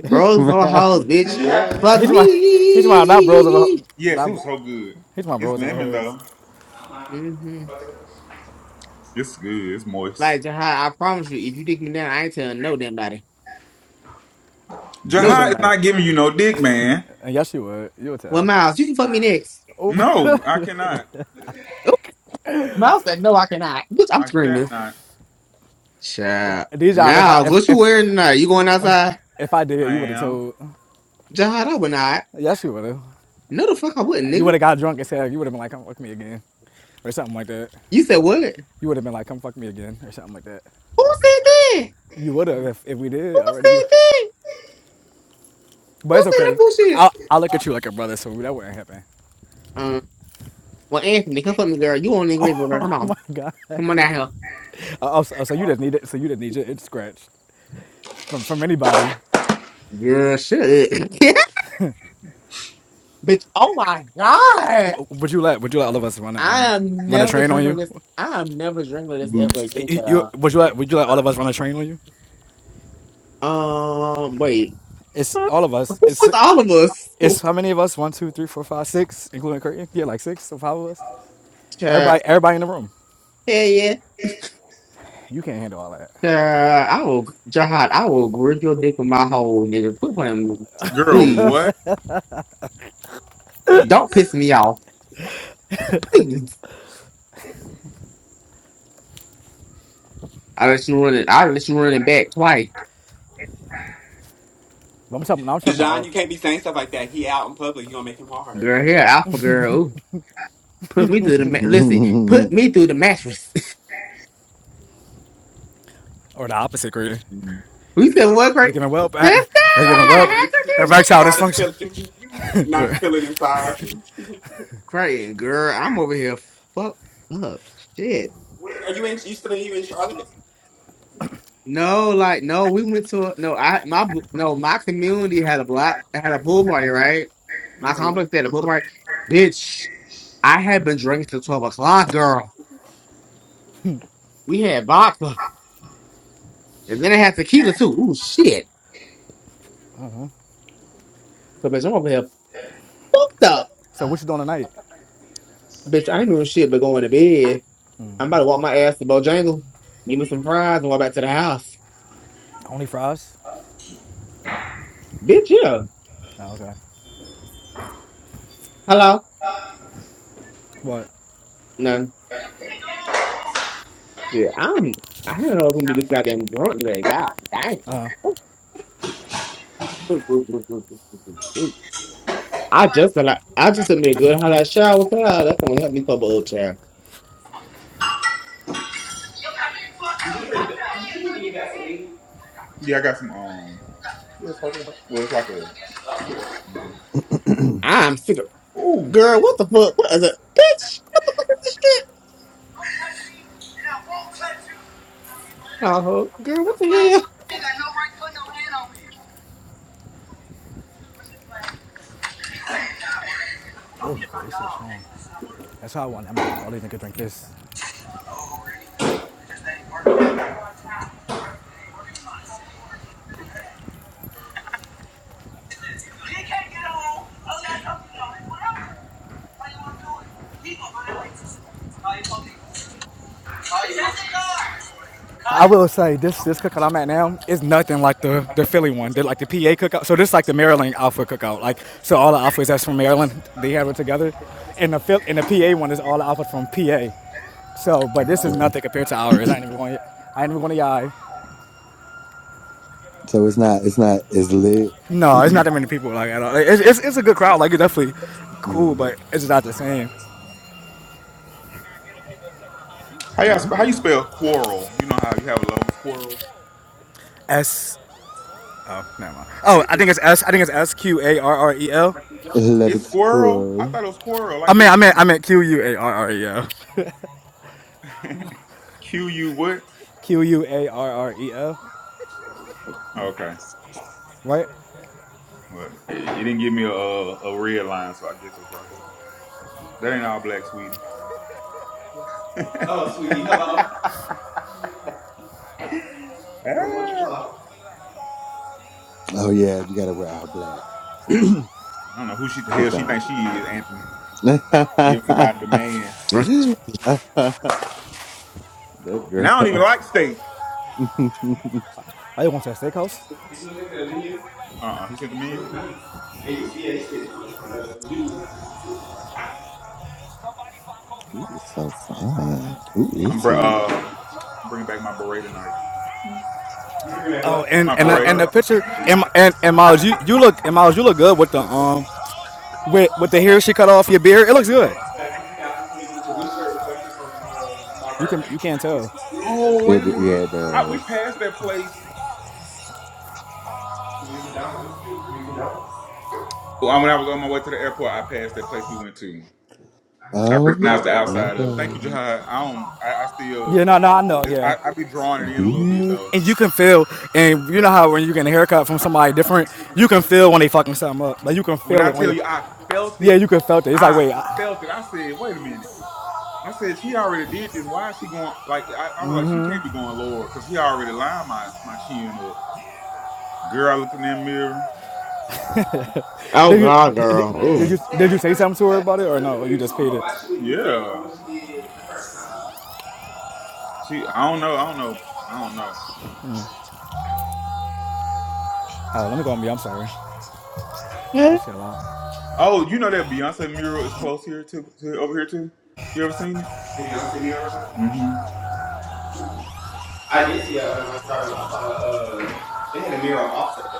bros for
Mouse.
hoes, bitch.
What?
Fuck
he's my he's my not bros of a
me.
Yes, it
not
was so good.
he's my
It's
bros of a
lemon
hoes.
though.
hmm
It's good. It's moist.
Like Jahai, I promise you, if you dig me down, I ain't telling no damn body. No
Yes, you
damn
Jihad is
body.
not giving you no dick, man.
and yes you would. You would
Well,
tell.
Miles, you can fuck me next.
Ooh,
No, I cannot.
Oh, Miles said, "No, I cannot." Bitch, I'm
I shan't
screaming.
not.
Chap.
Dijon, if I
Now,
if
what you
if
wearing tonight? You going outside?
if I did,
I
you would have
am.
told.
John, I would not.
Yes, you would have.
No, the fuck I wouldn't,
You would
nigga.
have got drunk and said you would have been like, "Come fuck me again," or something like that.
You said what? Who said
You would have been like, "Come fuck me again," or something like that.
that?
You would have if, if we did
Who
already. You,
said that?
but
Who
it's
said that
okay.
bullshit?
I'll I'll look at you like a brother, so that wouldn't happen.
Um, well, Anthony, come for me, girl. You on English, girl. Come
Oh
on.
my god.
Come on down here.
Oh, so, so you just need it. So you just need your itch scratched from from anybody.
Girl, shut up. Bitch, oh my God.
Would you let Would you let all of us run a
I
um
am
run a
never
train on
drinking
you?
this. I am never drinking this ever
Boots.
again,
You,
child.
would you let Would you let all of us run a train on you?
Um, wait.
It's all of
Who
us. It's
was all of us? Who-
it's how many of us? One, two, three, four, five, six, including Curtin. Yeah, like six. So five of us.
Child.
Everybody, everybody in the room.
Hell yeah.
You can't handle all that.
Uh, I will, Jihad, I will grip your dick with my hole, nigga. Quit playing with me.
Girl,
Please.
what?
Don't piss
Please.
me off. Please. I let you run it. I let you run it back twice.
I'm talking. I'm talking about
Dijon,
all,
you can't be saying stuff like that. He out in public. You gonna make him hard.
Girl, here, Alpha girl. Ooh, put me through the ma- listen. Put me through the mattress.
or the opposite, really.
we said what,
Let's
Craig?
give him up. and-
Sister,
Let's give
Not
him
as
up.
going
how could you take
in.
Erectile
Not as
it out?
dysfunction.
feeling. Not as feeling inside.
Craig, girl, I'm over here fucked up. Shit.
Where are you in? You still you in Charlotte?
No, like no, we went to a, no. I my bl- no, my community had a block had a pool party, right? My
Mhm.
complex had a pool party. Bitch, I had been drinking till twelve o'clock, girl. We had vodka, and then I had tequila too. Ooh, shit. So bitch, I'm over here fucked up.
so what you doing tonight?
Bitch, I ain't doing shit but going to bed. I'm about to walk my ass to Bojangle, give me some fries, and walk back to the house.
Only fries.
Bitch, yeah.
Oh, okay.
Hello.
But
No. Yeah, I'm. I don't know if I'm gonna be this goddamn drunk today. God damn.
uh,
I just been like, I just did me a good hot shower. Child. That's gonna help me for old child.
Yeah, I got some um What's like a well it's like a
I'm sick of
Ooh.
girl. What the fuck? What is it, bitch? Shit. Oh, girl, what the
ugh, this shit's strong. That's how I want. it. I'm gonna make all these niggas drink this.
He can't get on unless I'm you know whatever I'm doing. He gonna go that way too.
I will say this this cookout I'm at now is nothing like the the Philly one. They're like the PA cookout. So this is like the Maryland Alpha cookout. Like so all the alphas that's from Maryland, they have it together. And the and the PA one is all the alphas from PA. So, but this is nothing compared to ours. I ain't even going. I ain't even going to y'all.
so it's not it's not it's lit.
No, it's not that many people like at all. Like, It's, it's, it's a good crowd. Like it's definitely cool,
Mm.
but it's just not the same.
How y'all sp-
What?
how you spell quarrel? You know how you have a lover's quarrel?
S. Oh, never mind. Oh, I think
It's
it's S. I think it's S Q A R R E L.
it's
Eleventh
squirrel? I
crew.
thought it was quarrel,
I
like
mean,
with
I meant I meant Q U A R R E L.
Q U what?
Q U A R R E L.
Oh, Okay.
Right?
Well, it, it didn't give me a, a red line, so I guess it's right. That ain't all black, sweetie. Ah.
Oh yeah, you gotta wear all black
I don't know who she the
to
hell she
John.
thinks she is, Anthony.
that
Give somebody the man.
hell?
And I don't even
girl.
like steak.
he
I want to steakhouse.
Did you look at the menu? Uh uh He said the menu. It was nice. Yeah, you see, yeah, you see The menu
is so fun. Who
I'm
is
br-
he?
uh, bringing back my beret tonight. You bringing back
Oh,
what?
and
My
and
Oh,
I-
beret.
and the
Oh, bro.
picture and and, and Miles, you, you look and Miles, you look good with the um with with the hair she cut off your beard. It looks good.
Back in 2023, 'cause this shirt is actually from uh, my
You can
birthday.
you can't tell.
Oh, wait a
It yeah,
minute.
it
I, we
does.
passed that place. We used in Dallas. We used in Dallas. Well, when I was on my way to the airport, I passed that place we went to. I
Oh
recognized the
my
outside of. it. Thank you,
god.
Jahad. I don't. I, I still.
Yeah, no, no, I know.
It's,
Yeah,
I, I be drawing it in a little bit though.
And you
Bitch.
can feel, and you know how when you get a haircut from somebody different, you can feel when they fucking something up. Like you can
When
feel
I
it when
tell
you,
you I felt
yeah,
it,
you can felt it. It's like,
I
wait, I,
felt it. I said, wait a minute. I said she already did this. Why is she going like I, I was like, she can't be going lower because he already lined my, my chin up. Girl, I looked in that mirror.
Oh
did you,
God,
did, did
girl. Ooh.
you, did you say something to her about it or no? You just paid it.
Yeah. She I don't know, I don't know. I don't know.
Uh, let me go on me. I'm sorry.
Yeah.
That shit loud.
Oh, you know that Beyonce mural is close here to, to over here too? You ever seen it? The Beyonce mural? Mm-hmm. I did see that when I was driving. I saw uh they had a mural offset.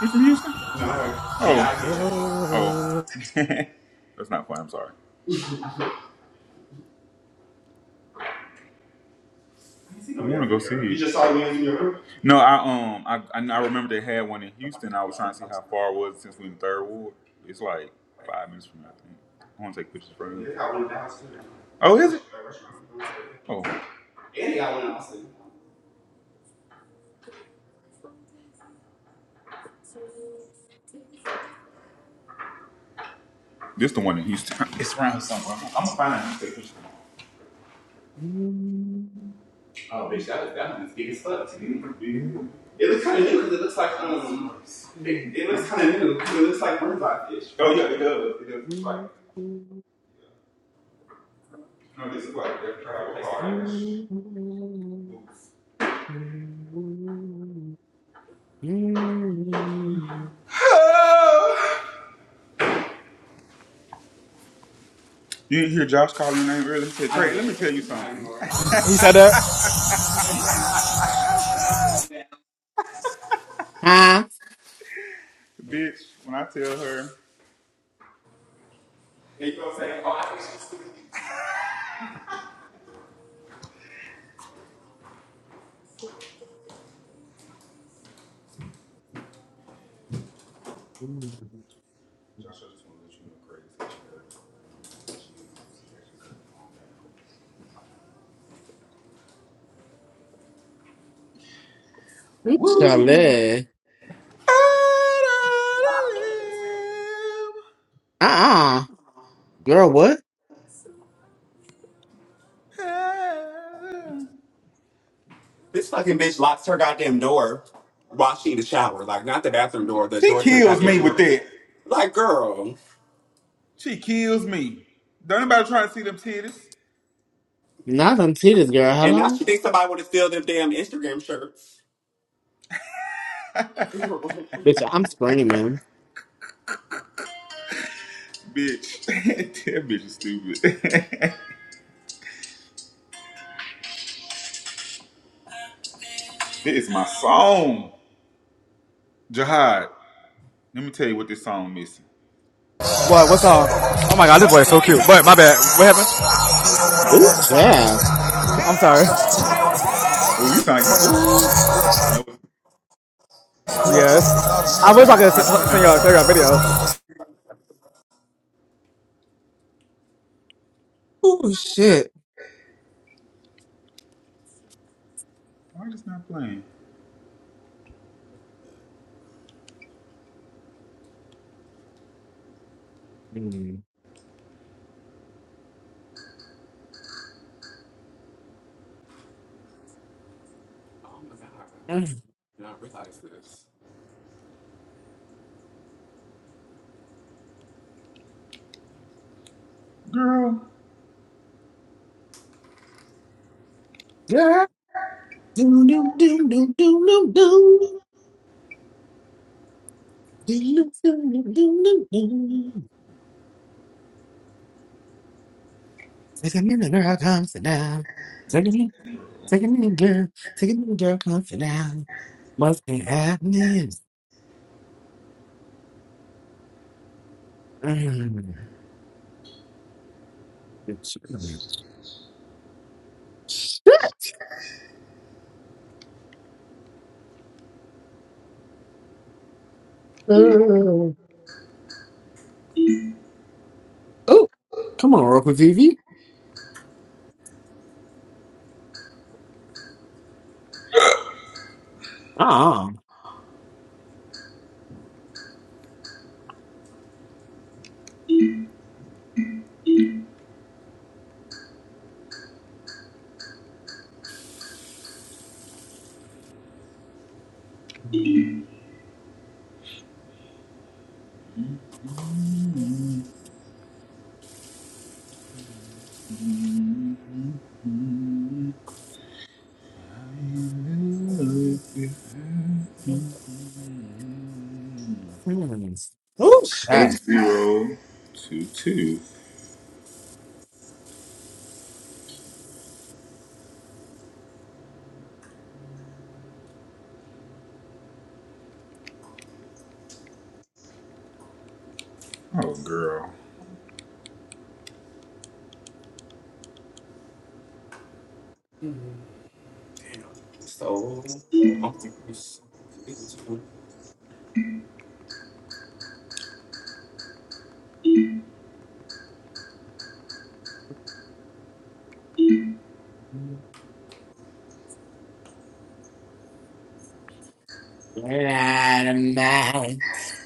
You from Houston? No, I'm Oh. here, so. Oh. That's not fun. I'm sorry. Does I want to go see? girl? You just saw one in your room? No, I um, I I, I remember they had one in Houston. I was trying to see how far it was since we in the third ward. It's like five minutes from here, I think. I want to take pictures from it. They got one in Dallas Oh, is it? Oh, And they got one in Austin. this the one in Houston. It's around somewhere. I'm, I'm gonna find out. and take pictures. Oh, bitch, that that one is big as fuck. Mm-hmm. It looks kind of new because it looks like um, it, it looks kind of new because it looks like Murdoch fish. Oh yeah, it does. It does. It's like no, this is like they're trying to hard. Oh! You didn't hear Josh call your name earlier? He said, Trey, let me tell you something.
He said that.
Huh?
Bitch, when I tell her. Woo!
Charlie.
Out
Uh uh Girl, what?
of the limb.
This fucking bitch locks her goddamn door while she in the shower. Like, not the bathroom door, the
She
door to the
kills me
goddamn
with
room.
that.
Like, girl.
She kills me. Don't anybody try to see them titties.
Not on titties, girl.
And now
Hello?
she thinks somebody would have steal them damn Instagram shirts. oh
Bitch, I'm screaming.
Bitch. that bitch is stupid. This is my song. Jihad. Let me tell you what this song missing.
What? What's up? Oh my god, this boy is so cute. But my bad. What happened?
This song
Ooh,
right
yeah.
I'm sorry.
here. Ooh, you sound you ooh. No. I
Yes.
don't
I
know
wish I
why
could
it's not playing.
send
Hold
y'all,
on.
send y'all a video.
Oh shit.
Why it's not playing?
Mm.
my god.
Mm.
And I realize this.
Girl.
Yeah. Do, do, do, do, do, do, do. Do, do, do, do, do, do. Take a minute, girl, come sit down. Take a minute, take a minute, girl. Take a minute, girl, come sit down. What's been happening? Mm. Shit. Oh, come on, Rock with Vivi. Ah. Mm.
Mm-hmm. Mm-hmm. I love you. Mm-hmm.
Oh,
Eight
shit.
zero two two. Oh girl,
Damn. So, I'm confused.
We're out of minds.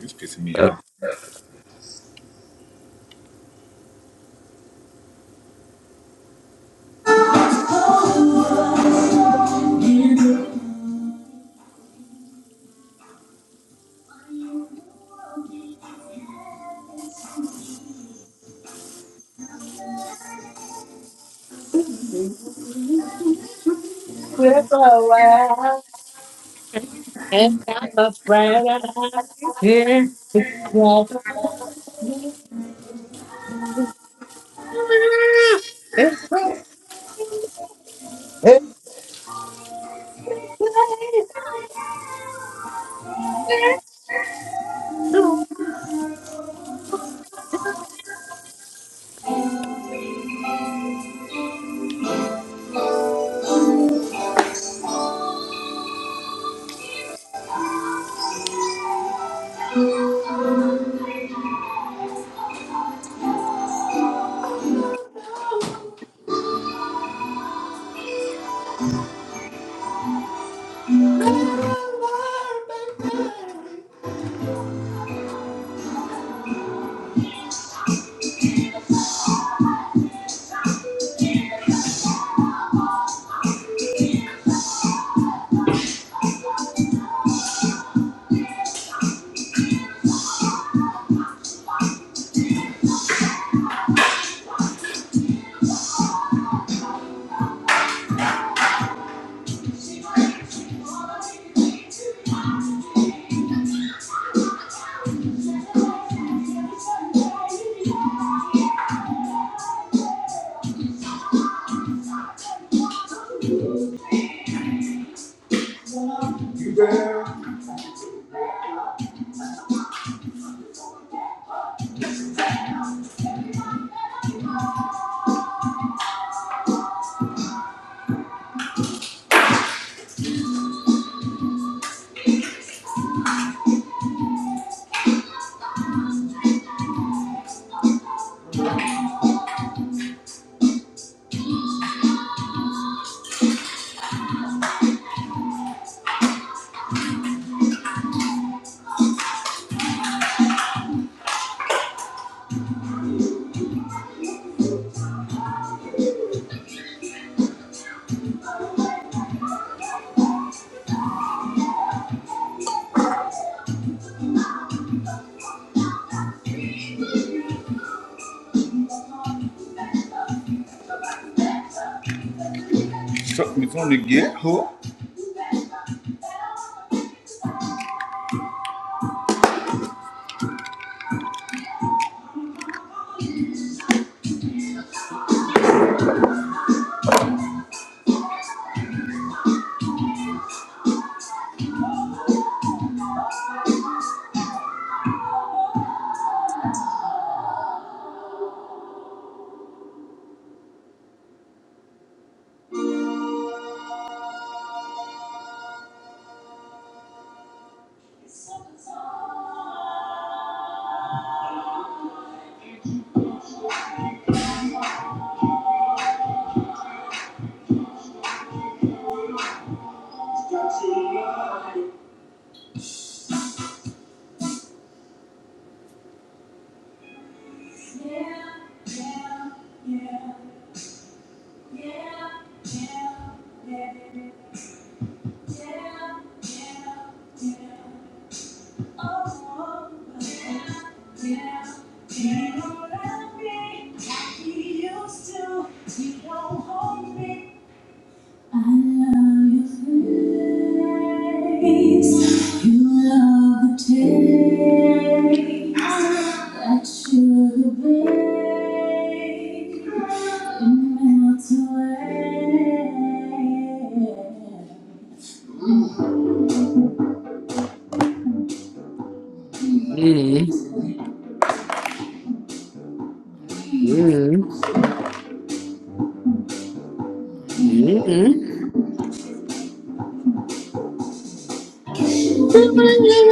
it's pissing me off.
We're away, and I'm afraid I'm here. It's all gonna be- Mm, mm, mm. Give me
Something's gonna get her.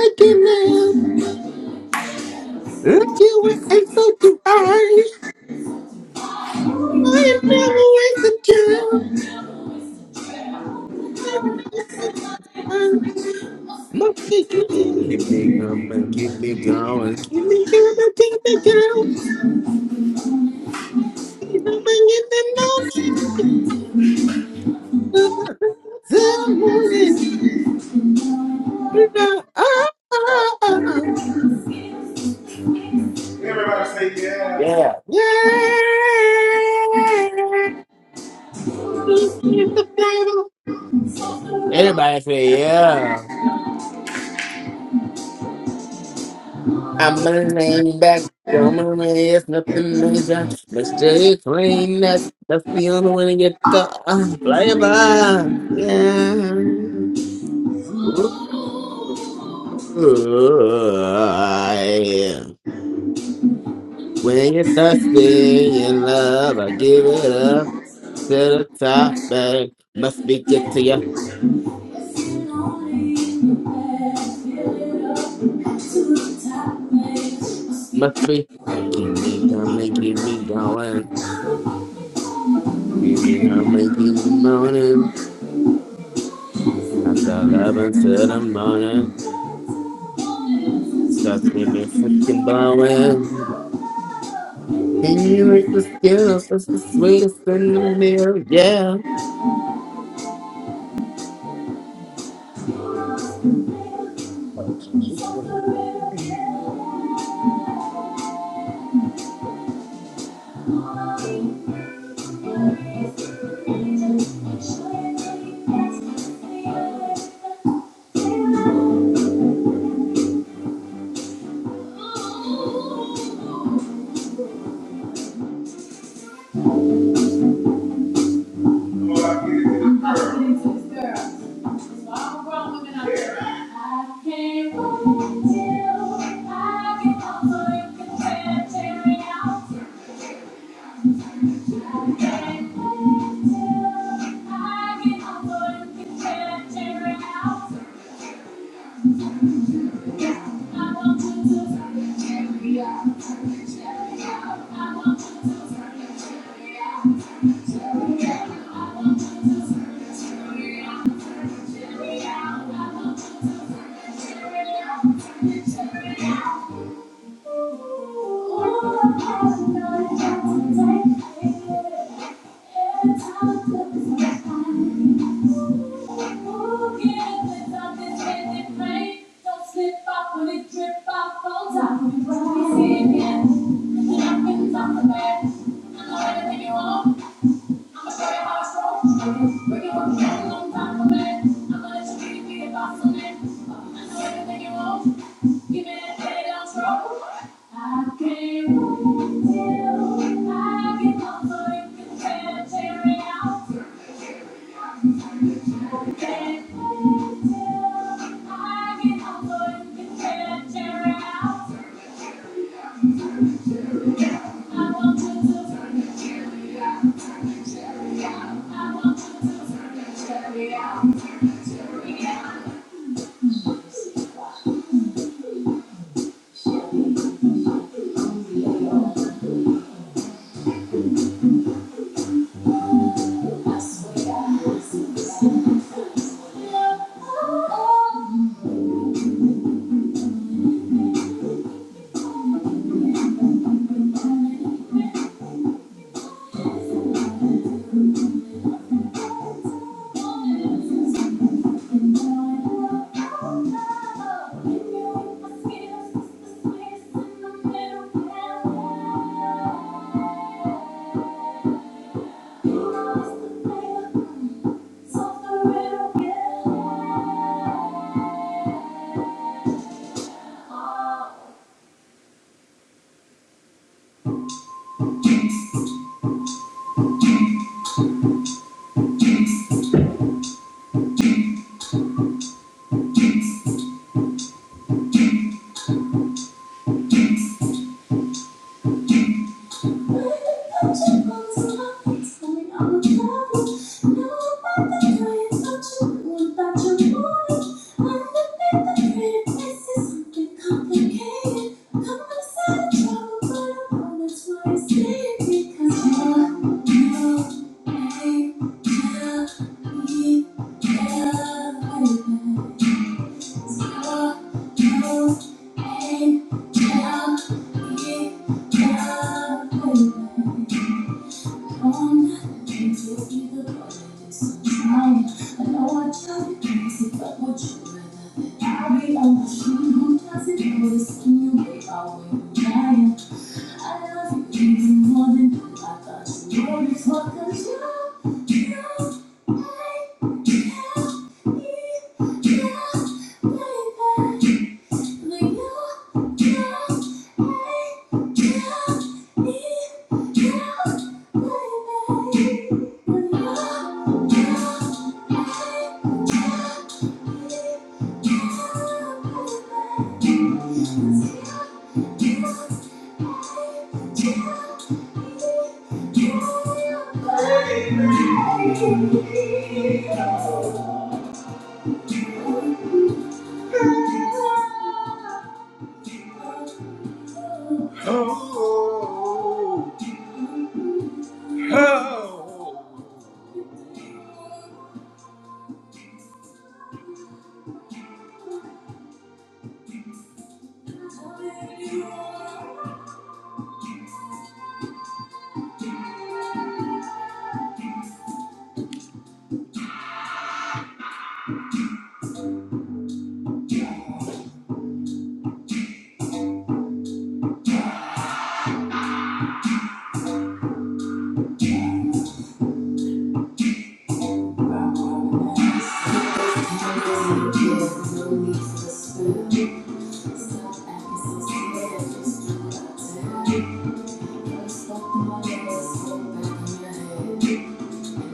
a kiss now. Look you, it's so too hard. I never waste the time. Monkey, give me gum and give me gum and give me gum and give me gum. Give me in the morning. The morning. you know, ah, ah, ah, ah.
Everybody say yeah.
Yeah. Yeah. It's the title. Everybody say yeah. I'm going back. Show me the way, it's nothing major. Mr. Clean, that's, that's the only way to get the uh, flavor. Yeah. Ooh, yeah. When you're thirsty in love, I give it up to the top, babe. Must be good to you. Must be. Keep me coming, keep me going. Keep me coming, keep me moaning. After 11 to the morning. Stuff made me fucking blowing. Can you make the skin? That's the sweetest thing in the mirror. Yeah.
Lord, I give you the prayer. Thank you. Yeah. I'm Cause it. I know everything you. want. I want to Thank you. Thank you. Thank you. ain't Thank you. Oh, oh. Thank you. Angel,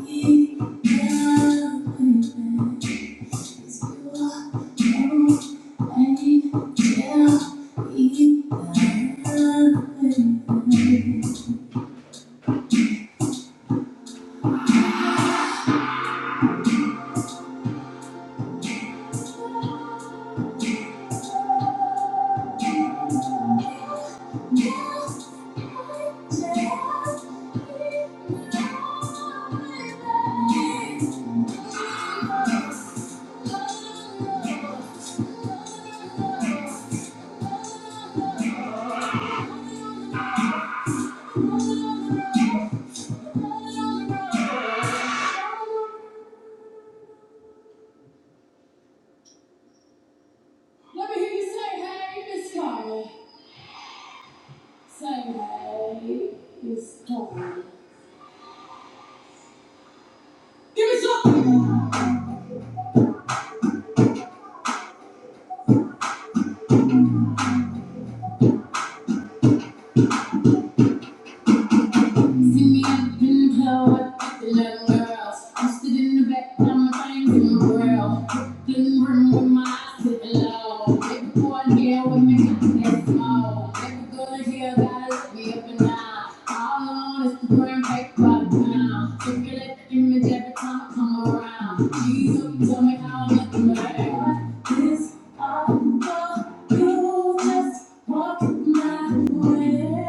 be my baby. Let me hear you say, hey, Miss Carter. Sunday is coming. Give me something. See me up in the club with the young girls. I'm Posted in the back, I'm things in the world. Brooklyn room with my eyes to the low. Every boy here with me, that's small. Every girl here gotta look me up and down. All on Instagram, fake by the pound. Circulate the image every time I come around. Jesus, tell me how I'm looking, babe. This all for you, just Walk my way.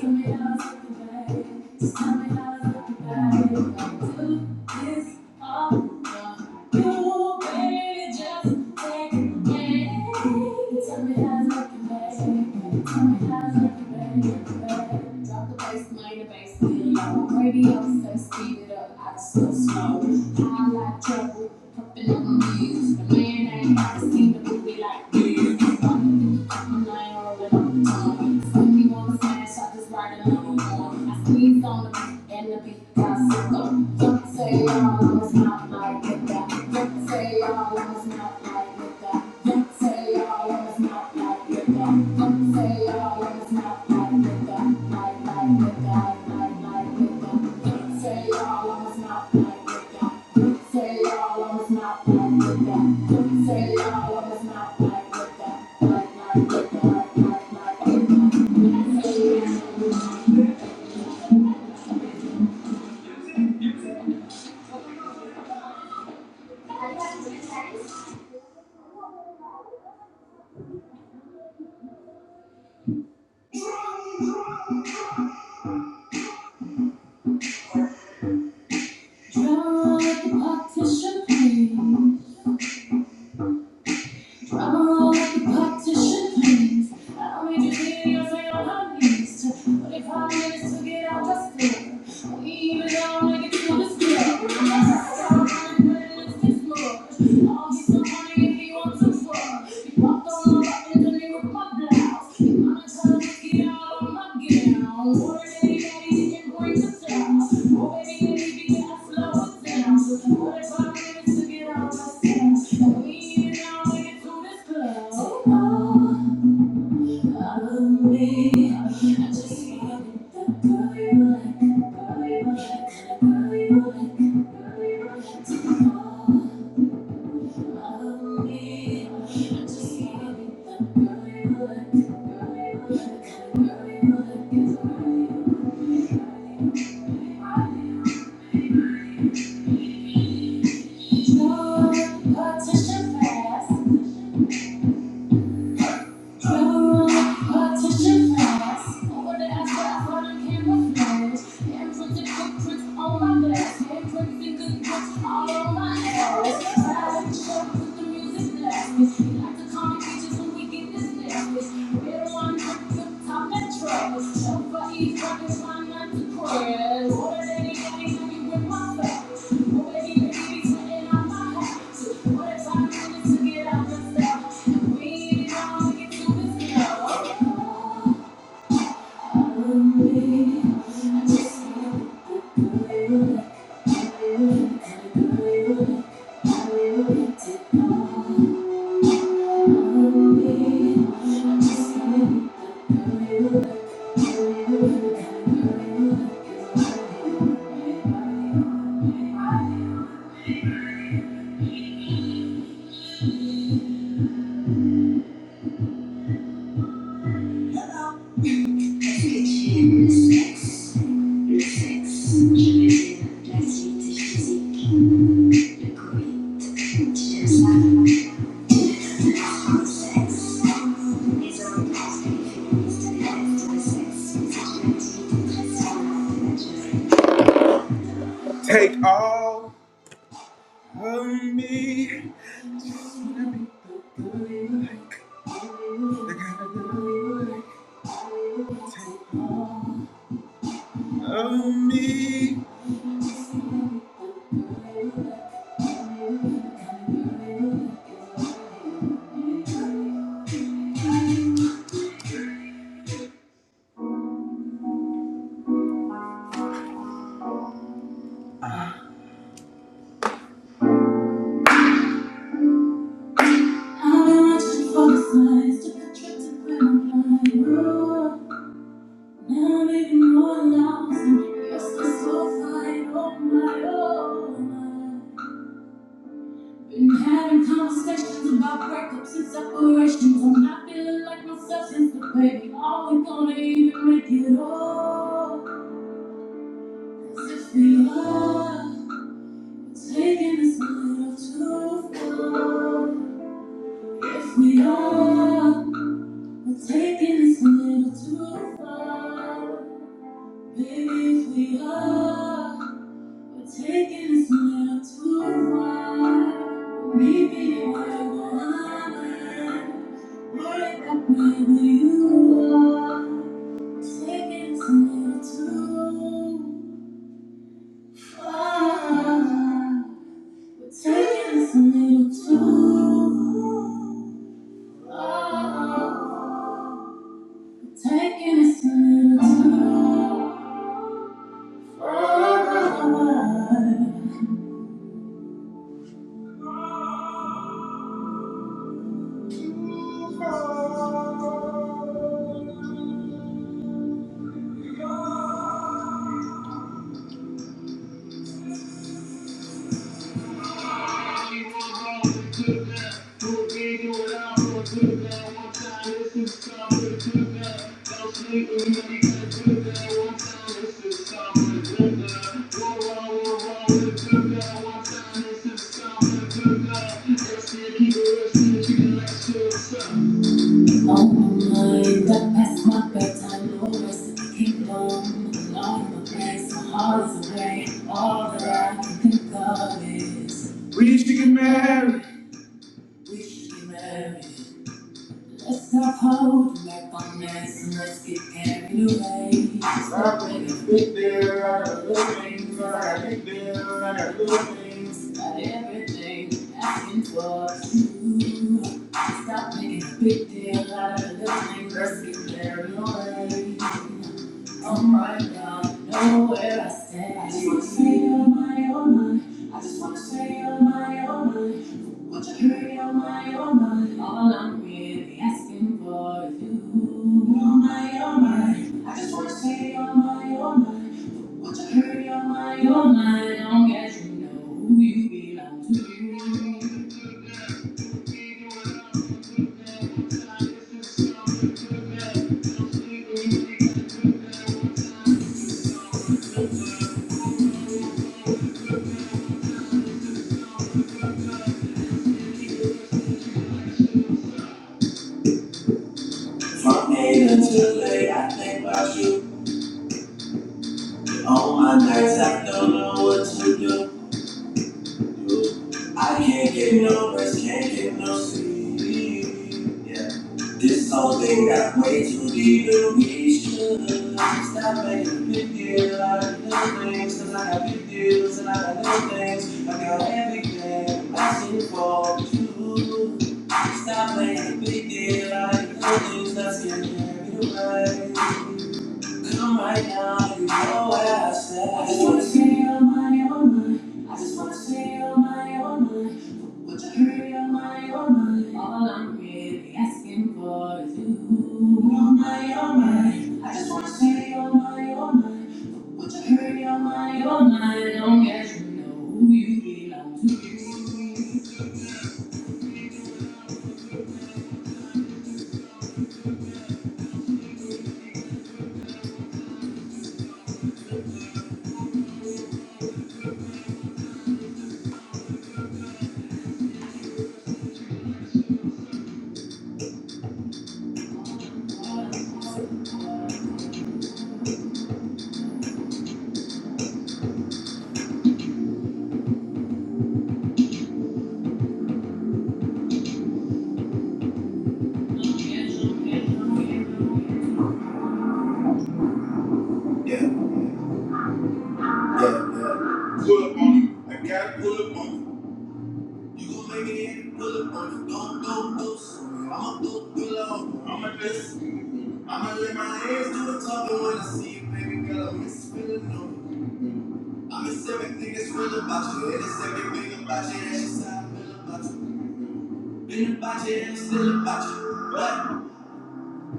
Tell me how it's looking, back. Just tell me how it's looking, babe. Do this all wrong. you, baby. Just take it away. Tell me how it's looking, babe. Tell me how it's looking, back. Drop the bass, lay the bass down. Radio says speed it up. I just so slow. I like trouble, pumping on my knees. The man ain't never seen a movie like this. I ain't already on the phone. If you wanna smash, I just write a number on. the phone. I squeeze on the and the beat goes, um, don't say y'all was not like that. Don't say y'all was not like that. Don't say y'all was not like that. Don't say y'all was not like that. Like, like, like, like, like, like that. Don't say y'all was not like that. Don't say y'all was not like that. Don't say y'all was not like that. Like, like, like, like, like, like that. say y'all was not like that. Trouble with the partition, please. Trouble with the partition, please. I will don't need your videos or your honeys. 45 minutes to get out the store. We even don't make it to the store. All he's so funny if he wants some fuck. Thank you. All on my ass. Fast, put the music blast. Like the comic features when we get this nasty. Thank you. Take all of me. of me. I've been watching for the signs, fireflies, different tricks of glamour. Now I'm even more lost and restless, so fine on my own. Been having conversations about breakups and separations. I'm not feeling like myself since the break. Are we gonna even make it all? 'Cause if we are. Taking this little too far. If we are, we're taking this little too far. Baby, if we are, we're taking this little too far. Maybe we're going worried that wherever you are, we're taking this little too far. Take me to Taking us a little too far. On my my my my bedtime no rest in the kingdom. All in my place, my heart is away. All that I can think of is wish you merry. Let's not hold back on this and let's get carried away. Stop making the big deal out of little things, and the big deal and the little things. Not everything asking for two. Stop making a big deal out of little things, let's get carried away. I'm right now, know where I stand. I just wanna say, oh my, oh my. I just wanna say, oh my, oh my. Would you hurry, oh my, oh my? All I'm really asking for is you. Oh my, oh my. I just wanna say, oh my, oh my. Would you hurry, oh my, oh my? Long as you know who you belong to. From day until late, I think about you. All my nights I don't know what to do. I can't get no rest, can't get no sleep. Yeah. This whole thing got way too deep and we should stop making a big deal out of little things. Cause I got big deals and I got little things. I got everything I see for you. Stop making a big deal out of little things. Let's get married away. Come right now, you know what I said. I just wanna see your money, your mind. I just wanna see your money, your mind. Would you hurry your money, your mind? All I'm really asking for is you. Your money, your mind. I just wanna see your money, your mind. Would you hurry your money, your mind? Don't get you know who you belong to. Yeah, yeah, yeah. Pull up on You gon' make it in, pull up on it, don't go loose. I'ma do pull love. I'ma just, I'ma let my hands do the talking when I see you, baby girl. I'm just feeling new. I'm in seven niggas real about you, and it's every big about you, that's just how I feel about you. Been about you, and I'm still about you. What?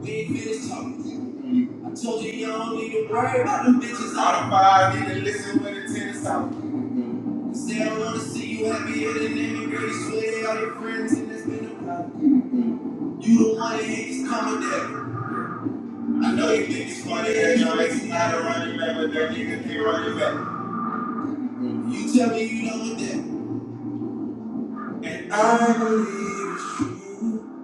We ain't finished talking. I told you you don't need to worry about them bitches. All the five need to listen when the tennis out. Cause they don't wanna see you happier than anybody. Swear they all your friends and that's been a problem. You the one that hates coming back. I know you think it's funny that your ex is not a running back, but that nigga can't run it back. You tell me you don't want that. And I believe it's true.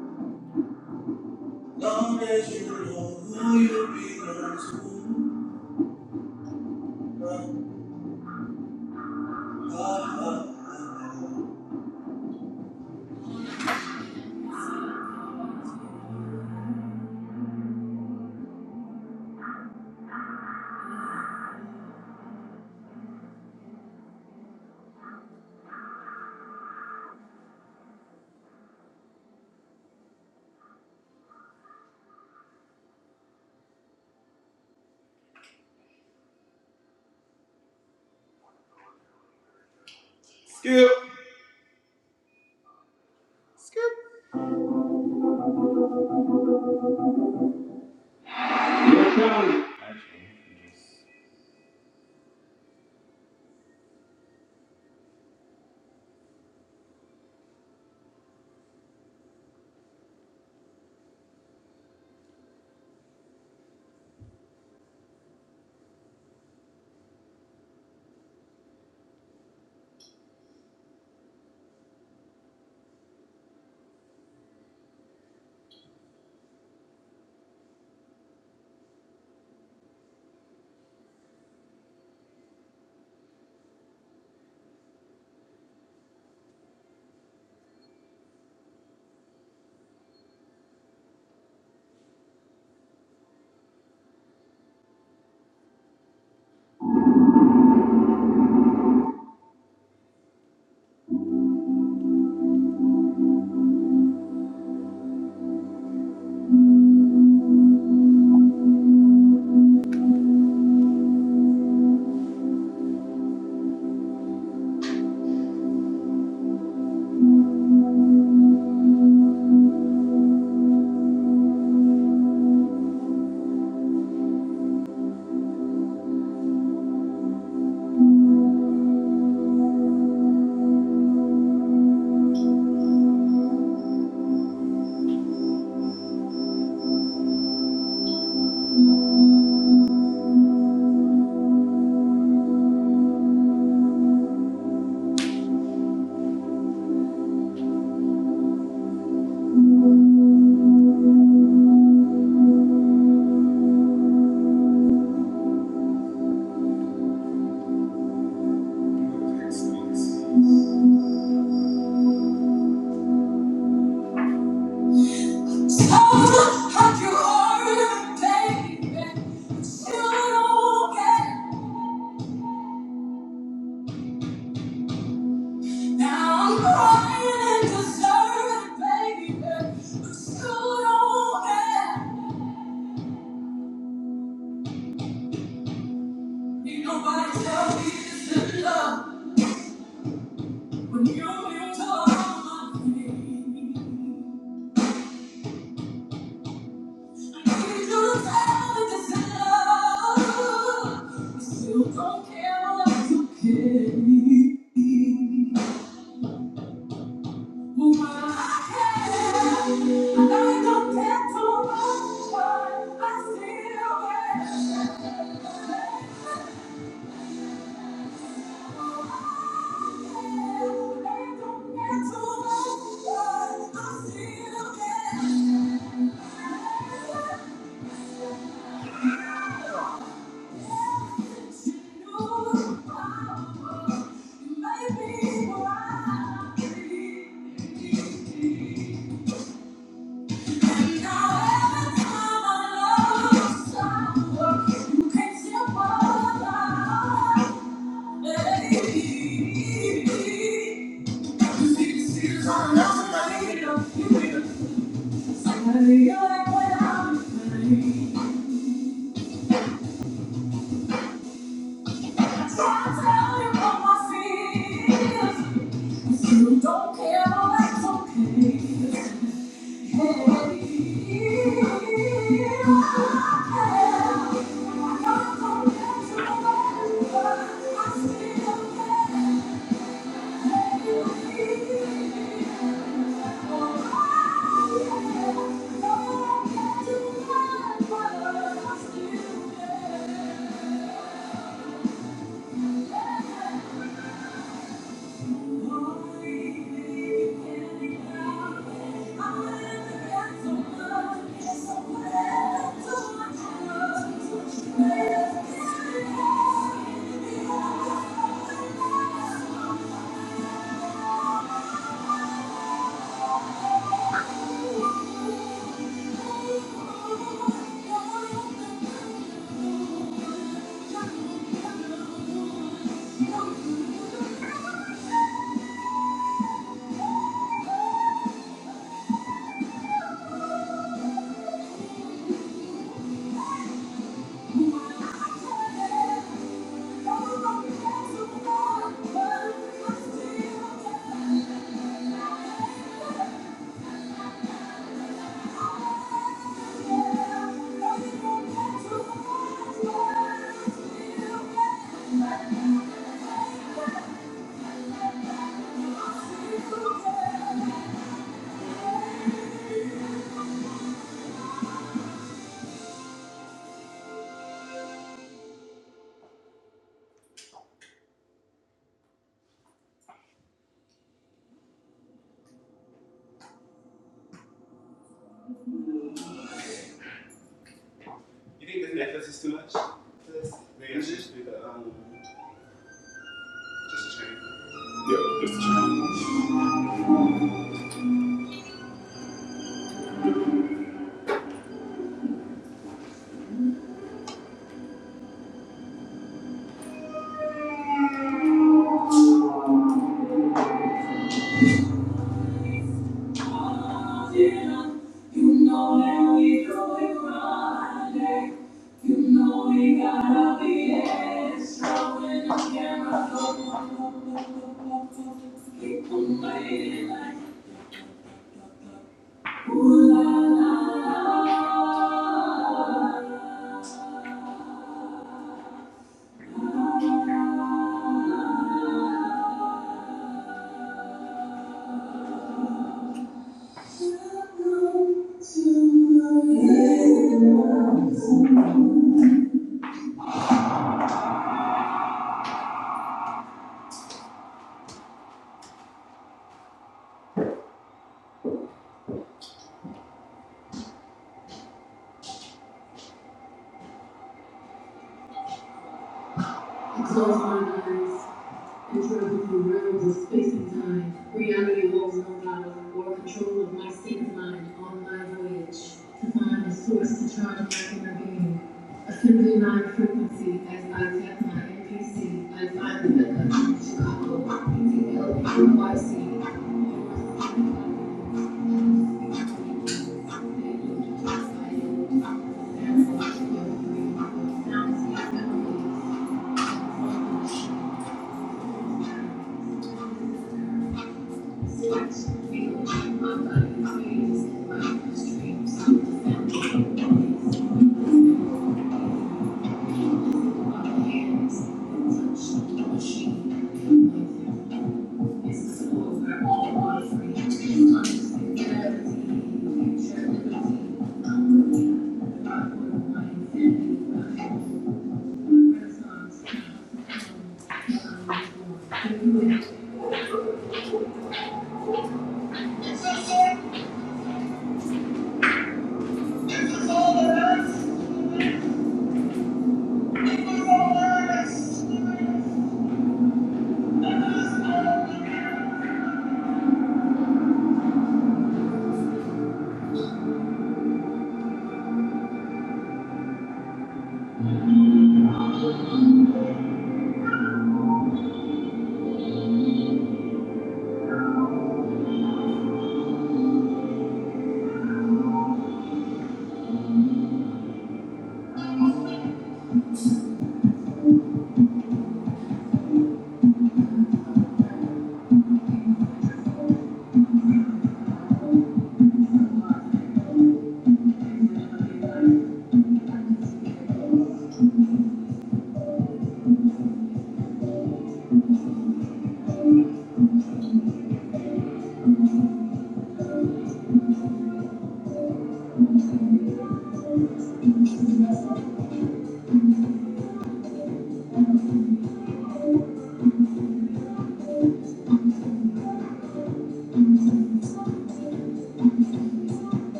Long as you know who you belong to. I hurt you you baby. baby. But don't don't care. care. Now I'm crying and deserted, baby. But you don't care. Ain't nobody tell me this is love When you use me. I need you to tell me this is love. you still don't care what you care. me.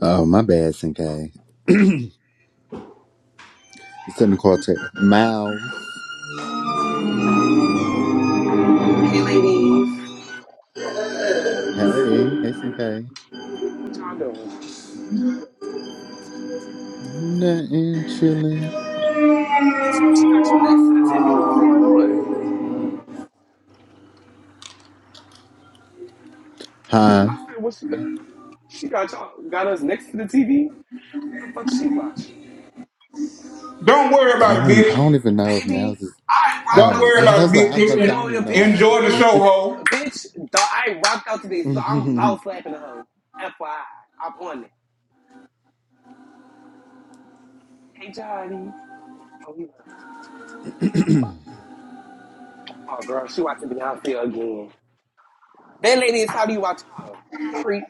Oh my bad, SNK. It's in the quartet. Miles.
Hey, ladies.
Hey. Hey SNK.
What y'all doing?
Nothing chilling.
Bitch, what she got you next to the TV? What's going on?
Huh?
I said, what she got? She got y'all, got us next to the TV? What the fuck she watching?
Don't worry
I
about it,
don't I
bitch.
don't even know if
Baby,
Miles is
I rocked
Don't
out
Oh,
worry
I
today.
about
was like,
it,
I was
Bitch,
about to
bitch.
you
say, I
ain't
don't even
want
know
me
if
to
Miles is
Enjoy the
near.
show,
bitch?
ho.
Bitch, dawg, I rocked out today, so I'm about slapping the hoe. FYI, I'm on it. Hey, Johnny. Oh, he Oh, girl, she watching Beyonce again. Then, ladies, how do you watch her? Creep.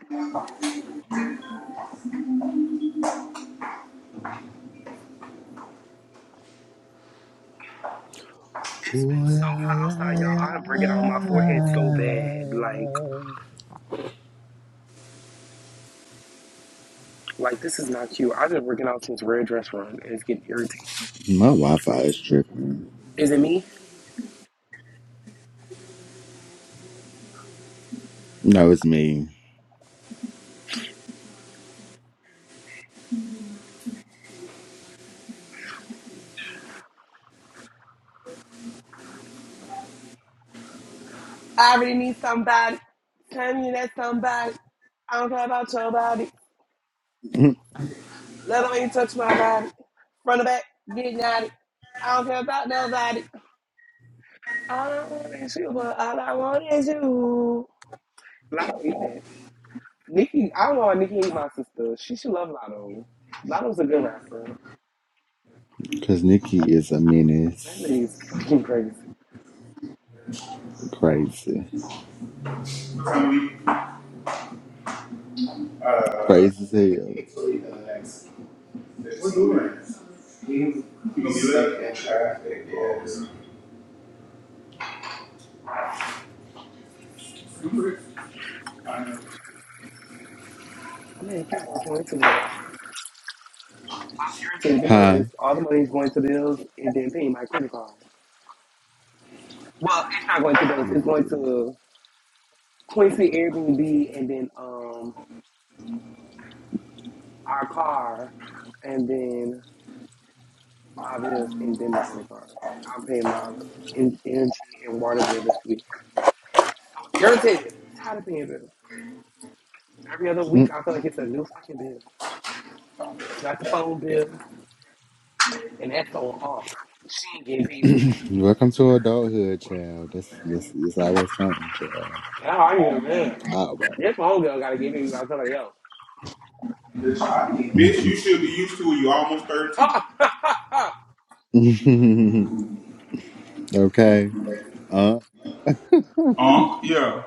It's
Ooh
been so
la
hot
la
outside, y'all. I'm breaking out my forehead so bad. Like,
la.
Like this is not cute. I've been working out since red dress run, and it's getting irritating.
My Wi-Fi is tripping.
Is it me?
No, it's me.
I already need somebody. Tell me that somebody. I don't care about your body. Let them ain't touch my body. Front of back, getting at it. I don't care about nobody. All I want is you, but all I want is you. Lotto eat that. Nikki, I don't know why Nikki ain't my sister. She should love Lotto. Lotto's a good rapper.
Cause Nikki is a
That
menace.
lady's fucking crazy.
Crazy, crazy as hell.
You suck in traffic, yes.
I made a point today. See,
Huh?
because all the money is going to bills and then paying my credit card. Well, it's not going to bills. It's going
Period.
to Quincy Airbnb and then um our car and then my bills and then the credit card. I'm paying my en- energy and water bill this week. I'm irritated. Tired of paying bills. Every other week,
Mm.
I feel like it's a new fucking bill. It's not the phone bill, and that's going off. She ain't getting paid for these.
Welcome to adulthood, child. That's that's it's always something, child.
Now I'm getting mad.
Always.
This phone bill got to give me by somebody else.
Bitch, you should be used to it. You almost 32.
okay. Uh.
Unc, yeah.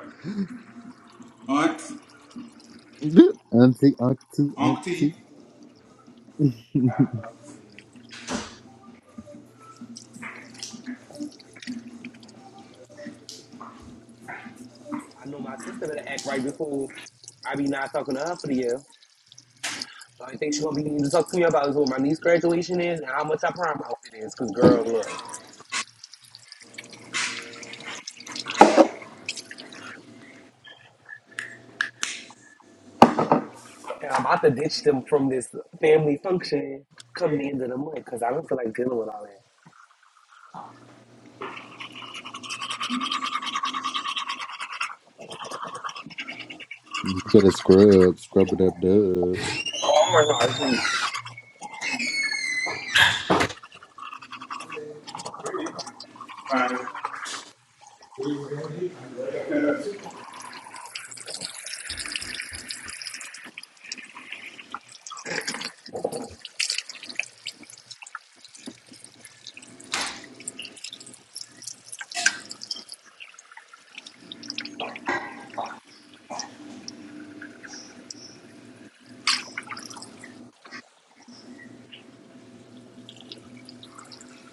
Aunt,
Auntie, auntie,
Unc T.
auntie.
I know my sister better act right before I be not talking to her for the year. So I think she gonna be needing to talk to me about is what my niece graduation is and how much her prom outfit is. Cause girl, look, and I'm about to ditch them from this family function come the end of the month. Cause I don't feel like dealing with all that.
Better scrub, scrub it up, dub.
Oh my God, she, hey
Fine.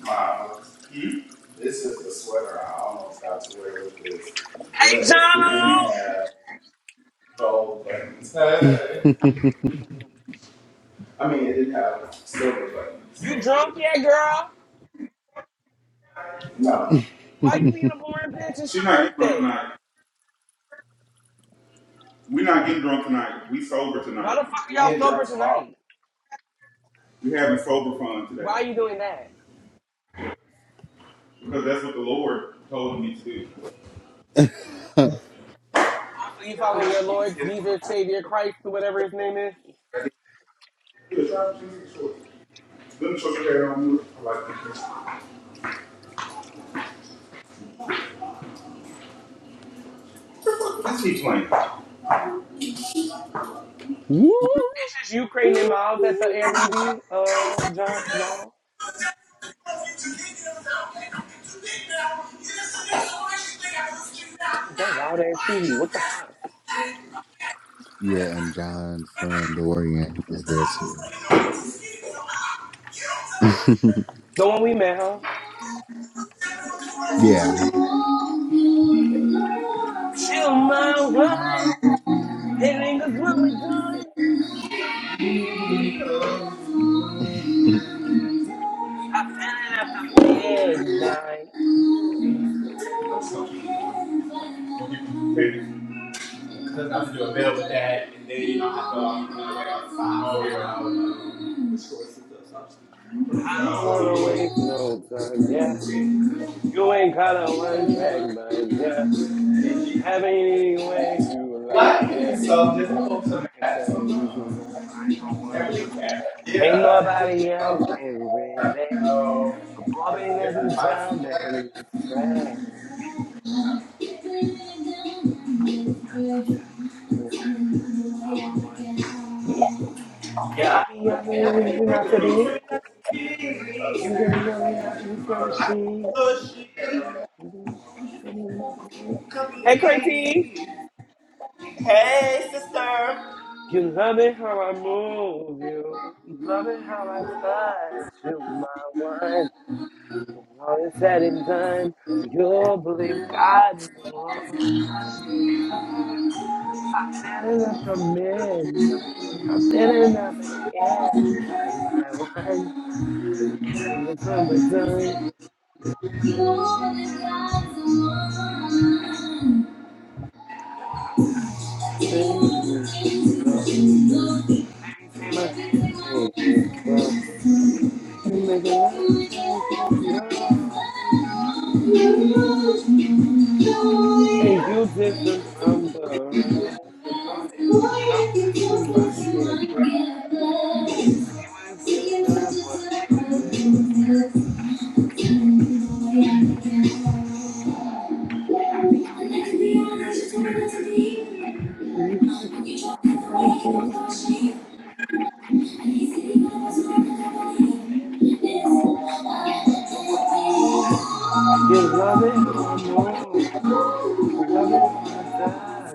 Miles. This is the sweater I almost got to wear with this, but it didn't
Jono,
have gold buttons. Hey. I mean, it didn't have silver buttons. so
you
it
drunk yet, girl?
No,
Why you being a boring bitch? It's
She's
your
not getting drunk
birthday.
tonight. We're not getting drunk tonight. We sober
Why
tonight.
the fuck are
we
y'all
getting
sober
drunk tomorrow.
tonight?
We are having sober fun
Why
today.
are you doing that?
Because that's what the Lord told me to do.
Also, you
Let
following your
me
Lord Jesus Savior Christ or whatever his name is.
show you that on I like this. keep playing. It
Woo!
This is you Creighton and
woo,
Miles at the
woo.
Airbnb, uh, John, y'all. That loud ass TV. What the fuck?
Yeah, and John Friend Dorian is there too.
The one we met, huh?
yeah.
Chill my one. Hitting us what we're doing. I feel it after midnight.
doesn't have to do a bit of that, and then you don't have to um, like outside. five or your
I don't wanna waste no time, yeah. You ain't got a one track mind, yeah. Have it any way you like it. I can tell you you be I don't want it. Ain't nobody else can relate. Bobby, let me down and let's pray. You the way that I want it. Yeah, and I be having you not to be. You can be having you flourishing. Mhm. And You know what I Hey, Curtis. You love it how I move you. Love it how I touch you, my one. When all is said and done, you'll believe God's woman inside. I'm standing at the midnight. I'm standing at the gas. I my one and think it's summertime. I'll tell you all the things you should know. Baby, take my hand, take it slow. Maybe make it last, take it slow. And you different from the rest. And boy, if you come fast, you might get blessed. See what if you deserve what comes next. Be not to be? When you try to go for your information, um, you love it how I move. You You love it how I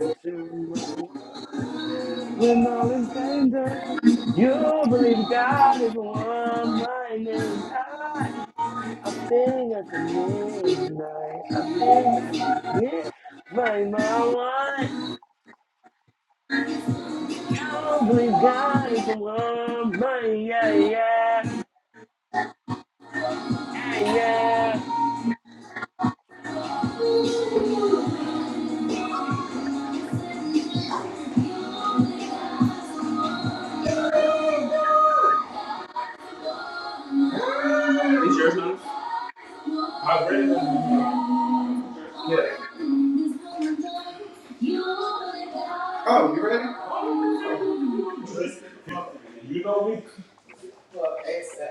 touch you, my one. When all is said and done, you believe God is one mind and I. I think at the midnight, I think that you can't find my one. You believe God is one mind, yeah, yeah, yeah, yeah. Yeah.
Is yours not? I'm ready. Oh, you ready? You know me. Hey, Sam.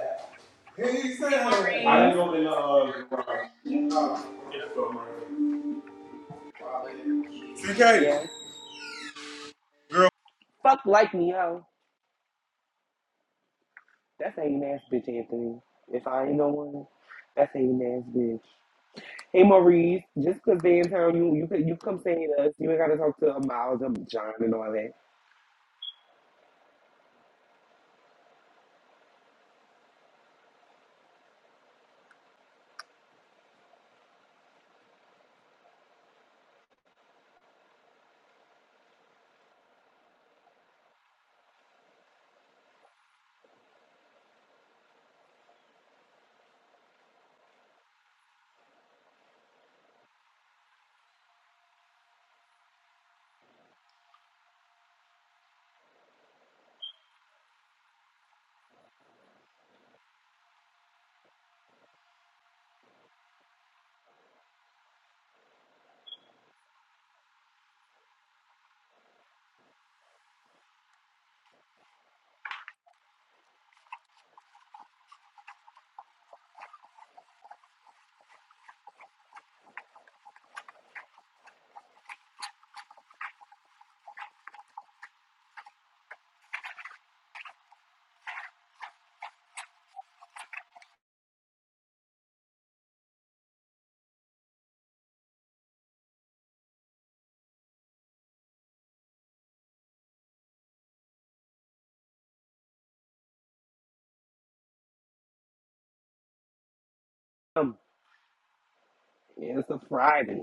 Hey,
I
Maurice.
didn't know they know. uh. CK,
Yeah.
girl,
Fuck like me, yo. That's ain't ass bitch, Anthony. If I ain't no one, that's ain't ass bitch. Hey, Maurice. Just 'cause they in town, you you could- you come stay with us. You ain't gotta talk to Miles and John and all that. Come. Yeah, it's a Friday.